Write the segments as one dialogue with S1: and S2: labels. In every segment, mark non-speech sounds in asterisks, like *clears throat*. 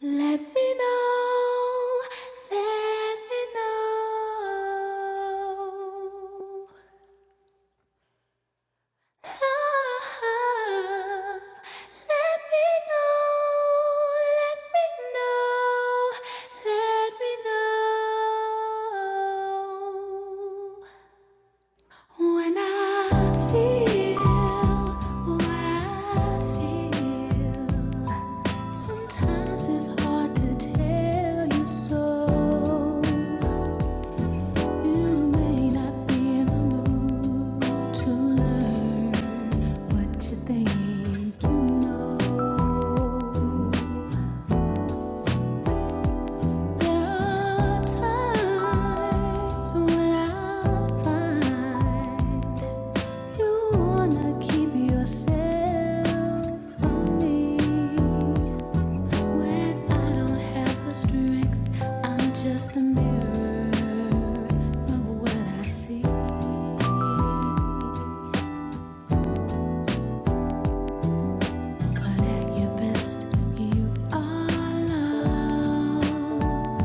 S1: Let me know, let me know. Ah, let me know, let me know, let me know. When I feel I feel, sometimes it's hard to tell you so. You may not be in the mood to learn what you think you know. There are times when I find. You wanna keep yourself from me when I don't have the strength. I'm just a mirror of what I see. But at your best, you are love.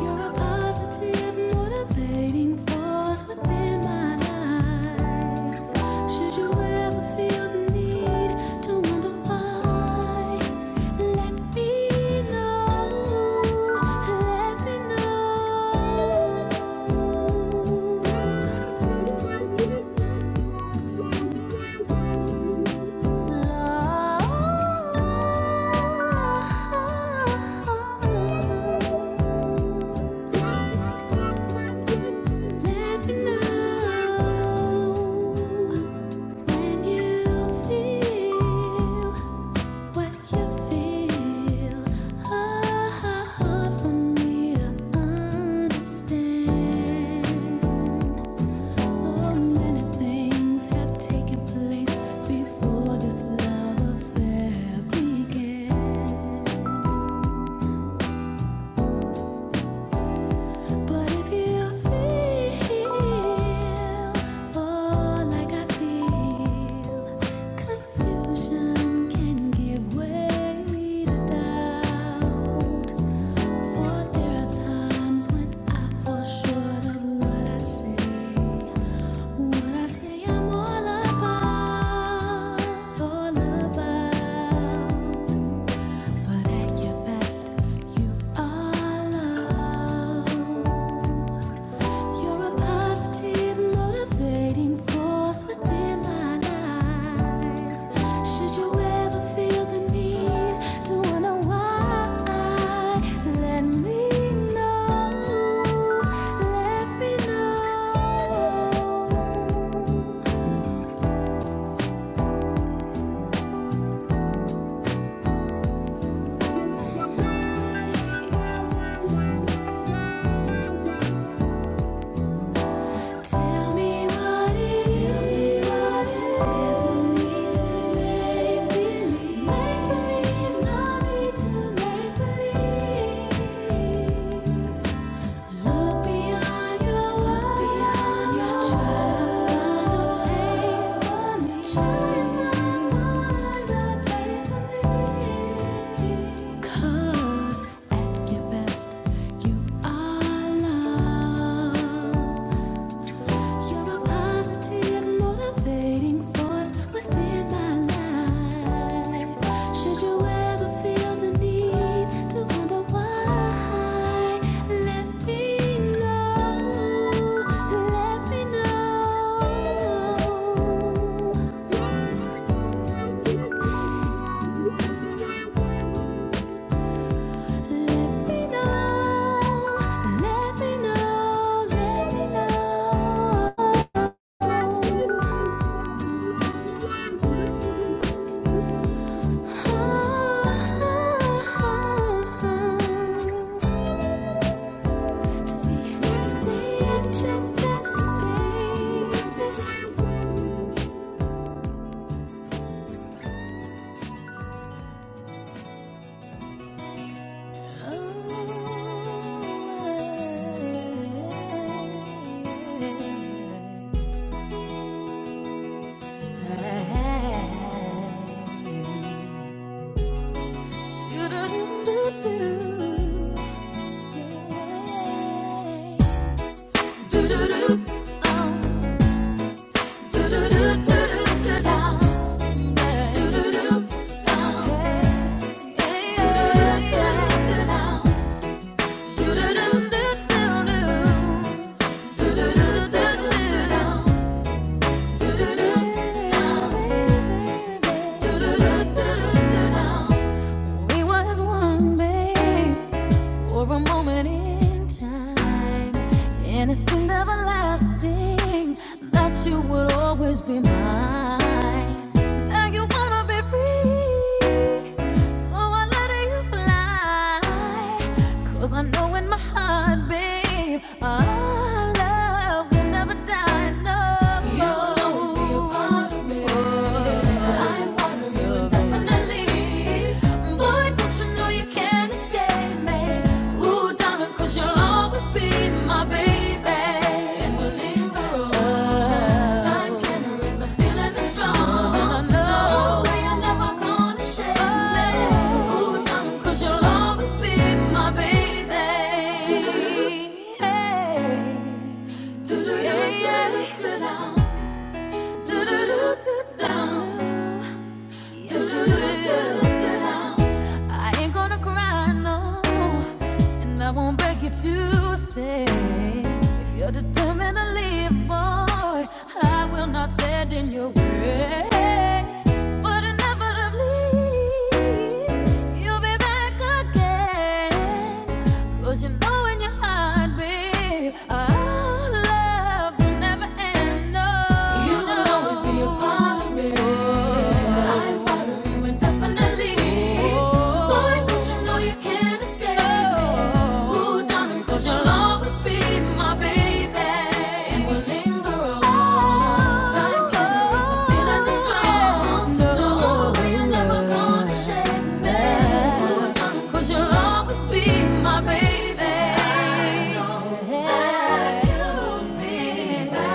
S1: You're a positive, motivating force within my life. Should you ever feel the need to wonder why, let me know. Let me know. Love. Let me know when you feel what you feel. Oh, hard for me to understand. So many things have taken place before this love affair began. But if you feel, oh, like I feel, confusion can give way to doubt. For there are times when I fall short of what I say, what I say I'm all about, all about. But at your best, you are love. You're a positive, motivating force within my life. Should you ever feel the need to wonder why, let me know. Let me know. Tell me what it is we need to Make believe, no need to make believe. Look beyond your look beyond your try to find a place for me. Try to find a place for me. 'Cause at your best, you are love. You're a positive, motivating force within my life. Should you ever feel the need to wonder why, let me know. Let me know. Let me know. Let me know. Let me know. Do do do do do do do do do do. down. We was one, babe for a moment in time, and it seemed everlasting, that you would always be mine. Now you wanna be free, so I let you fly. 'Cause I know in my heart, babe, our love will never die. No, you'll always be a part of me. Oh, I'm part Boy, don't you know you can't escape me? Ooh, darling, you will always be my baby. And we'll linger on. Time can erase a feeling that's strong. And I know never gonna shake Ooh, darling, you will always be my baby. Hey. do do do do do Do-do-do-do-down. I ain't gonna cry, no, and I won't beg you to stay. If you're determined to leave, boy, I will not stand in your way. But inevitably, you'll be back again. 'Cause you know in your heart, babe, our love will never end. No, you will always be a part of me. I'm part of you indefinitely. Boy, don't you know you can't escape me? Ooh, darling, 'cause you'll always be my baby. And we'll linger on. Sign cannabis, I'm feeling the strong. No, you're never gonna shake me. Ooh, darling, 'cause you'll always be my baby. I know that you'll be my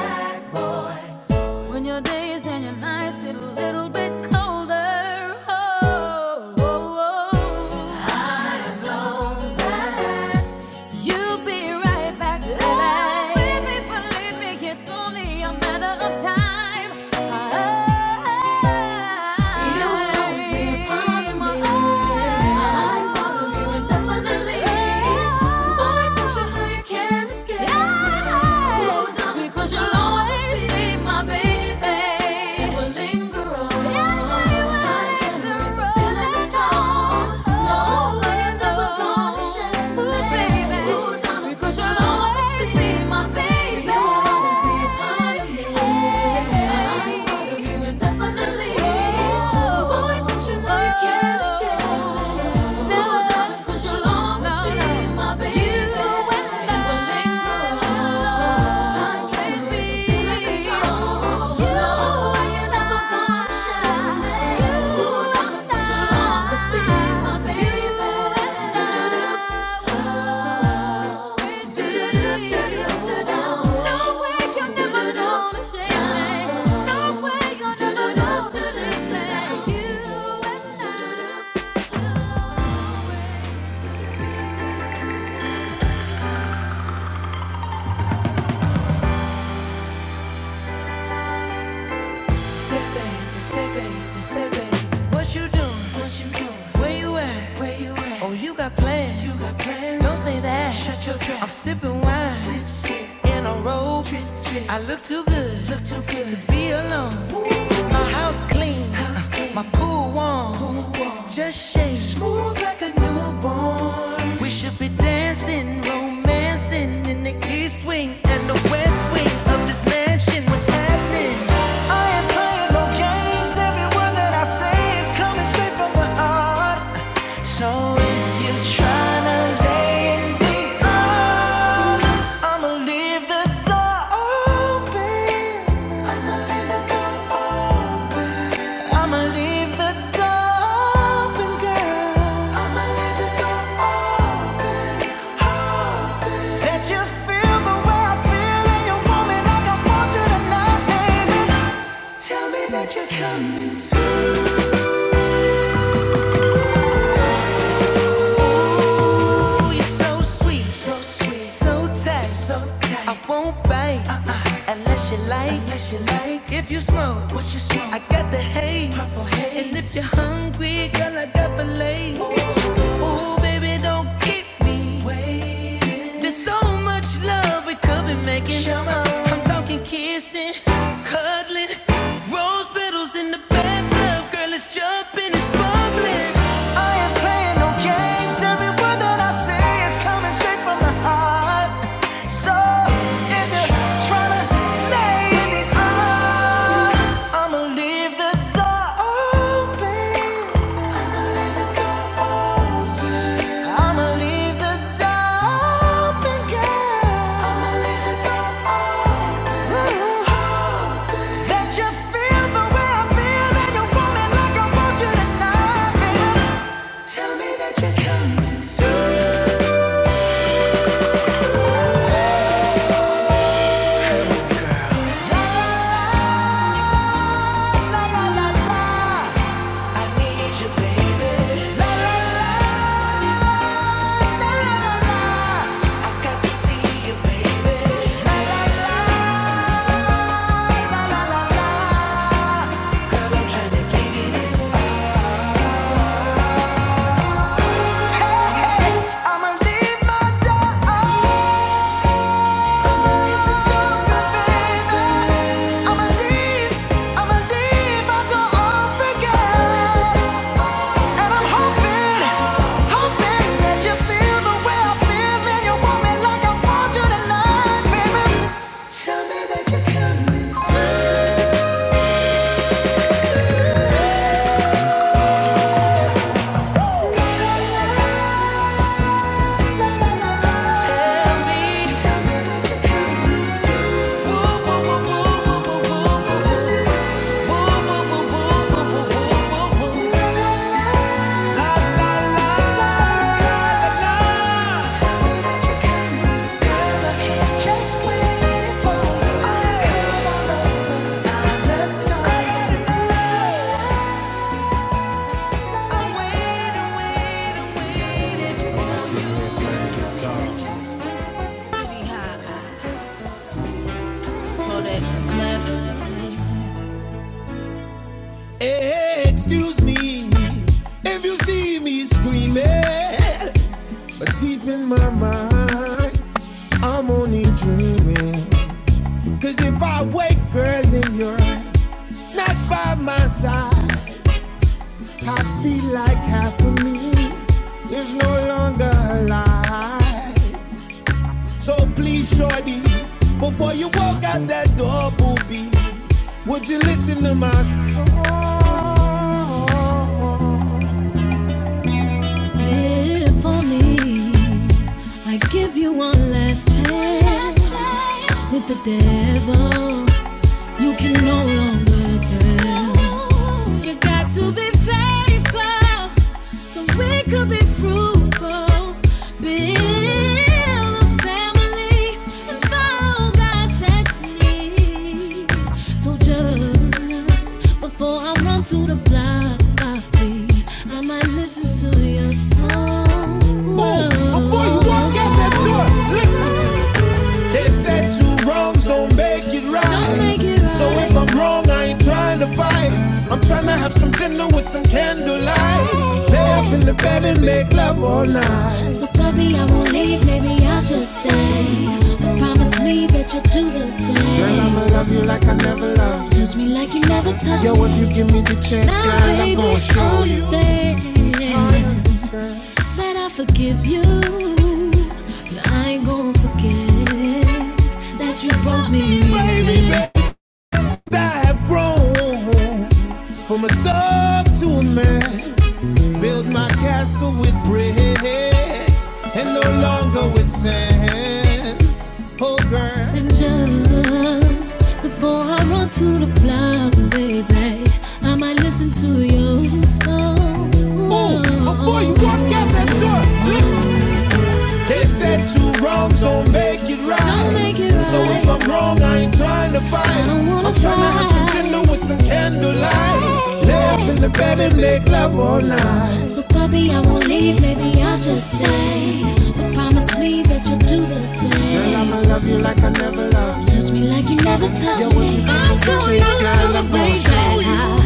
S1: when your days and your nights get a little bit colder, oh, oh, oh. I know that you'll be right back baby. Oh, baby, believe me, it's only a matter of time. You always be a part of me. I'm part of you indefinitely. Boy, don't you know you can't escape? Now, darling, cause you'll always be Shake me. You and I. Say baby, say baby, say baby, what you doing? What you doing? Where you at? Where you at? Oh, you got plans? You got plans? Don't say that. Shut your trap. I'm sipping wine. Sip, sip. In a robe. Drip, drip. I look too good. Look too good to be alone. Ooh. My house clean. House clean. My pool warm. Pool warm. Just shake. Smooth like a newborn. We should be dancing, romancing in the east wing and the west wing of the Mansion, what's happening? I ain't playing no games. Every word that I say is coming straight from my heart. So if you're trying lay these arms, I'ma leave the door open. I'ma leave the door open. I'ma leave the door open, girl. I'ma leave the door open. That you feel the way I feel and you want me like I want you tonight, baby. Tell me that you're coming through. You're so sweet, so so tight, so I won't bite uh-uh. unless you like, like. If you smoke, what you smoke, I got the haze. haze. And if you're hungry, girl, I got the lace. Ooh, baby, don't keep me waiting. There's so much love we could be making. I'm talking kisses kissing, cuddling, rose petals in the bathtub. Girl, it's jumping, it's bubbling. I ain't playing no games. Every word that I say is coming straight from the heart. So if you're trying to lay in these arms, I'ma leave the door open. I'ma leave the I'ma leave the door open, girl. That you feel the way I feel and you want me like I want you tonight, baby. Tell me that you're coming through. La la la la. I need you, baby. La la la la la la I got to see you, baby. La la la la. Give me this. Hey hey, I'ma leave my door Thank you Hey, excuse me if you see me screaming, but deep in my mind, I'm only dreaming. Cause if I wake, girl, then you're not by my side. I feel like half of me is no longer alive. So please, shorty, before you walk out that door, booby, would you listen to my song? If only I give you one last chance with the devil you can no longer dance. You got to be faithful so we could be fruitful. Build a family and follow God's destiny. So just before I run to the block, I flee. I might listen to your song. Move before you walk out that door. Listen. They said two wrongs don't make it right. make it right. So if I'm wrong, I ain't trying to fight. I'm trying to have some dinner with some candlelight. Lay up in the bed and make love all night. So baby, I won't leave, maybe I'll just stay. promise me that you'll do the Girl, same. Girl, I'ma love you like I never loved. you. Touch me like you never touched me. Yo, if you give me the chance, girl, I'm gonna show only you. stay that I forgive you. But I ain't gonna forget that you broke me. in. Baby, that I have grown from a thug to a man. Built my castle with bricks and no longer with sand. Oh, girl. And just before I run to the block, baby, I might listen to your song. Oh, before you walk out that door, listen they said two wrongs don't make it right. Don't make it right. So if I'm wrong, I ain't trying to fight. I am trying to have some dinner with some candlelight. Lay up in the bed and make love all night. So baby, I won't leave, maybe I'll just stay. But promise me that you'll do the Girl, same. Girl, I'ma love you like I never loved. you. Touch me like you never touched me. I'm so used to the way that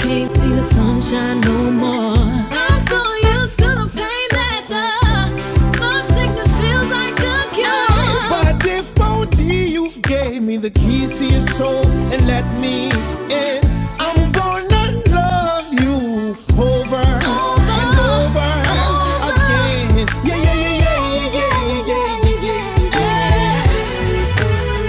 S1: can't see the sunshine no more. I'm so used to the pain that the love sickness feels like a cure. But if only you gave me the keys to your soul and let me in, I'm gonna love you over, over and over, over again. Yeah, yeah, yeah, yeah, yeah, yeah, yeah, yeah, yeah. yeah. yeah.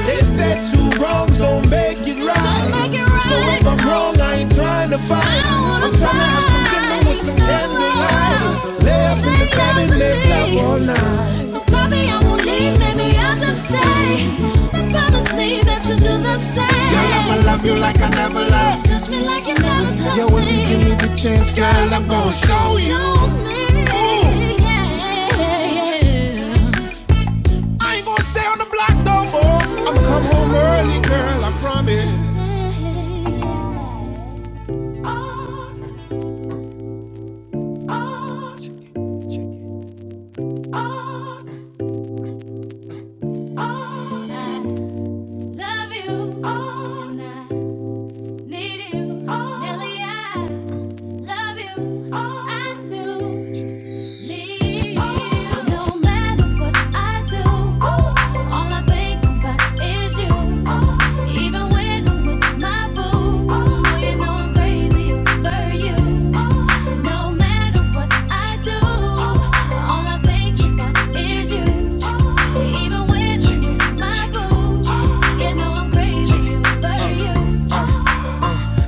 S1: They said two wrongs don't make it right. make it right. So if I'm wrong, I ain't trying to fight. I am trying to have some dinner with some candlelight. Lay up in the bed and and make love all night. So probably I won't leave, maybe I'll just stay. promise me that you'll do the same. Girl, I'ma love you like I never loved. Touch me like you never touched Yo, me. if you give me the chance, girl, I'm gonna show you. Show me, yeah, yeah. I ain't gonna stay on the block no more. I'ma come home early, girl, I promise. Love you, and I need you, Nelly. I love you, I do need you. No matter what I do, all I think about is you. Even when I'm with my boo, oh, you know I'm crazy over you. No matter what I do, all I think about is you. Even when you're in my room, you know I'm crazy over you.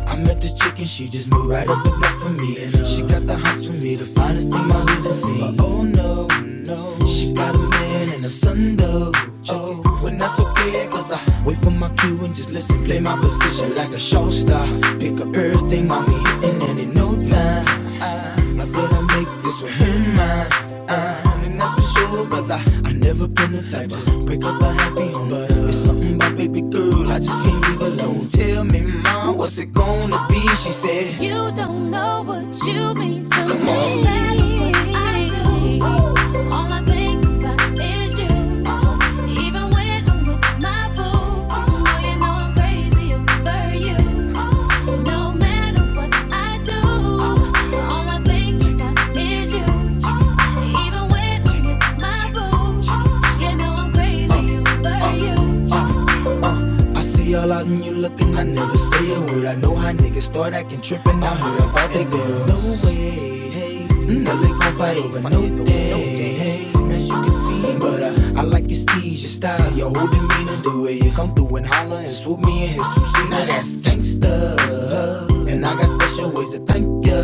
S1: I met this chick and she just moved right up the block from me. And uh, she got the hots for me, the finest thing my hood has seen. But oh no, no, she got a man and a son though. Oh, when that's okay, cause I wait for my cue and just listen, play my position like a show star. Pick up everything, mommy, hitting, and in no time. I better make this one him mine. Uh, and that's for sure, cause I, I never been the type to break up a happy home. But uh, it's something about baby girl, I just can't leave alone. Tell me, mom, what's it gonna be? She said, You don't know what you mean to Come me. on. All I think about is you. Even when I'm with my boo, oh, you know I'm crazy over you. No matter what I do, all I think about is you. Even when you my boo, you know I'm crazy over you. I see all out and you looking, I never say a word. I know how niggas start acting trippin'. I heard about that girl. no way, hey. mm-hmm. Now they gon' fight over no no day, no day. hey. As you can see, but I I like your steez, your style, your whole demeanor, the way you come through and holler and swoop me in his two seater. Now that's gangsta. And I got special ways to thank you.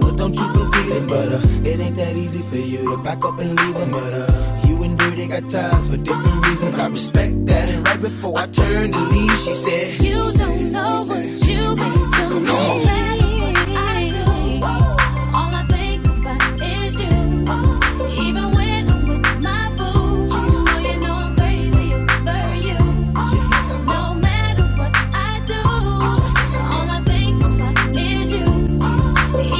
S1: But don't you forget it, but uh, it ain't that easy for you to back up and leave a mother. You and Dirty got ties for different reasons. I respect that. And right before I turned to leave, she said, You don't know what you mean to me. All I think about is you. Even when I'm with my boo, You know you know I'm crazy over you. No matter what I do, all I think about is you.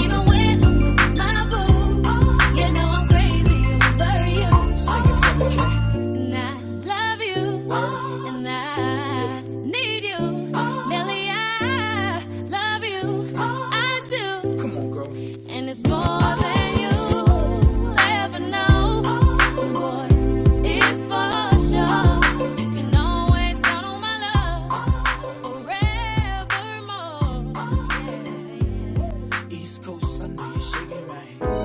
S1: Even when I'm with my boo, you know I'm crazy over you. And I love you, and I need you. Nelly, I love you, I do. And it's more than you ever know. Boy, it's for sure. You can always count on my love. East right.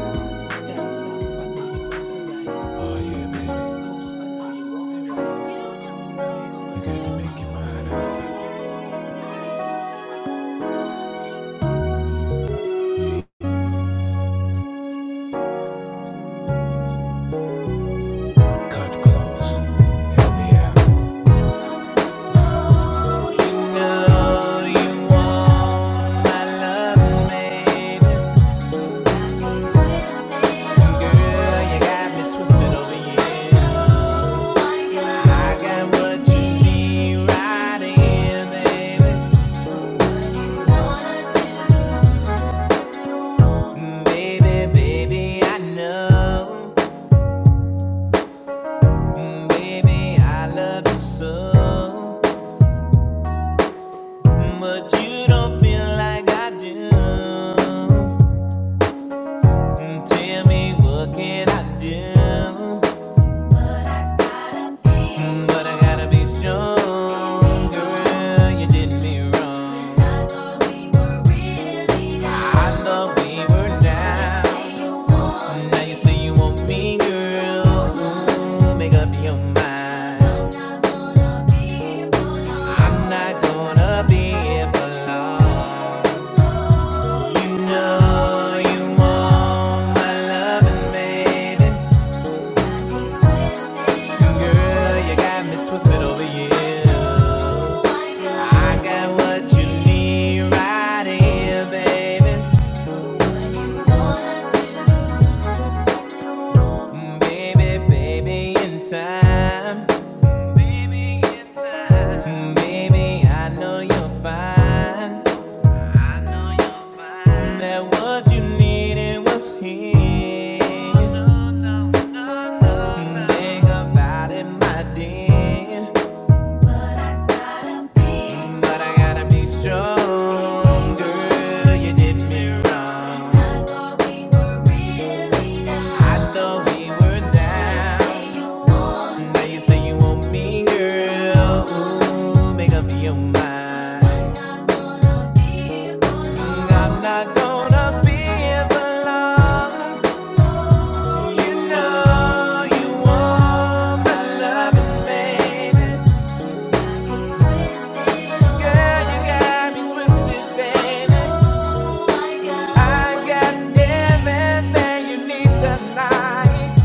S1: Cut close, help me out. You know you made it. Girl, you got me twisted over here. I got what you need right here, baby. Baby, baby, I know. Baby, I love you so, but you don't feel like I do. Tell me, what can I do? But I gotta be Mm, strong, girl. You did me wrong. I thought we were really I down. Now you say you want me, girl. Ooh, make up your mind. I'm not gonna be here I'm not gonna be here for long. You know you want my loving, baby. Girl, you got me twisted over you. I got what you need right here, baby. So What you gonna do? Baby, baby, in time. Baby, in time. Mm, Baby, I know you're fine. I know you're fine. That what you needed was here. Think about it, my dear. But I gotta be strong, girl. You did me wrong. I thought we were really I down. we were down. Now you say you want me, girl. Ooh, make up your mind. Mm, I'm not gonna be here for long. You know you want my loving, baby. Girl, you got me twisted, baby. I got everything you need tonight.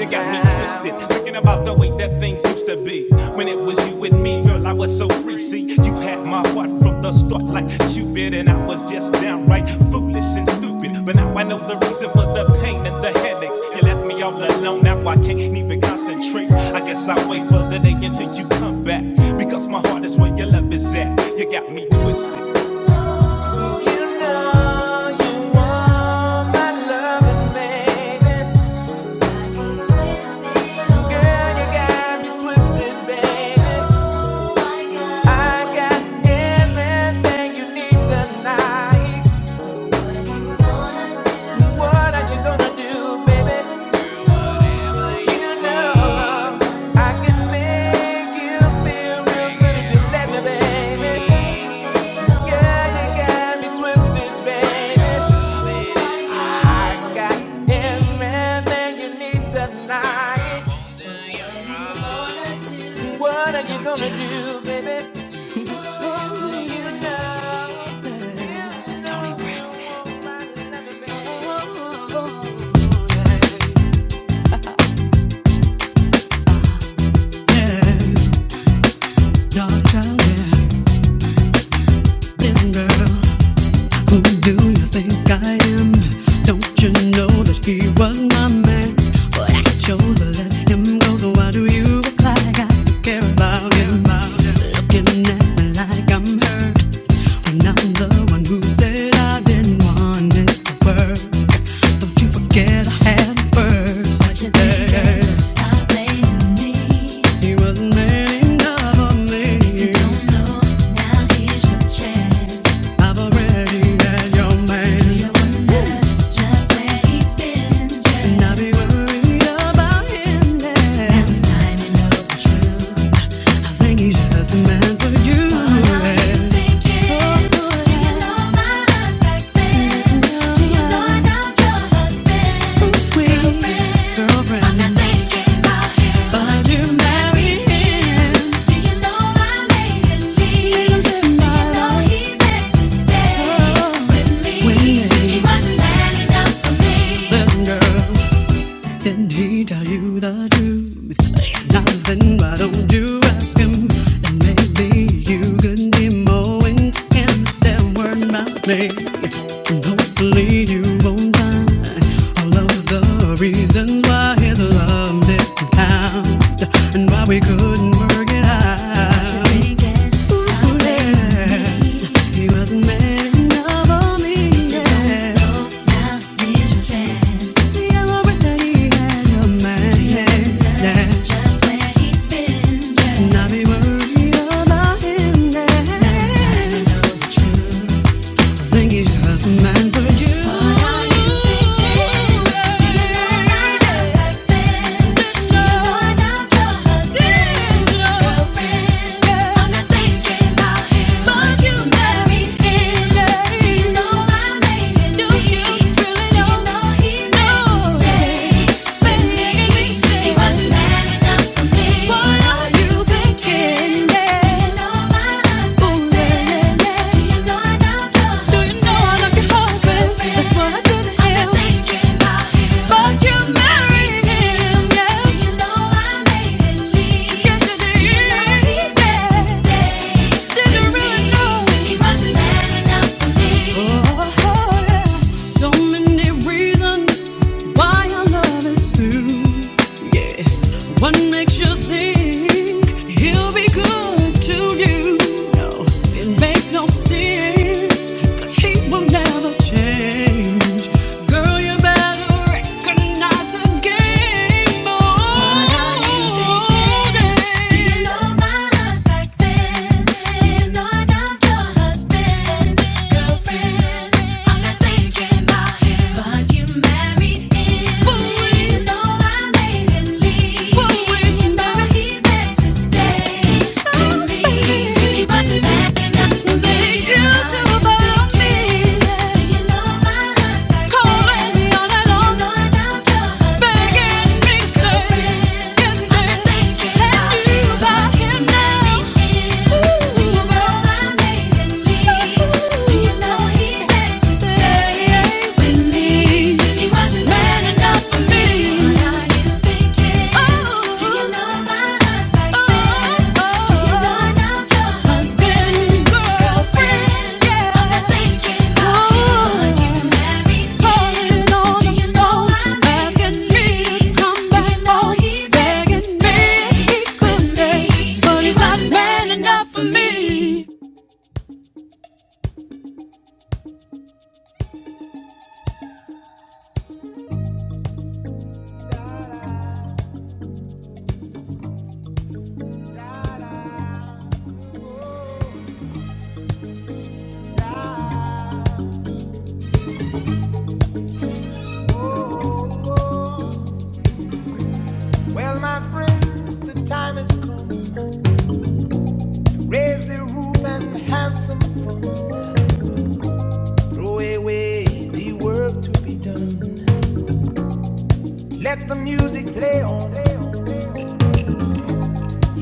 S1: You got me twisted, thinking about the way that things used to be. When it was you with me, girl, I was so free. See, you had my heart from the start, like Cupid, and I was just downright foolish and stupid. But now I know the reason for the pain and the headaches. You left me all alone, now I can't even concentrate. I guess I'll wait for the day until you come back, because my heart is where your love is at. You got me twisted. You know you want my lovin', baby. Girl, you got me twisted, baby. I got everything you need tonight. What are you gonna do, baby? Gonna do, baby. you know? Tony Braxton. Dark chocolate, living girl. Who do you think I am? Don't you know that he was my man? But I chose to let him go, so why do you act like I still care about him? Looking at me like I'm hurt when I'm the one who said I didn't want it to work. Don't you forget I had it first. What you think? girl? Stop blaming me. He wasn't man enough for me. If you Don't know now. Here's your chance. I've already had your man. Just where he's been, Not be worried about him now. this time you know the truth. I think he's just a for you. Girlfriend, but you marry him. When, He wasn't man enough for me. listen, girl. Did not he tell you the truth? If not, then why don't you ask him? And maybe you could be more intense than word about me. And hopefully you won't find all of the reasons why his love didn't count and why we couldn't work it out. Ooh, yeah. He wasn't man enough for me. Yeah. Here's your chance. Si llevo puesta diga yo man, yeah, yeah. Jump in, yeah. And be worried about him, Last yeah. time I know the truth think he has a man for you. What are you thinking? Yeah. He wasn't man enough for me. Oh, oh, yeah. So many reasons why our love is through. Yeah. What makes you think he'll be good to you? No, it makes no sense. he will never change. Girl, you better recognize the game. Oh, what are you thinking? Do you know about us back you know about your husband, girlfriend? Ooh. But he's not man enough for me. Well, my friends, the time has come. Raise the roof and have some fun. Throw away the work to be done. Let the music play on.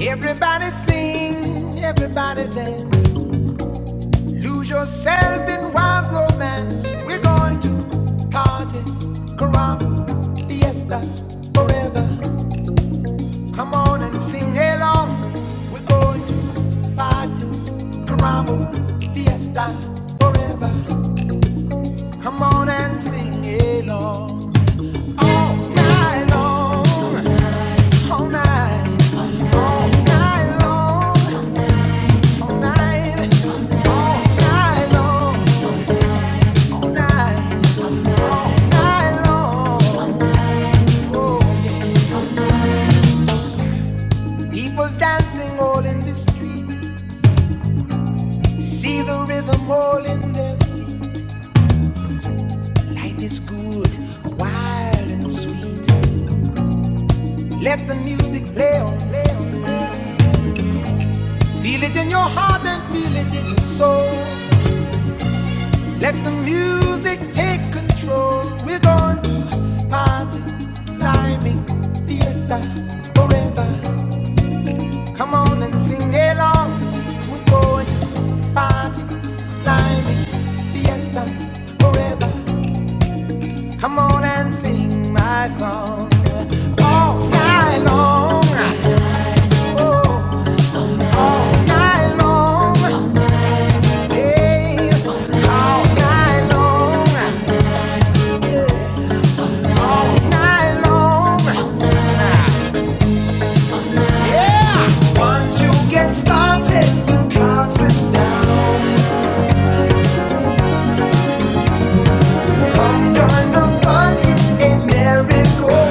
S1: Everybody sing, everybody dance. Lose yourself in wild romance. We're going to party, caramba, fiesta, forever. Come on and sing along. We're going to party, carambo, fiesta, forever. Come on and sing along. All night long, all night. All night long, all night. All night long, all night. All night long. Oh, yeah. People dancing all in the street. See the rhythm all in their feet. Life is good, wild and sweet. Let the music play on, play on. Feel it in your heart and feel it in your soul. Let the music take control. We're going to party, timing, fiesta, forever. Come on and sing along. We're going to party, climbing, fiesta, forever. Come on and sing my song all night long. All night long, yes. All night long, all night long, yeah. Once you get started, you can't sit Come join the fun, it's a miracle.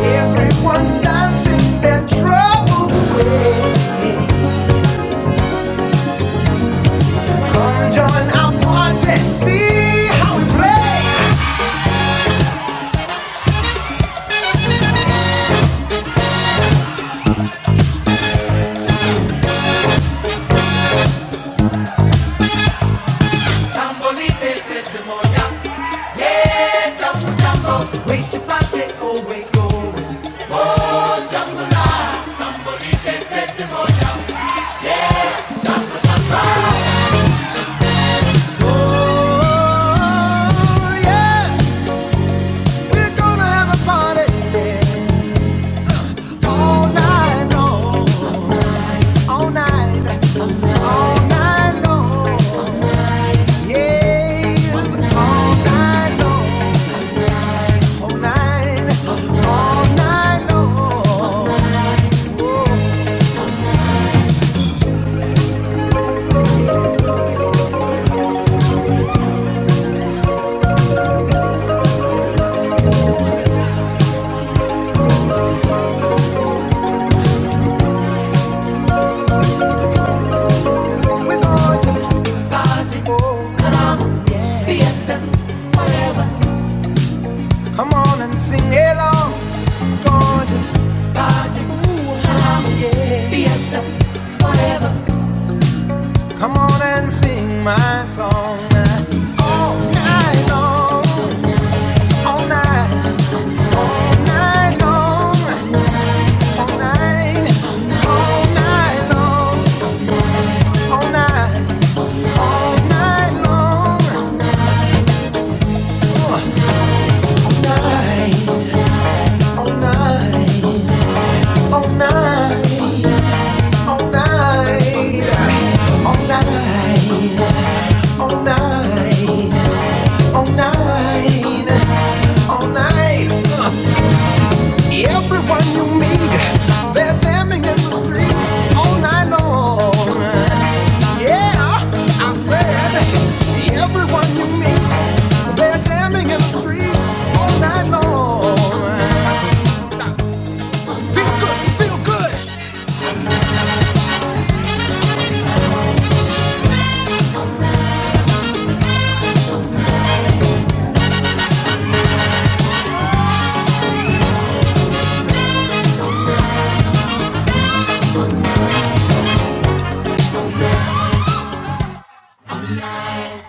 S1: Everyone's dancing their troubles. Join our party, see how we play. Oh yeah, we're gonna have a party all night long, all night. all night long. Yeah. Come on and sing along, gorgeous. Come on and sing my song. yeah. All night long, all night, all night long, all night, all night long, all night, all night long, all night, all night, all night, all night, all night, all night. all night. Everyone you meet, they're jamming in the street all night long. Yeah, I said, everyone you meet, they're jamming in the street all night long. Feel good, feel good. All night.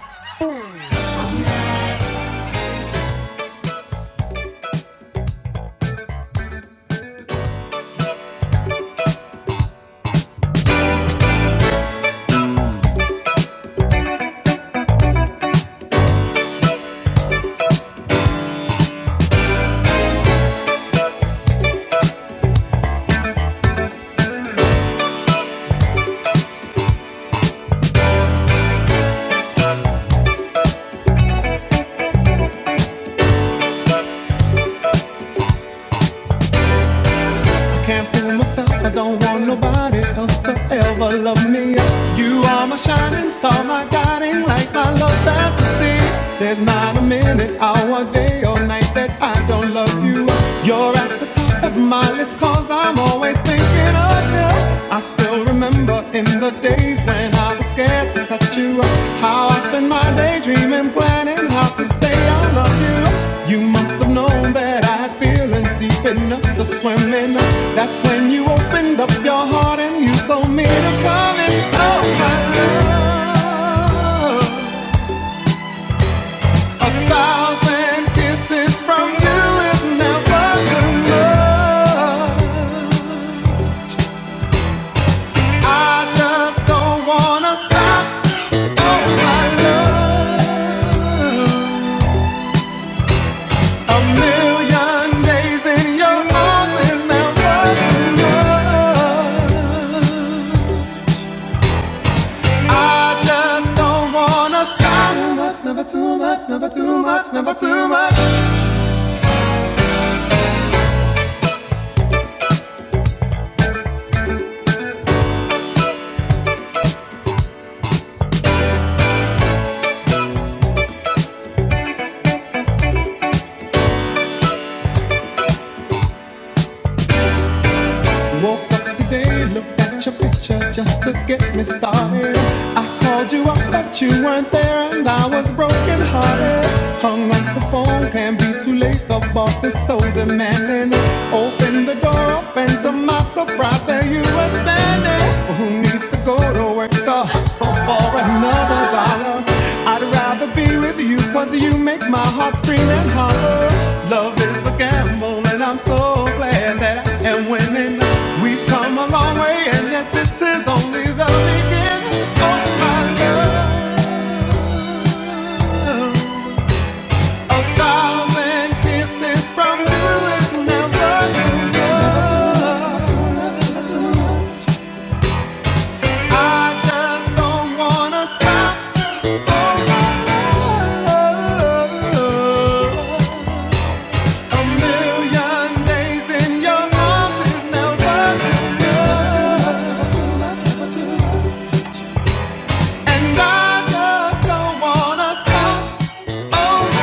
S1: I can't fool myself. I don't want nobody else to ever love me. You are my shining star, my guiding light, my love fantasy. There's not a minute, hour, day, or night that I don't love you. You're at the top of my list, cause I'm always thinking of you. I still remember in the days when I was scared to touch you. How I spent my day dreaming, planning how to say I love you. You must have known that I Feelings deep enough to swim in. That's when you opened up your heart and you told me to come in. Oh, my love. A thousand kisses from you is never enough. I just don't wanna stop. Oh, my love. A million days in your arms is never enough. I just don't wanna stop. Too much, never too much, never too much, never too much. Woke up today, looked at your picture just to get me started. I called you up, but you weren't there, and I was broken hearted. Hung up the phone, can't be too late. The boss is so demanding. Open the door up, and to my surprise, there you were standing. Well, who needs to go to work to So for another dollar, I'd rather be with you cause you make my heart scream and holler. Love is a gamble and I'm so glad that I am winning. We've come a long way and yet this is only the beginning of my love. A thousand kisses from you is never enough. I just don't wanna stop. And I just don't wanna stop. Oh,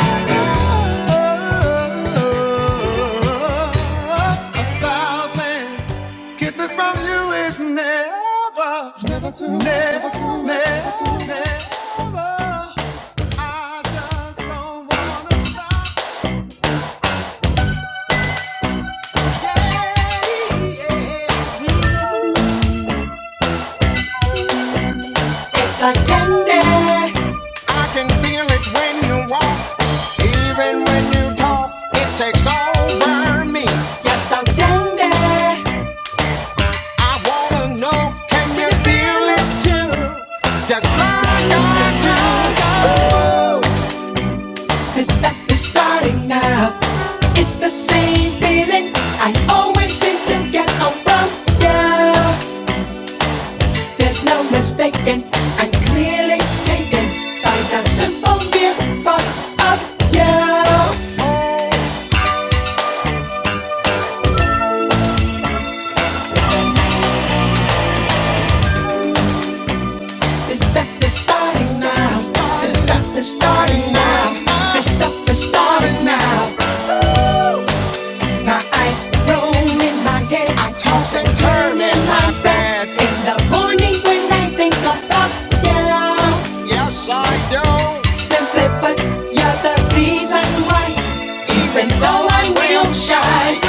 S1: a thousand kisses from you is never, never too, never too, never too, never. I just don't wanna stop. I can feel it when you walk, when you talk. It takes over. I wanna know, can you feel it too? Like I do. Ooh, This starting now. It's the same feeling I always seem to get around you. There's no mistaking. I'm clearly taken by the simple mere thought of you. This stuff is starting now. This stuff is starting now. This stuff is starting now. My eyes roll in my head. I toss and turn in my bed. In the morning when I think about you, Yes, I do. simply put, you're the reason why. Even though I'm real shy,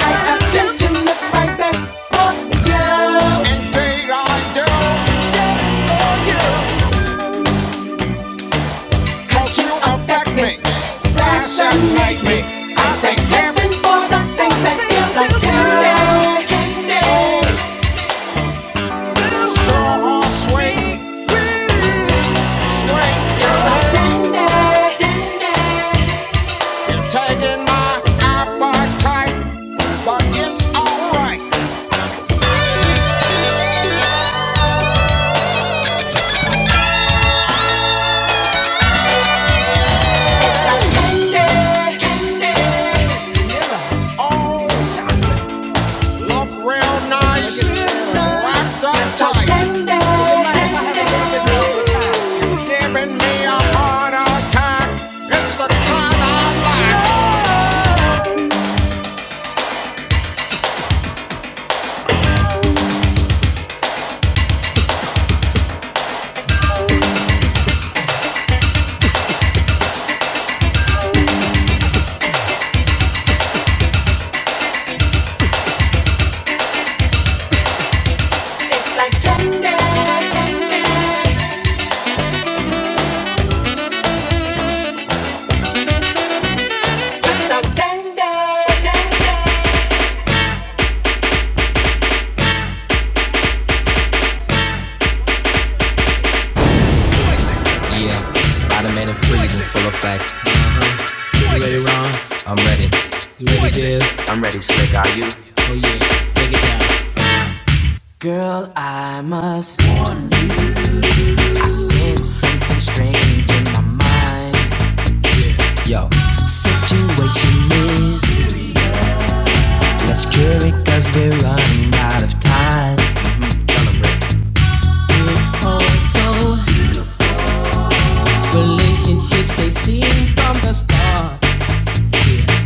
S1: I attempt to look my best for you. And you You affect me. Flash and lightning. I thank heaven for the things that feels like candy. Candy. So sweet. sweet. Feels like candy. Candy. Taking my appetite, but it's alright. It's like candy. Candy. Oh. Up real nice. Wrapped up so tight. tender, tender. Giving me a heart attack. It's the kind Negative, oh yeah, break it down. Girl, I must. I sense something strange in my mind. Yo, situation is. Let's cure it we we're running out of time. It's also relationships they seen from the start. Yeah.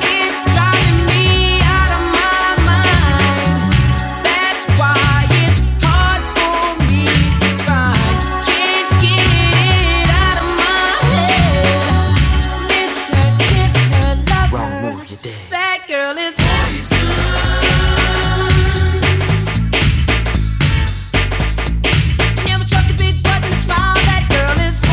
S1: It's driving me out of my mind. That's why it's hard for me to find. Can't get it out of my head. Miss her, kiss her, love her. That girl is born. Never trust a big button smile. That girl is born.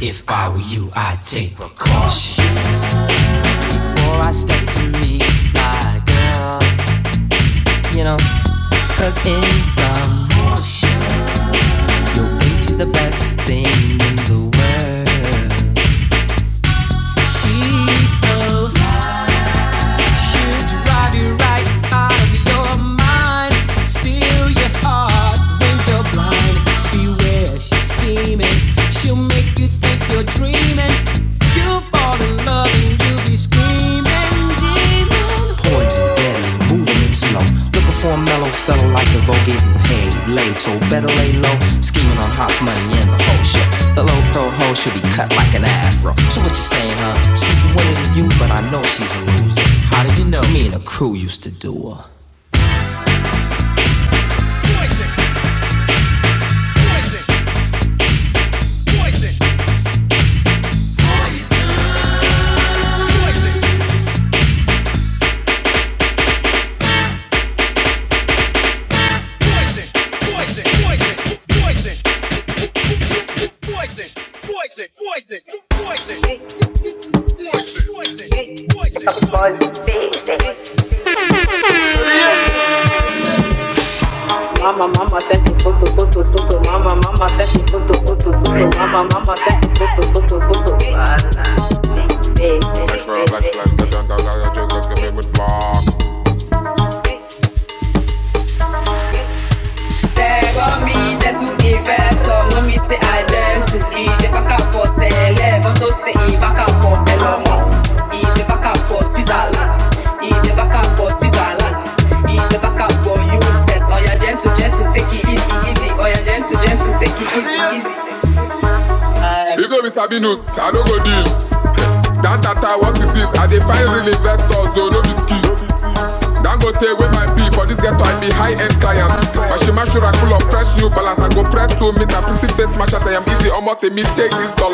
S1: If I were you, I'd take precaution before I step to meet my girl. you know. Cause in some, your bitch is the best thing in the world. She's so, she'll drive you right out of your mind. Steal your heart when you're blind. Beware, she's scheming. She'll make you think you're dreaming. You'll fall in love and you'll be screaming, demon. Poison. deadly, moving it slow. Looking for a mellow fella like the vote getting paid, laid, so better lay low. Scheming on hot money and the whole shit. The low pro hoe should be cut like an afro. So what you saying, huh? She's winning to you, but I know she's a loser. How did you know? Me and the crew used to do her. Poison, poison, poison, poison, poison, poison. When we start, he never come for Switzerland. He never for you. I've invested, go take with dollar.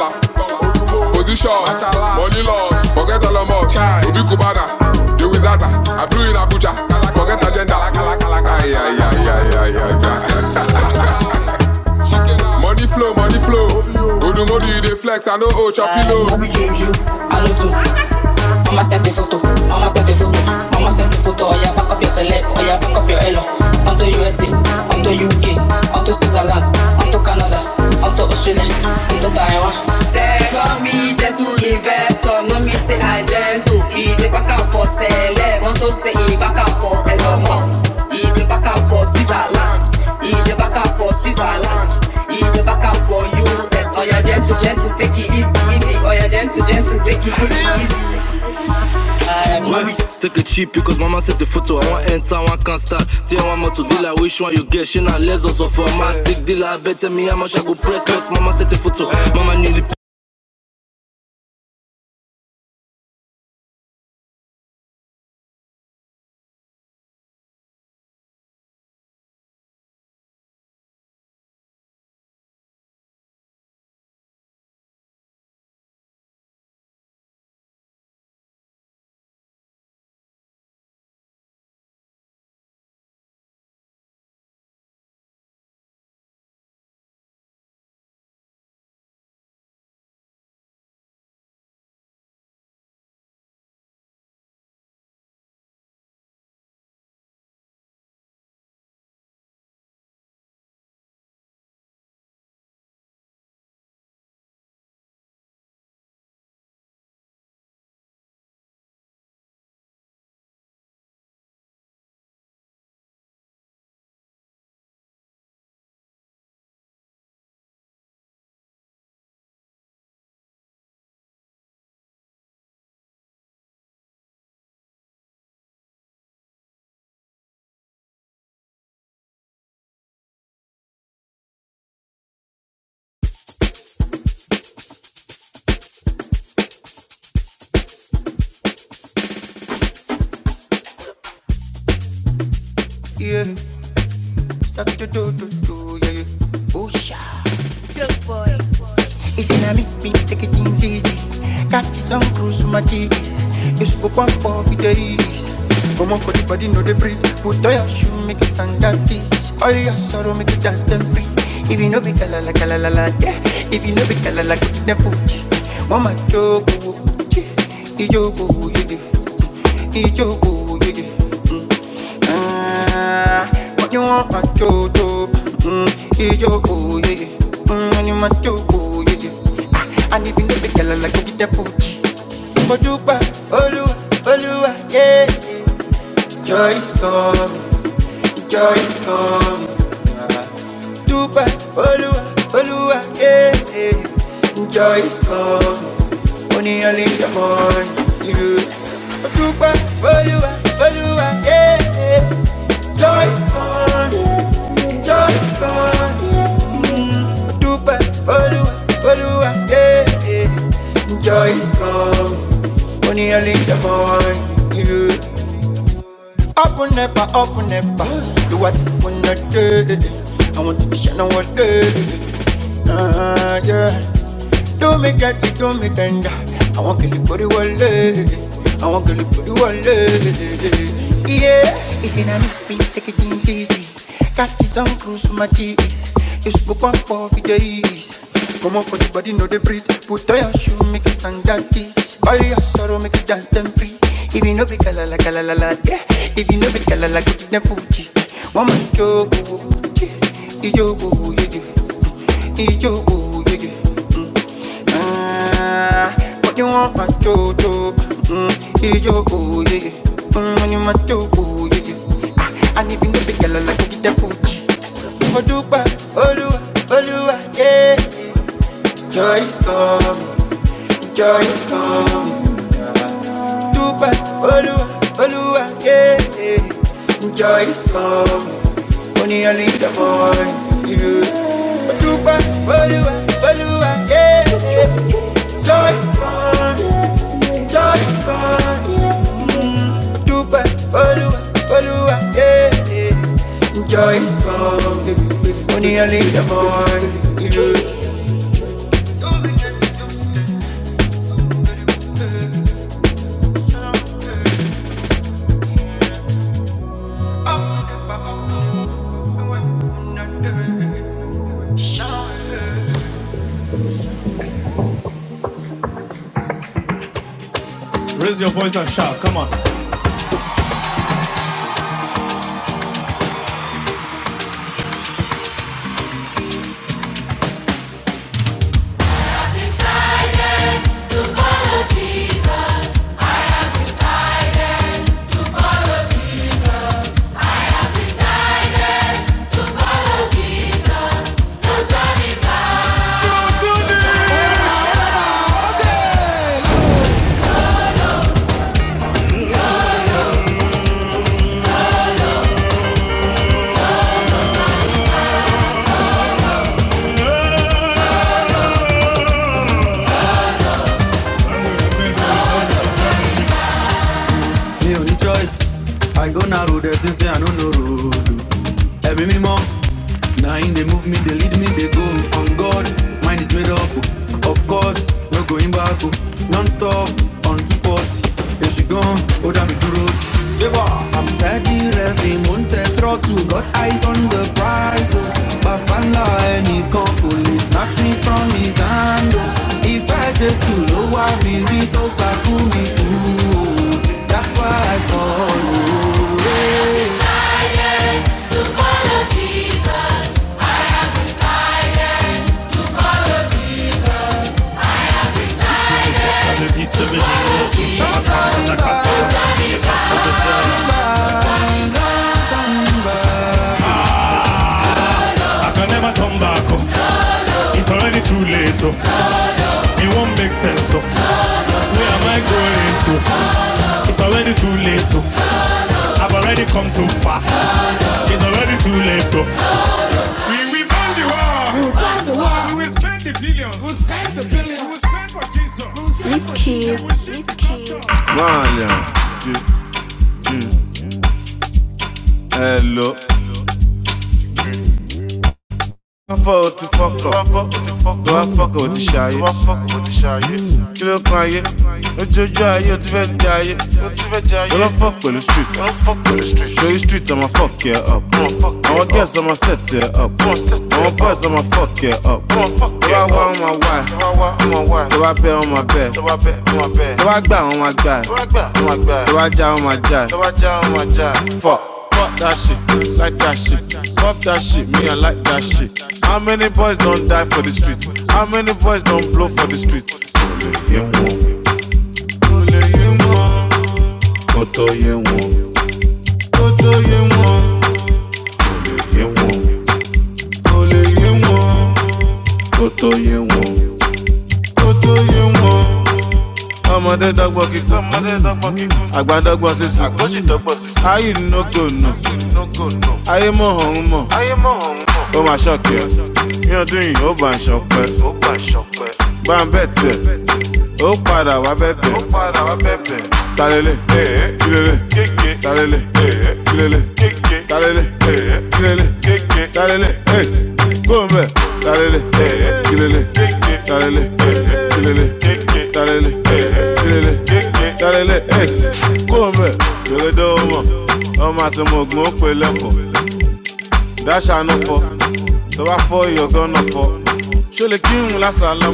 S1: Aye, no money flow. Odumodi, they flex, I know, oh, chapilo. Let Mama sent the photo, mama sent the photo, mama sent the photo. Oh yeah, back up your select, oh yeah, back up your elo. On to USA, on to UK, on to Switzerland, on to Canada, on to Australia, on to Taiwan. They call me gentle investor, no me say I gentle. He the back and forth, sell want to say he back and forth, Elon Musk. He the back and forth, Switzerland. He the back and forth, Switzerland. He the back and forth, US. Oh yeah, gentle, gentle, take it easy, easy. Oh yeah, gentle, gentle, take it easy, easy. yeah. Stop to do, do, do, yeah, Oh yeah. It's gonna make me take it things easy. Catch some cruise with my teeth. You spoke one for days. Come on for the body, no they breathe. Put on your shoe, make it stand at this. All your sorrow, make it dance them free. If you know be kalala kalala, la yeah. If you know be kalala, la, put it in fuji. Mama jogo, ijogo, yeah, yeah. ijogo, yeah, Ijogo, yeah. Mm. Ah, what you want, my dodo? Mm, it's yeah, yeah. Mm, and you my dodo, yeah, I, Ah, and if you girl, like to get that booty. Mojuba, Oluwa, Oluwa, yeah, yeah. Joy is coming, joy is coming. Dubai, Olúwa, Olúwa, yeah, yeah. Joy is coming, money only the morning. You. Dubai, Olúwa, Olúwa, yeah, yeah. Joy is coming, joy is coming. Mm. Dubai, Olúwa, Olúwa, yeah, yeah. Joy is coming, money only the morning. You. Up and never, up and never. Do what you wanna do. I want to be shining all day. Ah, yeah. Do me get it, do me tender. I want to live for the world. I want to live for the world. Yeah. It's in a me, take it easy. Got this on cruise for my cheese. You spoke one for the days. Come on for the body, no they breathe. Put on your shoe, make it stand daddy. All your sorrow, make it dance them free. If you know be kalala kalala la, yeah. If you know be kalala, go to them Fuji. One man jogo, ijogo, ijogo, ijogo, ijogo. Ah, what you want, my jojo? Mm, Ijogo, yeah. yeah. Mm, when you my jogo, yeah. yeah. Ah, and if you know be kalala, go to them Fuji. Oduwa, Olúwa, Olúwa, yeah. Joy is coming, joy is coming. Dupe, Olúwa, Olúwa, yeah. yeah. Joy is coming. Only early in the morning, you. Dupe, Olúwa, Olúwa, yeah. yeah. Joy is coming, joy is coming. Dupe, Olúwa, Olúwa, yeah. yeah. Joy is coming. Only early in the you. Raise your voice and shout. Come on. mi ò ní choice àìgó na road ẹ̀ tí ń sẹ́ àánú no road o. me mímọ́ na him dey move me they lead me they go on god mind is made up oh. of course no going back o. non stop on two forty. If she gone, hold dá me dúró tì. Steady revving, mounted throttle, got eyes on the prize. Oh. Babanla any police snatching from his hand. Oh. If I just you know why me read to Bakumi too. That's why I I've been used to be the customer. Ah, I can never turn back. oh. It's already too late. oh. It won't make sense. oh. Where am I going to? It's already too late. oh. I've already come too far. It's already too late. oh. When we won the war, War. we will spend the billions. We will spend the billions. We will spend for Jesus. We will ship Hello. Wọ́n fọ́ o ti fọ́kọ̀. Tó wá fọ́kọ̀ o ti ṣayé. Tó lọ fọ́ pẹ̀lú street. Ṣorí street fuck yẹ up. Àwọn girls ọmọ set yẹ up. Àwọn boys ọmọ fuck yẹ up. Tó wá wá wọn máa wá ẹ̀. Tó wá bẹ́ wọn máa bẹ̀ ẹ̀. Tó wá gbà wọn máa gbà ẹ̀. Tó wá já wọn máa Fuck that shit. How many boys don't die for the street? How many boys don't blow for the street? tó yé wọn yé wọn kó tó yé wọn. ayé mọ̀ ọ̀hún mọ̀ ó máa ṣọ́ọ̀kì yìí ó bá ń ṣọpẹ́ bá ń bẹ̀ tẹ̀ ó padà wá bẹ̀ bẹ̀ lé ẹ̀ kó o bẹ̀ mọ̀ yé ba n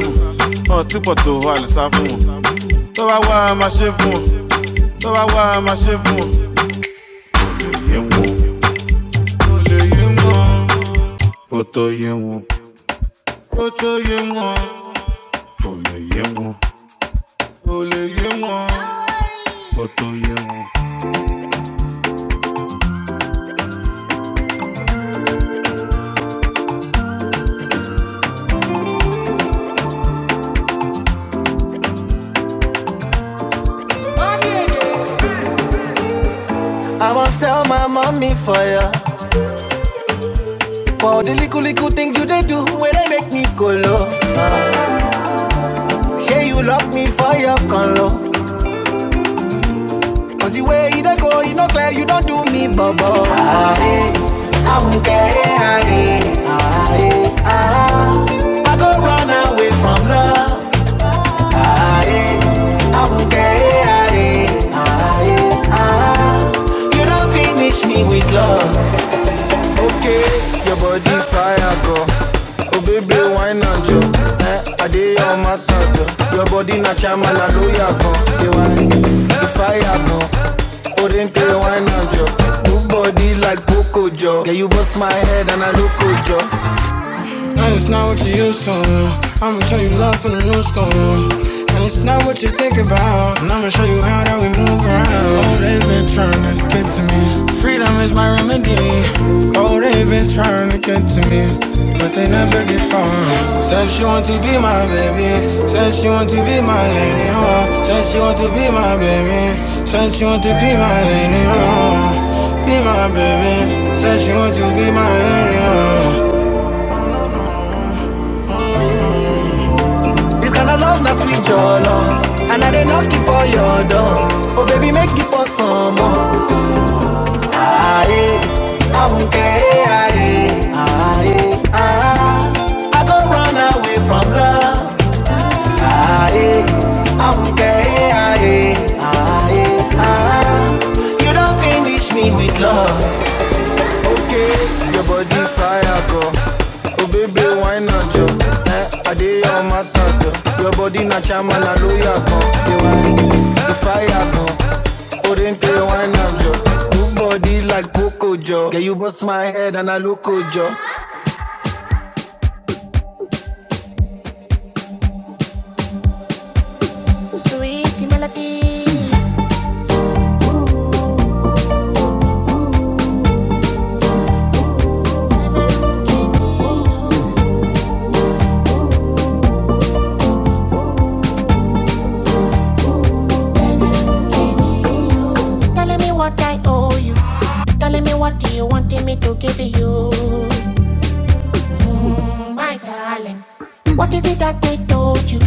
S1: yé be le kó ye won ye ye won I must tell my mommy for ya. For the little little things you they do, where they make me go low. Uh, say you love me for your conlo. Cause the way you don't go, you know clear, you don't do me, bubble. Ah, hey, I won't care, ah, hey, ah, hey, ah. I go run away from love. Ah, hey, I won't care, ah, hey, ah, hey, ah. You don't finish me with love. Okay, your body fire go. Oh baby, wine and jo. Eh, I dey on massage side. Your body na chama na loya go. Say why? The fire go. oh Orinke wine and jo. Your body like cocoa jo. Yeah, you bust my head and I look jo. And it's not what you used to. I'ma show you love from the new school. And it's not what you think about. And I'ma show you how that we move around. Oh, they've been trying to get to me. Freedom is my remedy. Oh, they've been trying to get to me. But they never get far. Said she want to be my baby. Said she want to be my lady. Oh, said she want to be my baby. Said she want to be my lady. Oh, be my baby. Said she want to be my lady. Oh. This kind of love, not sweet your love. And I didn't knock it for your door. Oh, baby, make it for some more. Ah, eh, I won't care. Ah, eh, ah, eh, ah. I go run away from love. Ah, eh, I won't care. Ah, eh, ah, eh, ah. You don't finish me with love. Okay, your body fire go. Oh baby, why not yo? Eh, I dey on my side yo. Your body na chama na loya go. Say why the fire go? Orente why not yo? Your body like Coco jo. Yeah, you bust my head and I look at you. Telling me what I owe you. Telling me what do you wanted me to give you. my darling. What is it that they told you?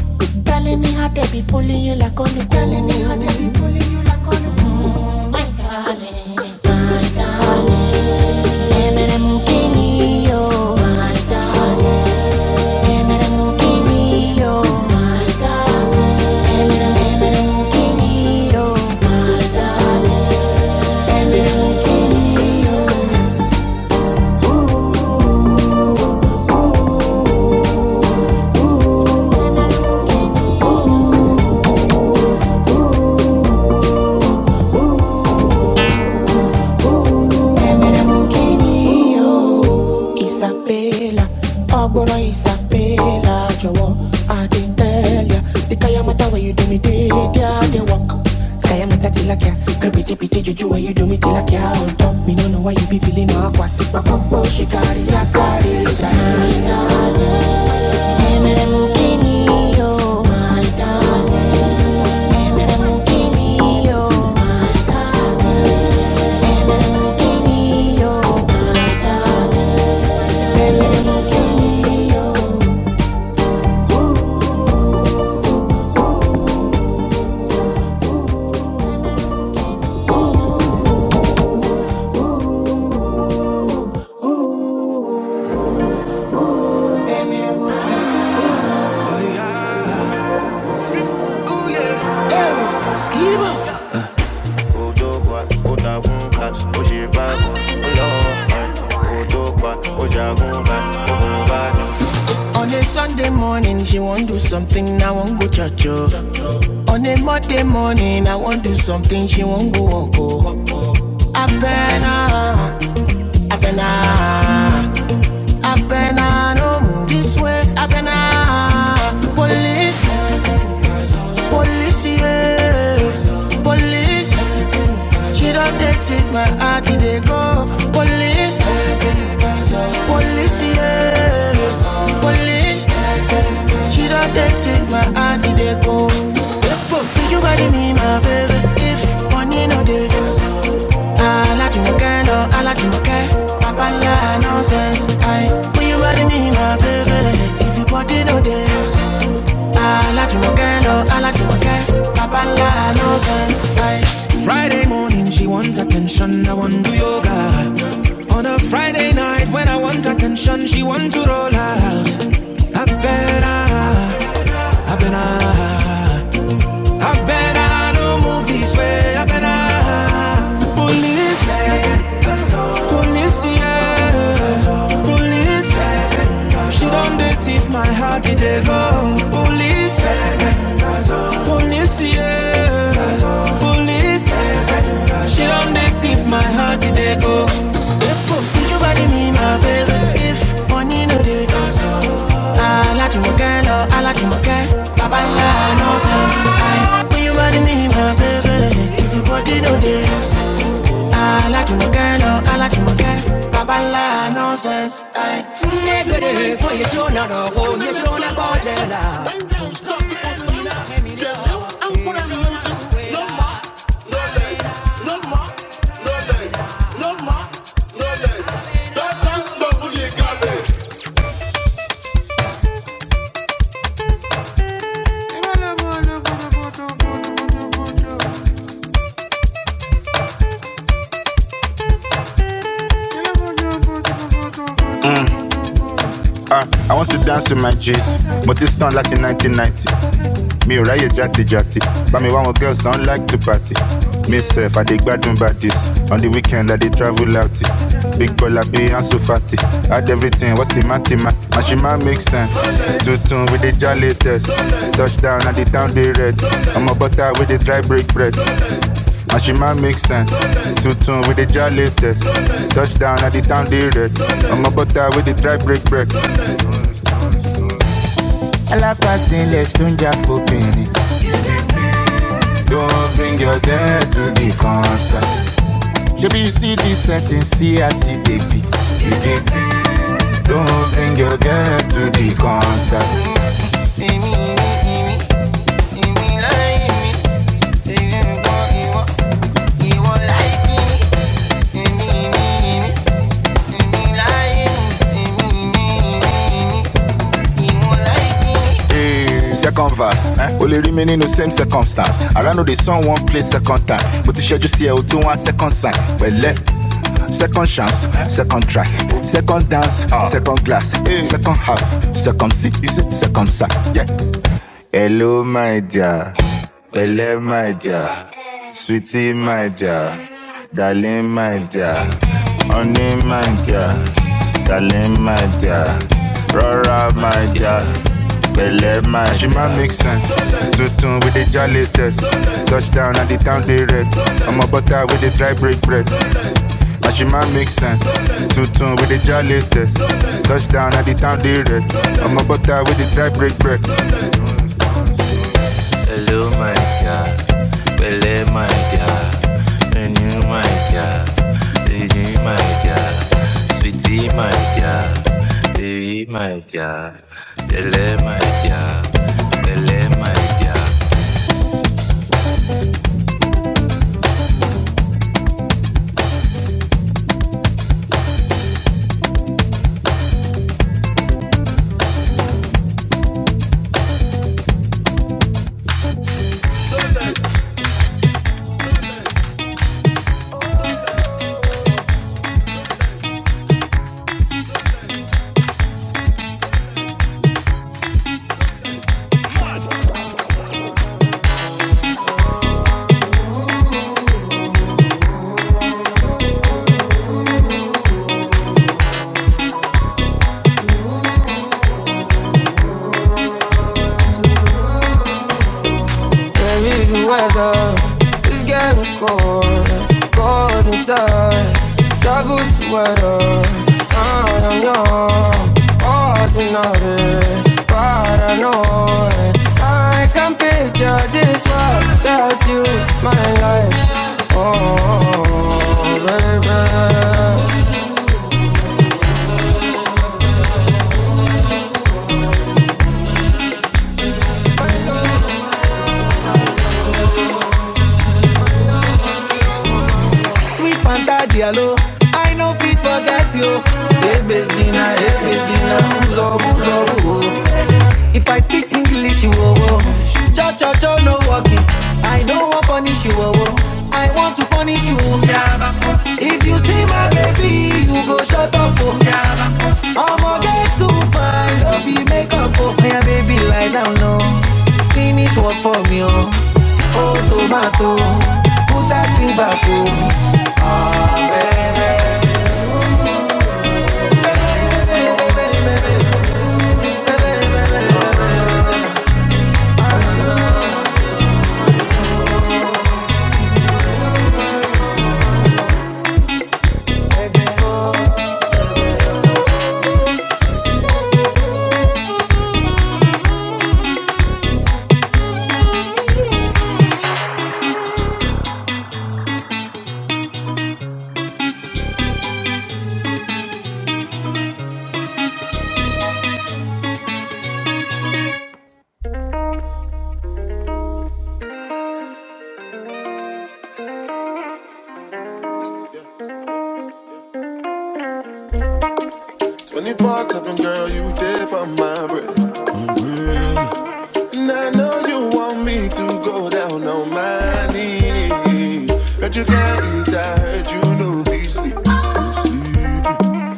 S1: Telling me how they be fooling you like on the cool. telling me how they be fooling you like on the cool. mm, my darling, my darling. Emere mukini yo, my darling. Emere mukini yo, my darling. Emere emere mukini yo, my darling. Emere mukini yo. Isabella, Abona Isabella, Jawa, I didn't tell ya. The Kayamata where you do me dig, yeah, they walk. Kayamata tilakia, creepy tippy juju where you do me tilakia. On top, me no know why you be feeling awkward. My popo shikari ya kari, darling. Emere mukini yo, my darling. Emere mukini yo, my darling. Mukini yo. On a Sunday morning, she won't do something, I won't go church. oh. On a Monday morning, I won't do something, she won't go walk. Oh. Abena, Abena, Abena, no move this way, Abena. Police, police, yeah, police. She don't they take it, my heart, they go. Police, police, yeah, police. She don't take, take my heart, they go. If you body me, my baby? If money no dey do so. Ala to my girl, oh, ala you no care. Papa la nonsense, aye. Will you body me, my baby? If your body no dey do so. Alajumoke, no Alajumoke, Papa la no sense. Friday morning she want attention, I want to do yoga. On a Friday night when I want attention, she want to roll out. I better, I be sweater. She done dey thief my heart, Did they go. Police. Police, yeah. Police. She done they thief my heart, they go. Epo, will you buy me my baby? If money no dey, they dance, Alájùmọ̀kẹ́ lọ, Alájùmọ̀kẹ́, bàbá ńlá nonsense. Aye. Will you marry me, my baby? If your body no dey. Alájùmọ̀kẹ́ lọ, Alájùmọ̀kẹ́, bàbá ńlá nonsense. Aye. Negro that's double you got it. Bala bala Ah, I want to dance with my G's, but it's done like in 1990. Me ráyè jati jati, but me one of girls don't like to party. Me self, I dey gbadun baddies. On the weekend, I dey travel out. Big Bola be and so fatty. Add everything, what's the matty man? matima? Mashima make sense. Tutun with the jolly test. Touchdown at the town they red. I'm a butter with the dry break bread. And she might make sense. Too tune with the jolly test. Touchdown at the town they red. I'm a butter with the dry break bread. Passing less to Jafopini. Don't bring your dead to the concert. Should you see the setting, see I see the begin. Don't bring your dead to the concert. Hey, second verse. Eh? Only remain in the same circumstance. I ran know the song one play second time. But the schedule see out to one second sign. Well, let second chance, second try, second dance, second glass, second half, second seat, second sack. Yeah. Hello, my dear. Belle, my dear. Sweetie, my dear. Darling, my dear. Honey, my dear. Darling, my dear. Rora, my dear. Belle, my dear. She might make sense. Zutun with the jolly test. Touchdown at the town they red. I'm a butter with the dry break bread. And she might make sense. Zutun with the jolly test. Touchdown at the town they red. I'm a butter with the dry break bread. Baby, my dear. Very good weather. is getting cold, cold inside. Double weather, I am young, ordinary, paranoid. I can picture Sweet Fanta I no fit forget you. Ebezina, Ebezina, Uzo, Uzo, Uzo. If I speak English, you oh oh. Cha cha cha, no walking. I don't want punish you oh oh. I want to punish you. If you see my baby, you go shut up oh. I'ma get too fine, don't be makeup oh. Yeah, baby, lie down no. Finish work for me oh. Oh tomato, put that thing back oh. 24 7, girl, you dip on my bread. And I know you want me to go down on my knees. Heard you can't eat, I heard you know we sleep. Mm-hmm.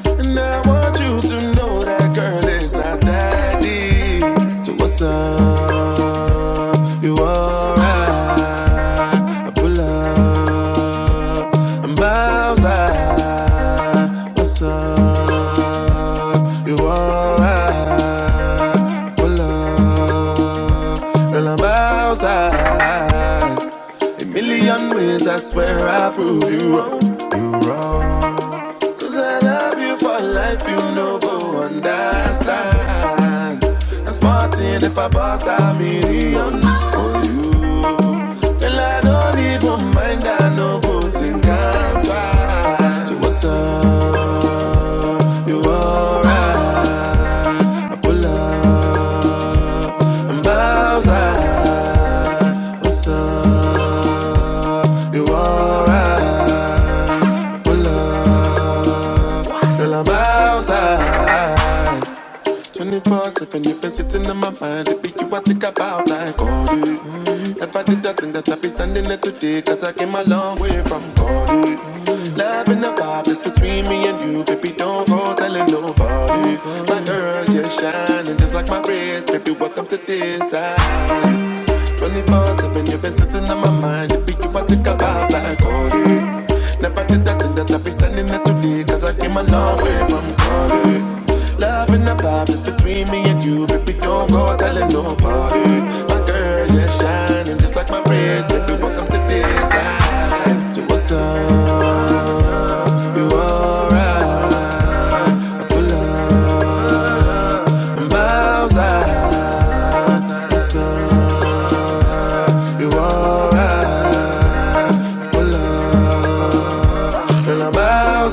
S1: And I want you to know that girl is not that deep. So what's up? You alright? I pull up. I'm outside. What's up? You alright? I pull up. Girl, I'm outside. Million ways I swear I prove you wrong. You wrong. I love you for life, you know. go understand. I'm smarting if I bust a million. Well, I don't even mind, I know go think I'm So what's alright, Bowser? What's up? You alright? Pull up, girl, I'm Bowser. 24 7, you've been sitting on my mind. If you I think about like all day. Never did that thing that I be standing there today. Cause I came a long way from calling. Love and the vibe that's between me and you. Baby, don't go telling nobody. My girl, you're shining just like my wrist. Baby, welcome to this side. 24 7, you've been sitting on my mind mind. Pick you up, and take a vibe like Cody. Never did that thing that I be standing here today, cause I came a long way from Cody. Love and the vibe is between me and you, baby, don't go telling nobody. My girl, you're shining just like my wrist, baby, welcome to this side. To You alright? I pull up, I'm outside. What's up? You alright? Pull up. And i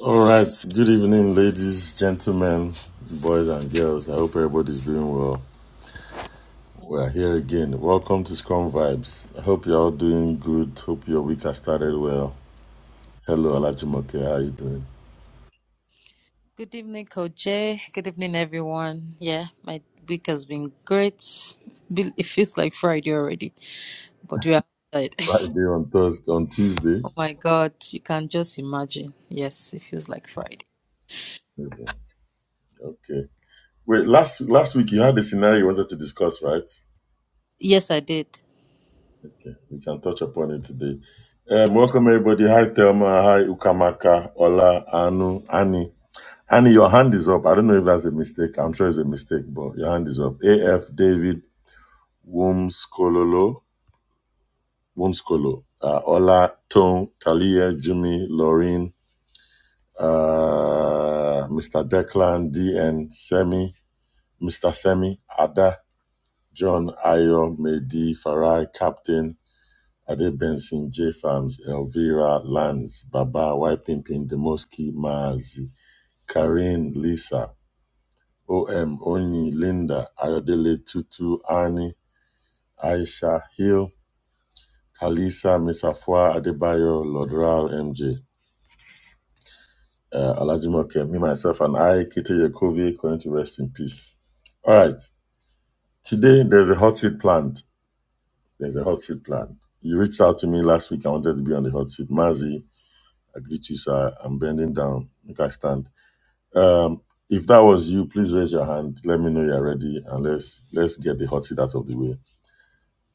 S2: All right. Good evening, ladies, gentlemen, boys, and girls. I hope everybody's doing well. We are here again. Welcome to Scrum Vibes. I hope you're all doing good. Hope your week has started well. Hello, Alajimoke. How are you doing?
S3: Good evening, Coach Jay. Good evening, everyone. Yeah, my week has been great. Be- It feels like Friday already, but we're outside.
S2: Friday
S3: *laughs*
S2: on Thursday, on Tuesday.
S3: oh my God, you can just imagine. Yes, it feels like Friday.
S2: Okay. Okay. Wait, last last week you had a scenario you wanted to discuss, right?
S3: Yes, I did.
S2: Okay. We can touch upon it today. Um, welcome everybody. Hi Thelma. Hi Ukamaka. Ola. Anu. Annie. Honey, your hand is up. I don't know if that's a mistake. I'm sure it's a mistake, but your hand is up. AF David Wumskololo, Wumskolo, uh, Ola Tone, Talia, Jimmy, Laureen, uh, Mr. Declan, DN, Semi, Mr. Semi, Ada, John, Ayo, Medi, Farai, Captain, Ade Benson, J Farms, Elvira, Lance, Baba, Y Pimpin, Demoski, Mazi, Karin, Lisa, OM Onyi, Linda, Ayodele Tutu, Annie, Aisha Hill, Talisa, Miss Afua, Adebayo, Lodral, MJ, uh, Alajimoke, me, myself, and I, Kite Yakovi, going to rest in peace. All right. Today, there's a hot seat planned. There's a hot seat planned. You reached out to me last week. I wanted to be on the hot seat. Mazi, I greet you, sir. I'm bending down. You can stand. Um, if that was you, please raise your hand. Let me know you're ready, and let's let's get the hot seat out of the way.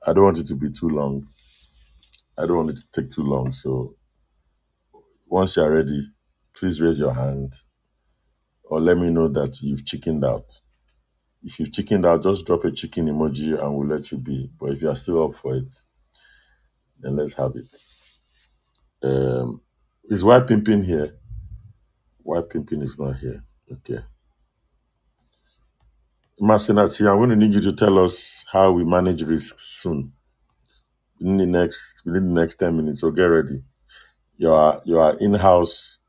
S2: I don't want it to be too long. I don't want it to take too long. So once you're ready, please raise your hand or let me know that you've chickened out. If you've chickened out, just drop a chicken emoji and we'll let you be. But if you're still up for it, then let's have it. Um, is Why Pimpin here? Why Pimpin is not here? Okay. Masinachi, I'm going to need you to tell us how we manage risks soon. In the next, within the next 10 minutes, so get ready. You are, you are in-house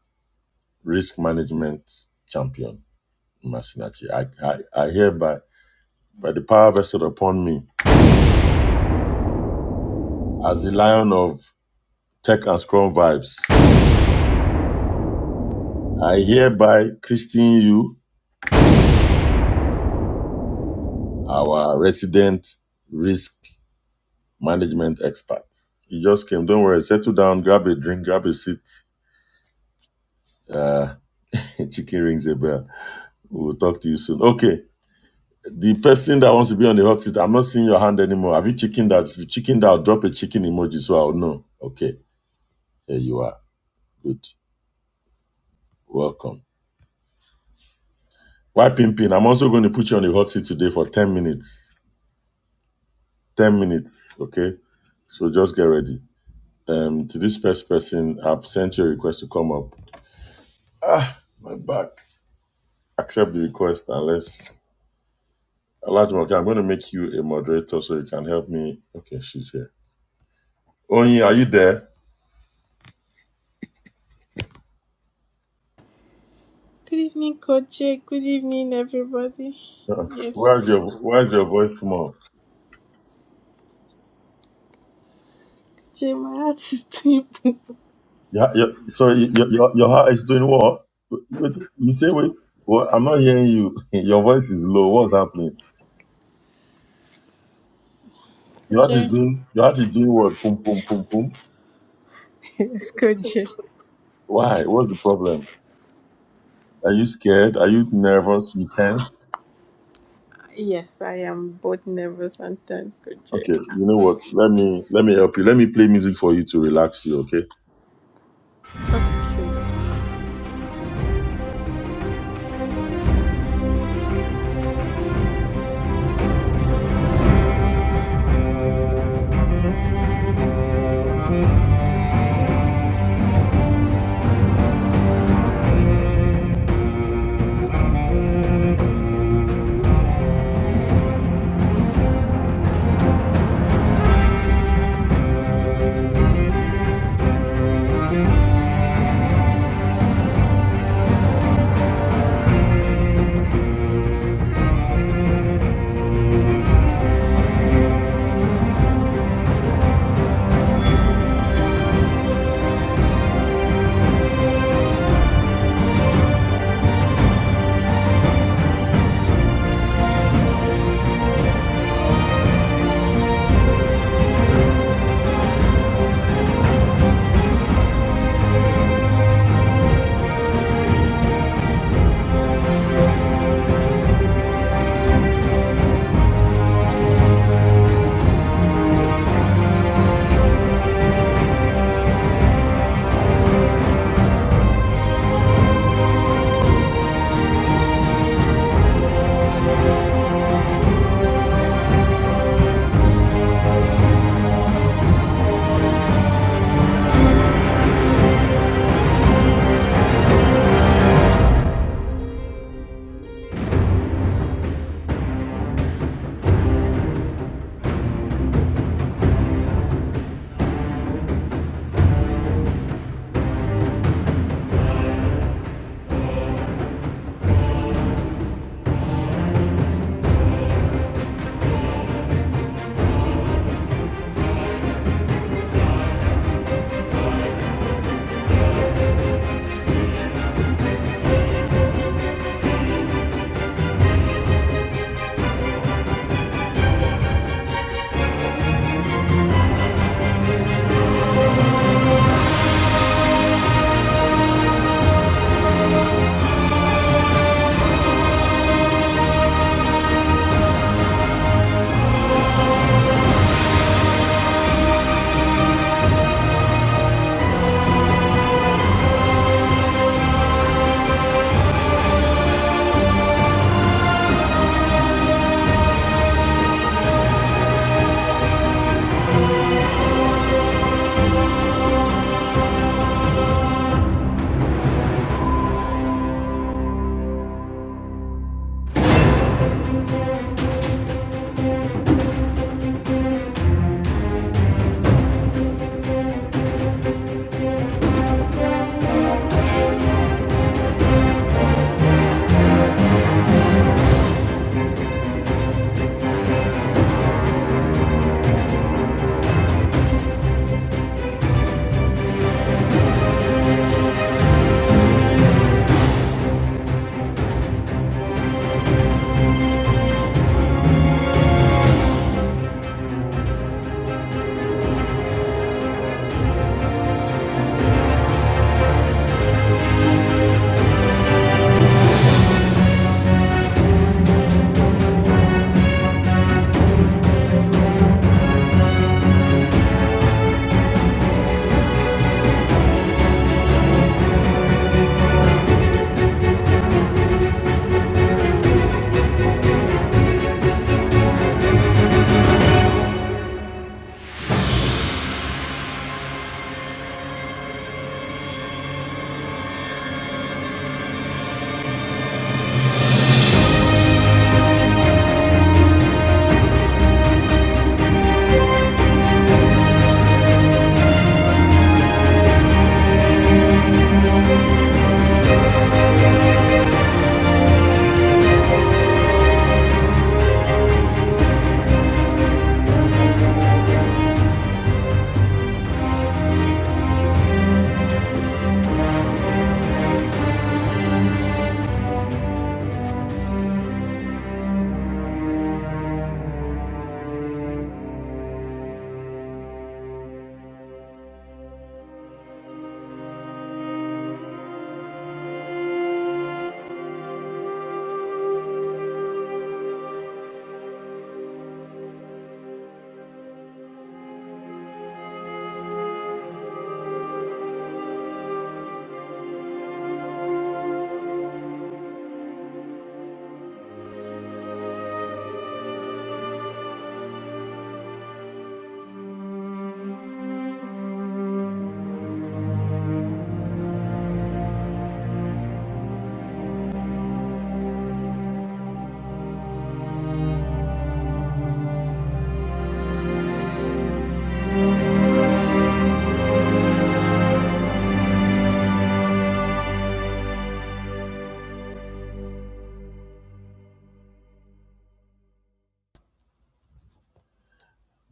S2: risk management champion. Masinachi. I, I, I hereby, by the power vested upon me, as the lion of tech and scrum vibes, I hereby christen you our resident risk management expert. You just came. Don't worry. Settle down. Grab a drink. Grab a seat. Uh, *laughs* chicken rings a bell. We'll talk to you soon. Okay. The person that wants to be on the hot seat, I'm not seeing your hand anymore. Have you chickened out? If you chickened out, drop a chicken emoji so I'll know. Okay. Here you are. Good. Welcome. Why Pimpin? I'm also going to put you on the hot seat today for 10 minutes. 10 minutes, okay? So just get ready. Um, to this first person, I've sent you a request to come up. Ah, my back. Accept the request and let's. Alajima, okay, I'm going to make you a moderator so you can help me. Okay, she's here. Onyi, are you there?
S4: Good evening, Coach. Jay. Good evening, everybody. Yes,
S2: Where's your Where's your voice small?
S4: Jay, my heart is too big.
S2: Yeah, yeah. Sorry, your your your heart is doing what? Wait, you say wait. What? I'm not hearing you. *laughs* Your voice is low. What's happening? Your
S4: Coach.
S2: heart is
S4: Jay.
S2: doing your heart is doing what? Boom, boom, boom, boom.
S4: Yes, Coach. Jay.
S2: Why? What's the problem? Are you scared? Are you nervous? You tense?
S4: Yes, I am both nervous and tense, Coach. Jay.
S2: Okay, you know what? Let me let me help you. Let me play music for you to relax you, okay?
S4: Okay.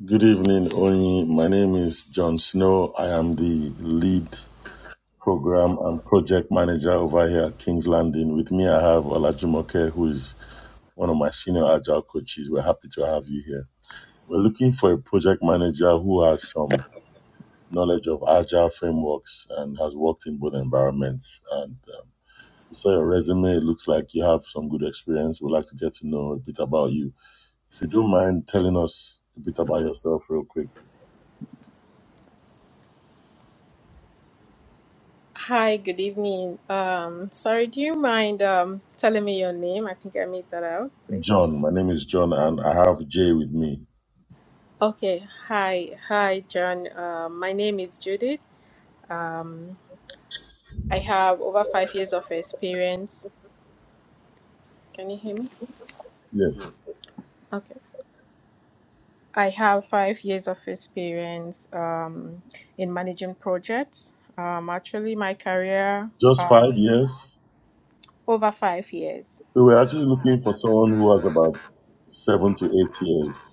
S2: Good evening, Oni. My name is John Snow. I am the lead program and project manager over here at King's Landing. With me I have Olajumoke, who is one of my senior agile coaches. We're happy to have you here. We're looking for a project manager who has some knowledge of agile frameworks and has worked in both environments. And um, we saw your resume. It looks like you have some good experience. We'd like to get to know a bit about you. If you don't mind telling us a bit about yourself, real quick.
S4: Hi, good evening. Um, sorry, do you mind um telling me your name? I think I missed that out, please.
S2: John, my name is John, and I have Jay with me.
S4: Okay. Hi, hi, John. Uh, my name is Judith. Um, I have over five years of experience. Can you hear me?
S2: Yes,
S4: Okay. I have five years of experience um, in managing projects. Um, actually, my career
S2: just five
S4: um,
S2: years.
S4: over five years.
S2: So we're actually looking for someone who has about seven to eight years.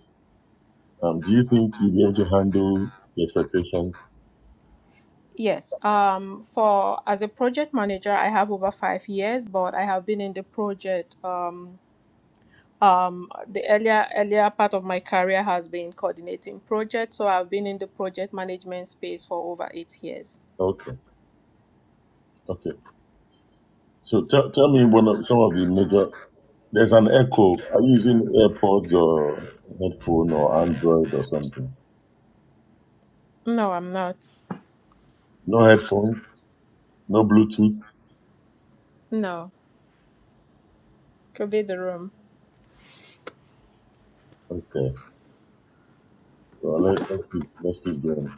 S2: Um, do you think you'll be able to handle the expectations?
S4: Yes, um, for as a project manager, I have over five years, but I have been in the project. Um, um, the earlier earlier part of my career has been coordinating projects, so I've been in the project management space for over eight years.
S2: Okay, okay. So tell tell me one of, some of the major There's an echo. Are you using AirPods or headphone or Android or something?
S4: No, I'm not.
S2: No headphones, no Bluetooth.
S4: No, could be the room.
S2: Okay. Well, let, let's keep let's keep going.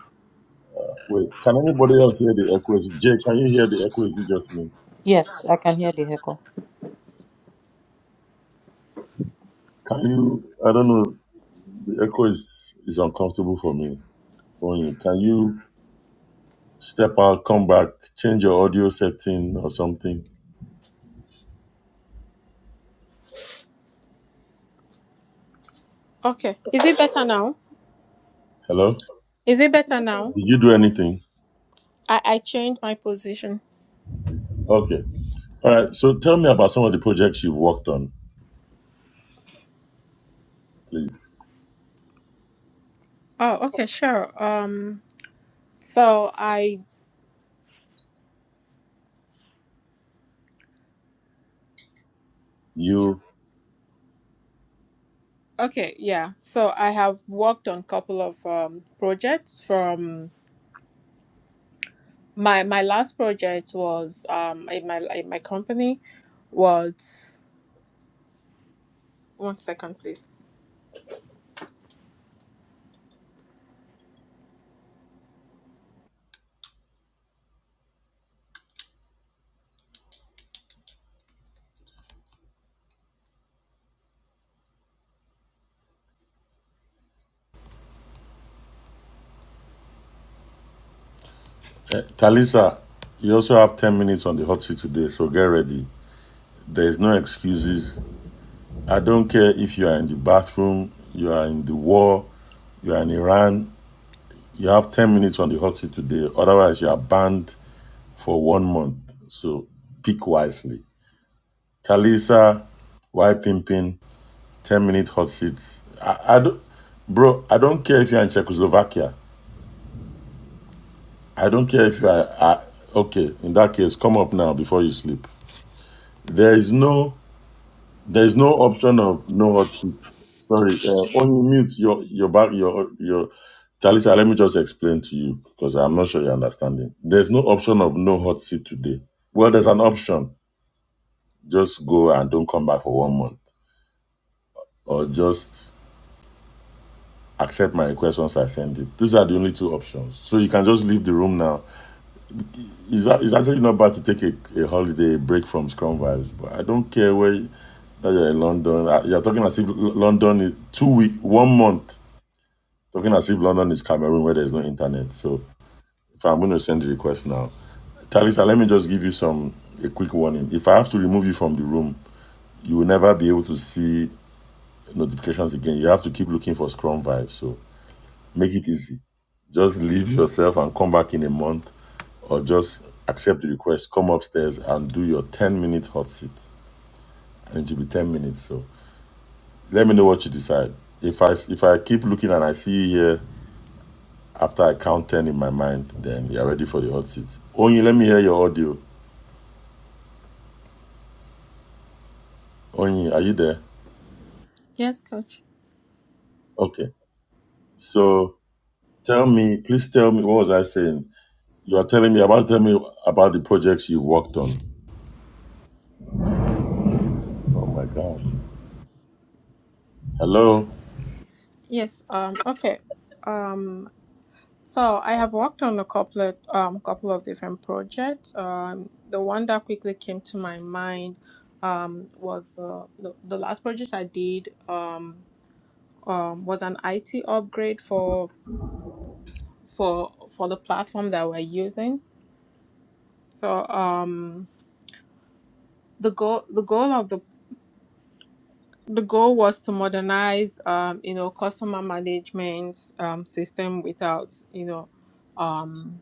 S2: Wait, can anybody else hear the echo? Is Jay, can you hear the echo? Is it just me?
S3: Yes, I can hear the echo.
S2: Can you? I don't know. The echo is is uncomfortable for me. Only can you step out, come back, change your audio setting or something?
S4: Okay, is it better now?
S2: Hello.
S4: Is it better
S2: Did
S4: now?
S2: you do anything?
S4: I, I changed my position.
S2: Okay. All right. So tell me about some of the projects you've worked on, please.
S4: Oh, okay, sure. Um, so I
S2: You
S4: okay, yeah. So I have worked on couple of um, projects. From my my last project was um in my in my company was one second, please.
S2: Talisa, you also have 10 minutes on the hot seat today, so get ready. There is no excuses. I don't care if you are in the bathroom, you are in the war, you are in Iran. You have 10 minutes on the hot seat today. Otherwise, you are banned for one month. So pick wisely. Talisa, why pimpin? 10 minute hot seats. I, I don't, bro, I don't care if you're in Czechoslovakia. I don't care if you are, I, okay, in that case, come up now before you sleep. There is no There is no option of no hot seat. Sorry, uh, on you mute your your back your your. Talisa, let me just explain to you because I'm not sure you're understanding. There's no option of no hot seat today. Well, there's an option. Just go and don't come back for one month, or just accept my request once I send it. These are the only two options. So you can just leave the room now. It's, a- it's actually not bad to take a, a holiday, a break from Scrum vibes, but I don't care where you- that you're in London. Uh, You're talking as if L- London is two week, one month Talking as if London is Cameroon where there's no internet. So if I'm going to send the request now, Talisa, let me just give you some a quick warning. If I have to remove you from the room, you will never be able to see notifications again. You have to keep looking for Scrum vibes. So make it easy. Just leave yourself and come back in a month, or just accept the request. Come upstairs and do your 10 minute hot seat, and it will be 10 minutes. So let me know what you decide. If I if I keep looking and I see you here After I count 10 in my mind, then you're ready for the hot seat. Onyi, let me hear your audio. Onyi, are you there?
S4: Yes, coach.
S2: Okay. So tell me, please tell me, what was I saying? You are telling me about, tell me about the projects you've worked on. Oh my God. Hello?
S4: Yes. Um. Okay. Um. So I have worked on a couple um, couple of different projects. Um, the one that quickly came to my mind um, was the, the the last project I did um, um, was an IT upgrade for for for the platform that we're using. So um, the goal the goal of the the goal was to modernize um, you know customer management um, system without you know um,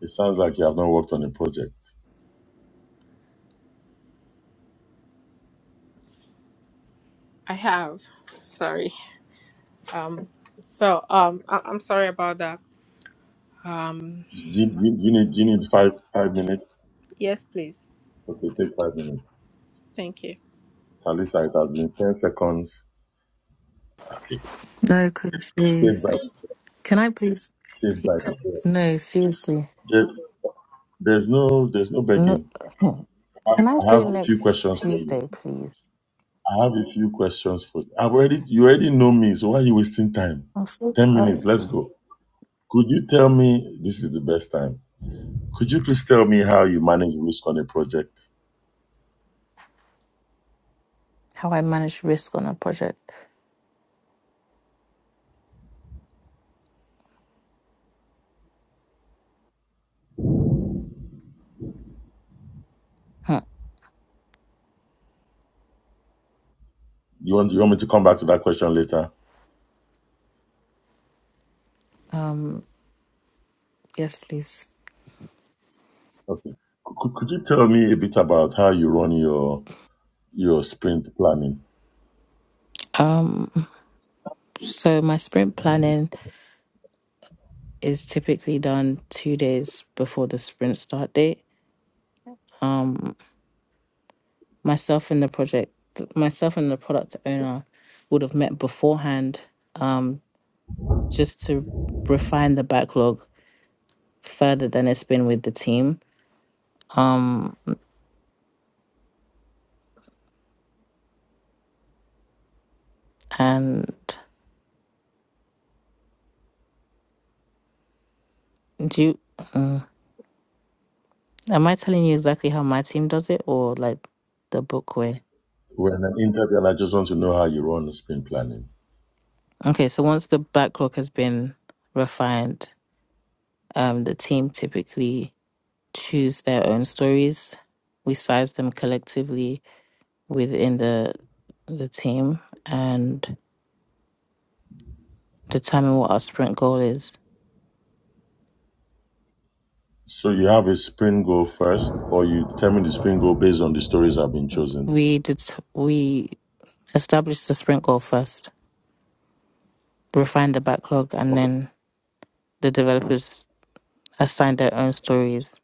S2: It sounds like you have not worked on a project.
S4: I have sorry Um, so um, I- I'm sorry about that. Um,
S2: Do you, do you, do you need, do you need five, five minutes?
S4: yes, please.
S2: Okay, take five minutes.
S4: Thank you.
S2: Talisa, it has been 10 seconds. Okay.
S5: No, because
S2: Saved
S5: yes.
S2: by,
S5: Can I please?
S2: saved
S5: pe-
S2: by the bell.
S5: No, seriously.
S2: There, there's no, there's no
S5: No.
S2: begging.
S5: *clears throat*
S2: I
S5: Can I
S2: I have
S5: do
S2: a few
S5: next
S2: questions for you.
S5: Tuesday, please?
S2: I have a few questions for you. I've already you already know me, so why are you wasting time?
S5: I'm so
S2: Ten minutes,
S5: tired.
S2: let's go. Could you tell me this is the best time? Could you please tell me how you manage risk on a project?
S5: How I manage risk on a project. Huh.
S2: You want you want me to come back to that question later?
S5: Um. Yes, please.
S2: Okay. Could, could you tell me a bit about how you run your your sprint planning?
S5: Um. So my sprint planning is typically done two days before the sprint start date. Um. Myself and the project, myself and the product owner, would have met beforehand. Um. Just to refine the backlog further than it's been with the team. Um, and do you, um, am I telling you exactly how my team does it or like the book way?
S2: We're in an interview, and I just want to know how you run the sprint planning.
S5: Okay, so once the backlog has been refined, um, the team typically choose their own stories. We size them collectively within the the team and determine what our sprint goal is.
S2: So you have a sprint goal first, or you determine the sprint goal based on the stories that have been chosen.
S5: We det- we establish the sprint goal first, refine the backlog, and
S2: Okay.
S5: then the developers assign their own stories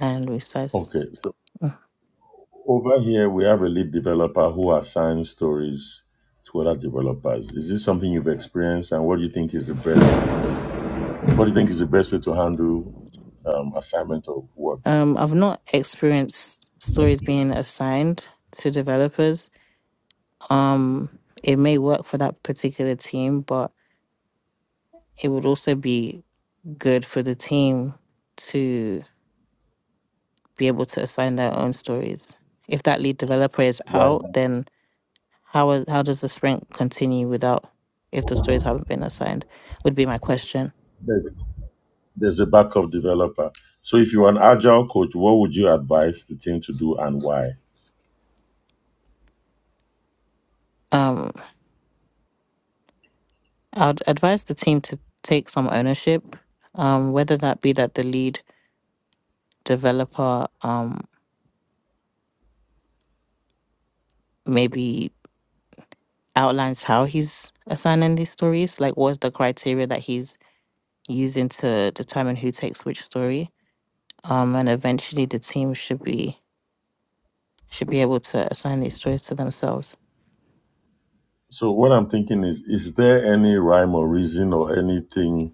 S5: and resources.
S2: Okay. So Over here, we have a lead developer who assigns stories to other developers. Is this something you've experienced, and what do you think is the best? What do you think is the best way to handle um, assignment of work?
S5: Um, I've not experienced stories being assigned to developers. Um, it may work for that particular team, but it would also be good for the team to be able to assign their own stories. If that lead developer is out,
S2: Well,
S5: then how are- how does the sprint continue without if the stories haven't been assigned? Would be my question.
S2: there's, there's a backup developer. So, if you're an agile coach, what would you advise the team to do, and why?
S5: Um, I'd advise the team to take some ownership, um, whether that be that the lead developer um, maybe outlines how he's assigning these stories, like what's the criteria that he's using to determine who takes which story, um, and eventually the team should be should be able to assign these stories to themselves.
S2: So, what I'm thinking is, is there any rhyme or reason or anything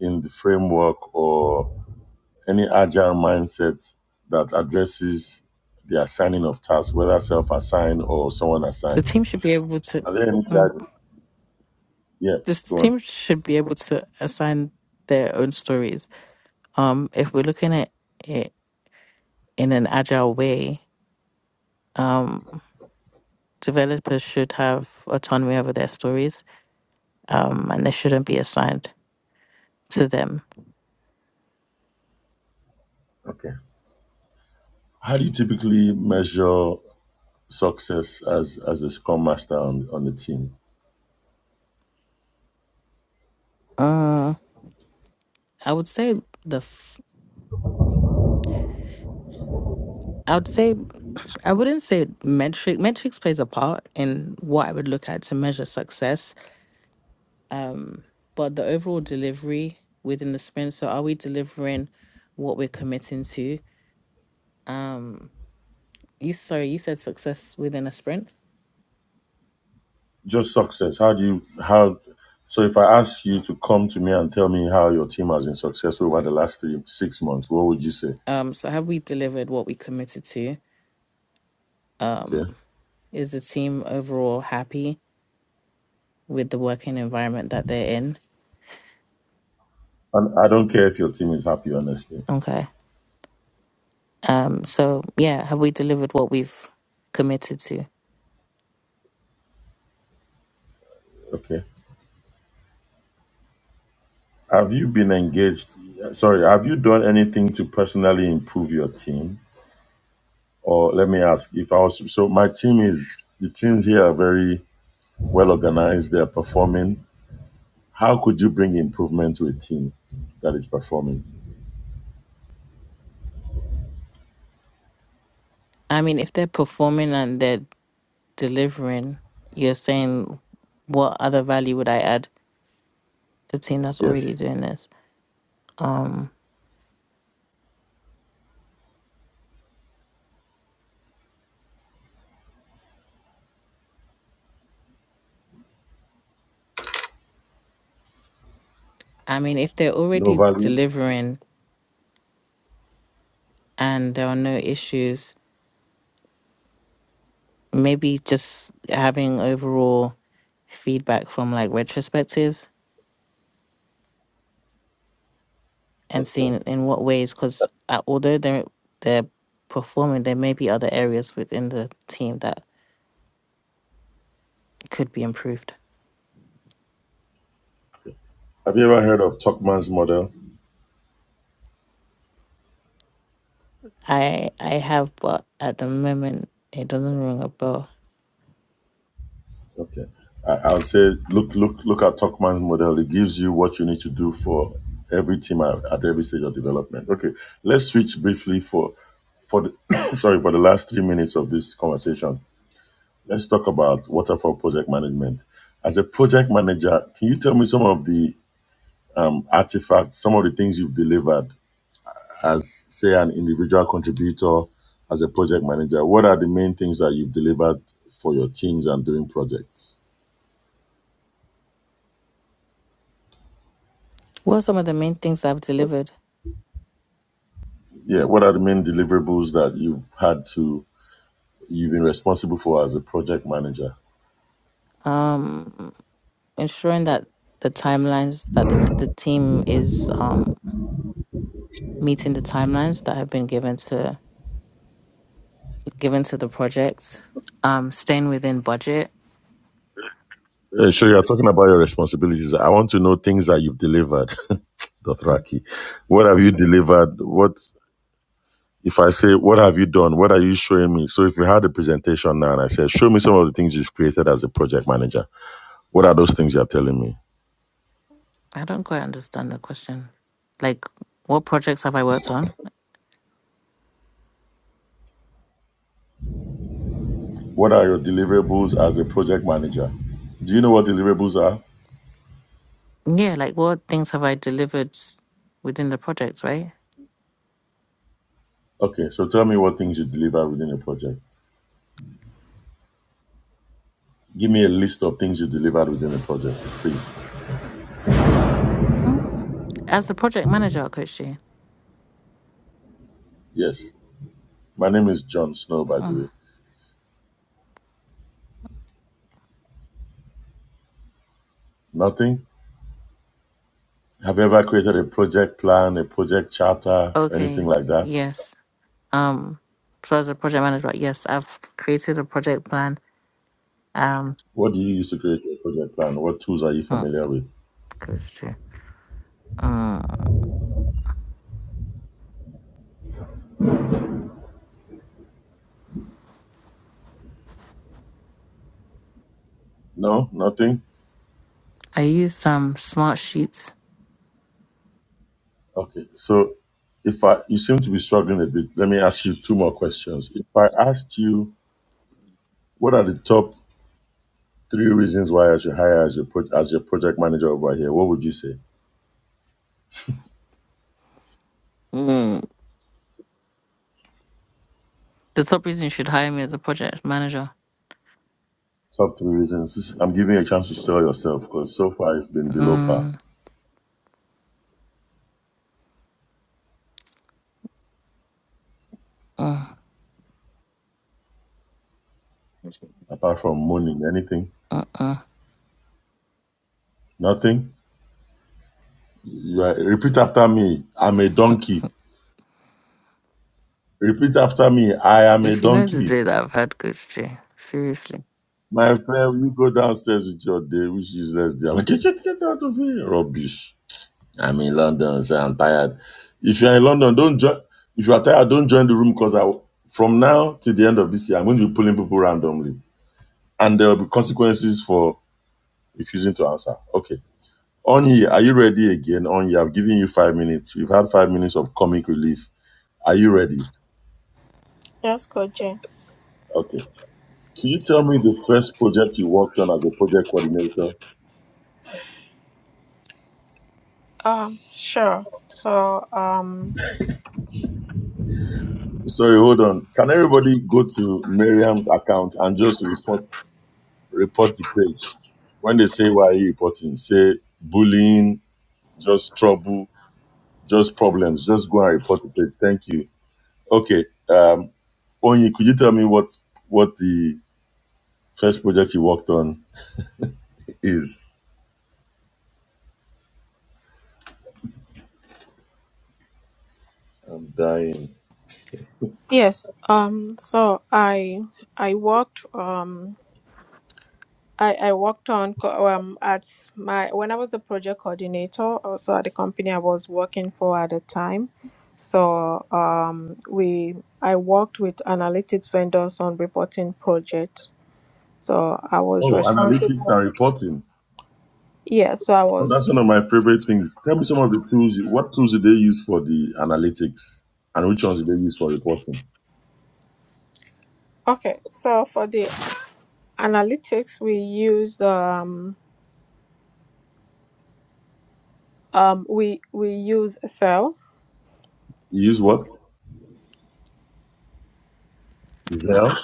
S2: in the framework or Any agile mindset that addresses the assigning of tasks, whether self assigned or someone
S5: The team
S2: assigns.
S5: should be able to.
S2: Are there any
S5: Mm,
S2: guide? Yeah,
S5: this
S2: go on.
S5: team should be able to assign their own stories. Um, if we're looking at it in an agile way, um developers should have autonomy over their stories, um, and they shouldn't be assigned to them.
S2: Okay. How do you typically measure success as as a scrum master on, on the team?
S5: Uh, I would say the. F- I would say I wouldn't say metric. Metrics plays a part in what I would look at to measure success. Um, but the overall delivery within the sprint. So are we delivering what we're committing to? Um, you sorry, you said success within a sprint.
S2: Just success. How do you how so if I ask you to come to me and tell me how your team has been successful over the last three, six months, what would you say?
S5: Um, so have we delivered what we committed to?
S2: Okay.
S5: Um, is the team overall happy? with the working environment that they're in.
S2: And I don't care if your team is happy, honestly.
S5: Okay. Um, so yeah, have we delivered what we've committed to?
S2: Okay. Have you been engaged? Sorry, have you done anything to personally improve your team? Or let me ask if I was so my team is the teams here are very well organized, they're performing. How could you bring improvement to a team that is performing?
S5: I mean, if they're performing and they're delivering, you're saying what other value would I add to the team that's already
S2: Yes.
S5: doing this? Um, I mean, if they're
S2: No
S5: already
S2: value?
S5: delivering and there are no issues, maybe just having overall feedback from like retrospectives and seeing
S2: Okay.
S5: in what ways because although they're they're performing there may be other areas within the team that could be improved
S2: Have you ever heard of Tuckman's model?
S5: i i have but at the moment it doesn't ring a bell
S2: Okay. I, I'll say, look, look, look at Tuckman's model. It gives you what you need to do for every team at, at every stage of development. Okay. Let's switch briefly for, for the, *coughs* sorry, for the last three minutes of this conversation. Let's talk about waterfall project management. As a project manager, can you tell me some of the artifacts, some of the things you've delivered as, say, an individual contributor, as a project manager? What are the main things that you've delivered for your teams and doing projects?
S5: what are some of the main things i've delivered
S2: Yeah, what are the main deliverables that you've had to you've been responsible for as a project manager?
S5: um ensuring that the timelines that the, the team is um meeting the timelines that have been given to given to the project um staying within budget
S2: Uh, so you're talking about your responsibilities. I want to know things that you've delivered, *laughs*
S5: Um,
S2: Dothraki. What have you delivered? What if I say what have you done? What are you showing me? So if you had a presentation now and I said, Show me some of the things you've created as a project manager, what are those things you're telling me?
S5: i don't quite understand the question like what projects have i worked on
S2: What are your deliverables as a project manager? Do you know what deliverables are?
S5: Yeah, like what things have I delivered within the project, right?
S2: Okay, so tell me what things you deliver within a project. Give me a list of things you delivered within a project, please.
S5: Mm. As the project manager, Coach Jay.
S2: Yes. My name is John Snow, by the
S5: Mm.
S2: way. Nothing? Have you ever created a project plan, a project charter, anything
S5: Okay,
S2: like that?
S5: yes. Um, so as a project manager, yes, I've created a project plan. Um,
S2: What do you use to create a project plan? What tools are you
S5: mm,
S2: familiar with?
S5: Coach Jay. Mm.
S2: No, nothing?
S5: I use some smart sheets.
S2: Okay. So if I you seem to be struggling a bit, let me ask you two more questions. If I asked you what are the top three reasons why I should hire as your pro- as your project manager over here, what would you say?
S5: Mm. The top reason you should hire me as a project manager.
S2: Top three reasons. I'm giving you a chance to sell yourself because so far it's been below par.
S5: Mm. Mm.
S2: Apart from moaning, anything,
S5: Uh-uh.
S2: nothing. You are, repeat after me.
S5: *laughs*
S2: I'm a donkey. Repeat after me. I am a
S5: if you know the
S2: donkey.
S5: day that I've had Coach Jay, seriously.
S2: My friend, you go downstairs with your day, which is less day. I'm like, get, get, get out of here. Rubbish. I'm in London, so I'm tired. If you're in London, don't join. If you are tired, don't join the room because I, from now till the end of this year, I'm going to be pulling people randomly. And there will be consequences for refusing to answer. Okay. Onyi, are you ready again? Onyi, I've given you five minutes. You've had five minutes of comic relief. Are you ready?
S4: Yes, Coach Jane.
S2: Okay. Can you tell me the first project you worked on as a project coordinator?
S4: Um, sure. So um,
S2: Sorry, hold on. Can everybody go to Miriam's account and just report report the page? When they say why are you reporting, say bullying, just trouble, just problems. Just go and report the page. Thank you. Okay. Um, Onyi, could you tell me what what the first project you worked on is? I'm dying.
S4: yes. Um, so I I worked um. I, I worked on co- um, at my when I was a project coordinator also at the company I was working for at the time. So um, we I worked with analytics vendors on reporting projects. So I was
S2: Oh, analytics
S4: responsible.
S2: and reporting.
S4: Yeah, so I
S2: Oh, that's
S4: was
S2: one of my favorite things. Tell me some of the tools. you- What tools did they use for the analytics, and which ones did they use for reporting?
S4: okay. So for the analytics, we used um um we we use Excel.
S2: You use what? Zell,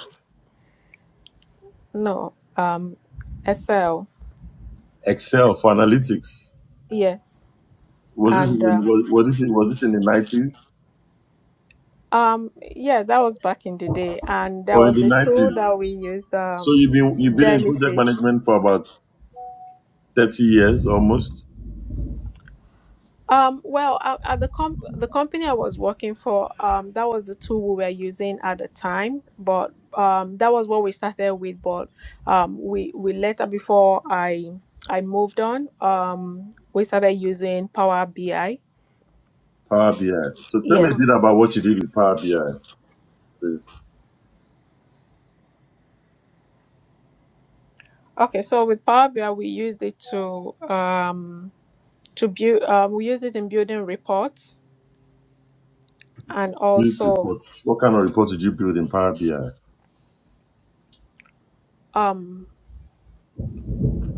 S4: No, um Excel.
S2: Excel for analytics.
S4: Yes,
S2: Was
S4: and
S2: this in the,
S4: uh,
S2: was, was this in- was this in the nineties
S4: um yeah, that was back in the day, and there
S2: or in
S4: was
S2: the
S4: a
S2: nineties?
S4: tool that we used
S2: So
S4: um
S2: you've been you've been in project
S4: Jellyfish.
S2: management for about thirty years almost.
S4: Um, well, at, at the comp the company I was working for, um, that was the tool we were using at the time. But um, that was what we started with. But um, we we later before I I moved on, um, we started using Power BI.
S2: Power BI. So tell me a
S4: Yes.
S2: bit about what you did with Power BI. please.
S4: Okay, so with Power BI, we used it to um to build. Um, we used it in building reports and
S2: Build
S4: also
S2: reports. What kind of reports did you build in Power BI?
S4: um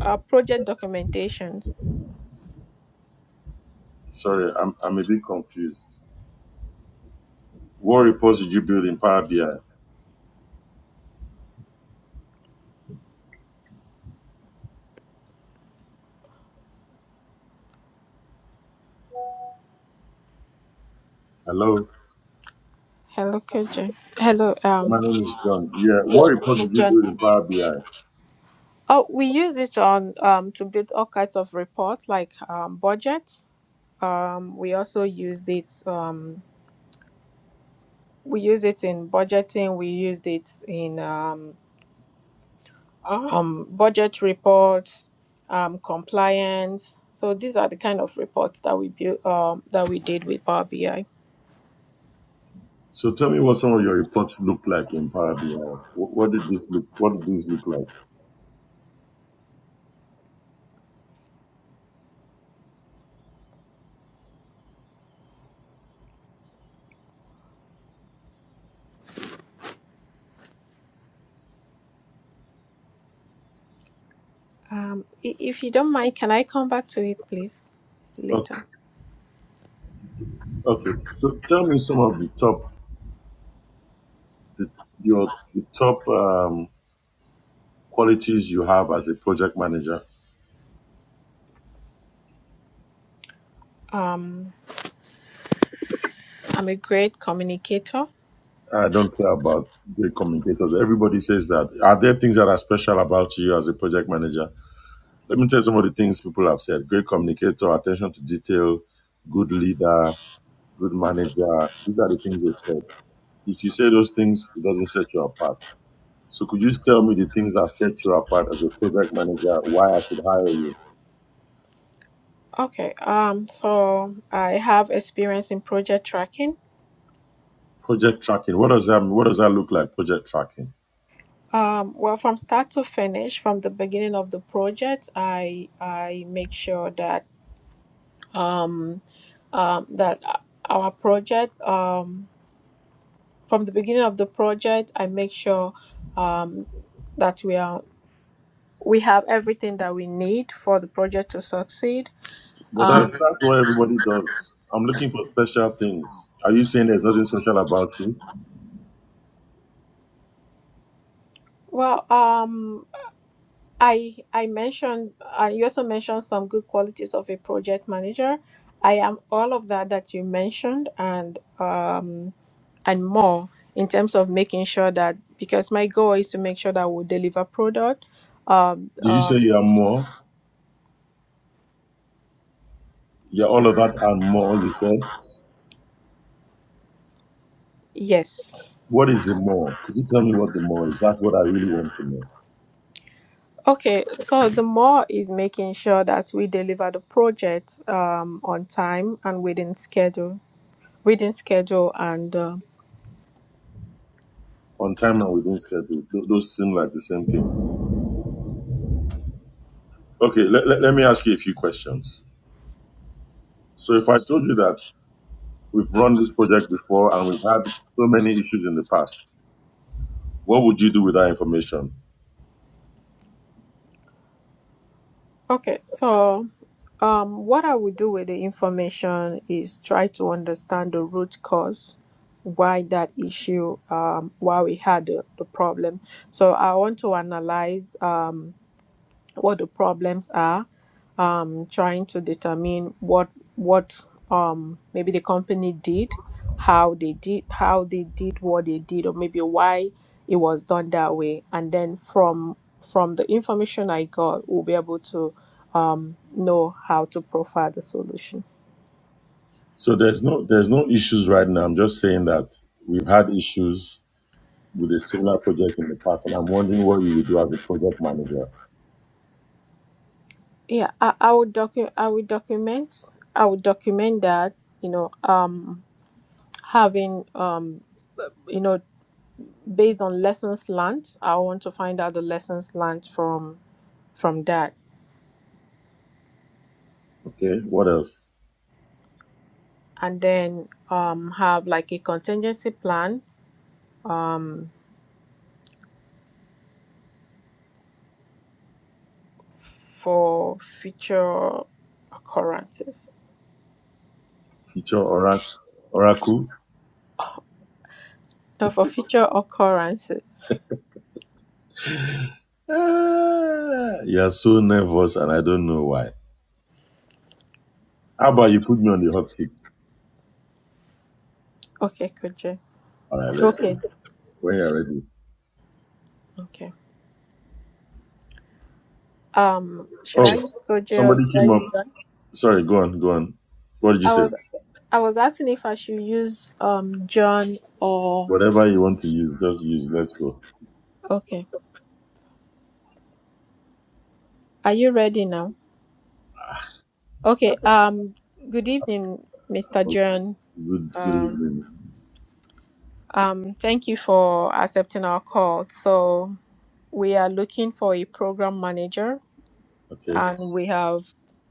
S4: uh, project documentation.
S2: Sorry, I'm I'm a bit confused. What reports did you build in Power BI? Hello,
S4: Hello, KJ. Hello, um,
S2: my name is John. Yeah, what
S4: Yes.
S2: reports
S4: Miss
S2: did you
S4: John.
S2: build in Power BI?
S4: Oh, we use it on um, to build all kinds of reports like um, budgets. Um, we also used it. Um, we use it in budgeting. We used it in um, um, budget reports, um, compliance. So these are the kind of reports that we built um, that we did with Power BI.
S2: So tell me what some of your reports look like in Power BI. What, what did this look? What did these look like?
S4: Um, i- if you don't mind, can I come back to it, please,
S2: Okay,
S4: later?
S2: okay. So tell me some of the top, the, your the top um, qualities you have as a project manager.
S4: Um, I'm a great communicator.
S2: I don't care about the communicators. Everybody says that. Are there things that are special about you as a project manager? Let me tell you some of the things people have said. Great communicator, attention to detail, good leader, good manager. These are the things they've said. If you say those things, it doesn't set you apart. So could you tell me the things that set you apart as a project manager? Why I should hire you?
S4: Okay, um, so I have experience in project tracking.
S2: Project tracking. What does that mean? What does that look like? Project tracking.
S4: Um, well, from start to finish, from the beginning of the project, I I make sure that um, um, that our project um, from the beginning of the project, I make sure um, that we are we have everything that we need for the project to succeed.
S2: But that's
S4: Um,
S2: that's what everybody does. I'm looking for special things. Are you saying there's nothing special about you?
S4: well, um, I I mentioned uh, you also mentioned some good qualities of a project manager. I am all of that that you mentioned and um, and more in terms of making sure that because my goal is to make sure that we deliver product. Um,
S2: Did you say
S4: um,
S2: you are more? You're all of that and more, you said?
S4: yes.
S2: What is the more? Could you tell me what the more is? That's what I really want to know.
S4: Okay. So the more is making sure that we deliver the project um, on time and within schedule, within schedule and. Uh,
S2: On time and within schedule. Th- those seem like the same thing. Okay, let, let, let me ask you a few questions. So, if I told you that we've run this project before and we've had so many issues in the past, what would you do with that information?
S4: okay. So. Um, what I would do with the information is try to understand the root cause why that issue, um, why we had the, the problem. So I want to analyze. Um, what the problems are, um, trying to determine what what um, maybe the company did, how they did how they did what they did, or maybe why it was done that way, and then from from the information I got, we'll be able to um, know how to profile the solution.
S2: So, there's no there's no issues right now. I'm just saying that we've had issues with a similar project in the past, and I'm wondering what you would do as a project manager.
S4: Yeah, I, I would docu- I would document I would document that you know um, having um, you know based on lessons learned i want to find out the lessons learned from from that
S2: Okay, what else?
S4: and then um, have like a contingency plan um, for future occurrences
S2: Feature Oracle? Oracle?
S4: no for future occurrences
S2: Ah, you're so nervous, and I don't know why. How about you put me on the hot seat?
S4: okay koje
S2: All right, let's
S4: okay
S2: go. When you're ready.
S4: okay um
S2: Oh,
S4: should i use koje or
S2: somebody
S4: should i
S2: came up.
S4: use john
S2: Sorry, go on, go on. What did you
S4: i
S2: say?
S4: was i was asking if i should use um john or
S2: Whatever you want to use, just use. Let's go.
S4: okay are you ready now okay um good evening mr john
S2: Good, good
S4: Um,
S2: evening.
S4: um, thank you for accepting our call. So we are looking for a program manager,
S2: Okay,
S4: and we have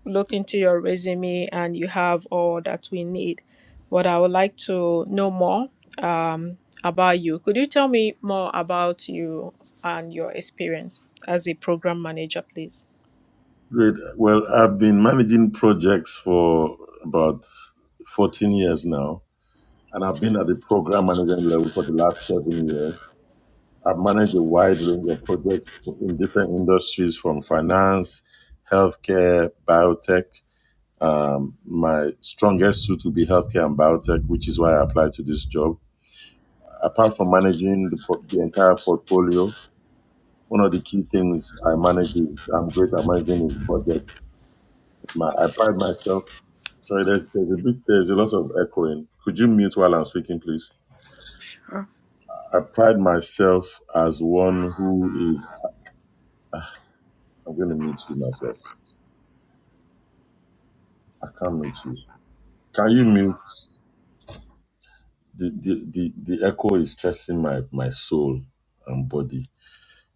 S4: looked into your resume, and you have all that we need. But I would like to know more um, about you. Could you tell me more about you and your experience as a program manager, please?
S2: great. Well, I've been managing projects for about 14 years now, and I've been at the program manager level for the last seven years. I've managed a wide range of projects for- in different industries from finance, healthcare, biotech. Um, my strongest suit will be healthcare and biotech, which is why I applied to this job apart from managing the, por- the entire portfolio, one of the key things I manage is I'm great at managing is budget. My, I pride myself. Sorry, there's there's a bit there's a lot of echoing. Could you mute while I'm speaking, please? I pride myself as one who is. I'm going to mute you myself. I can't mute you. Can you mute? The the the, the echo is stressing my my soul and body.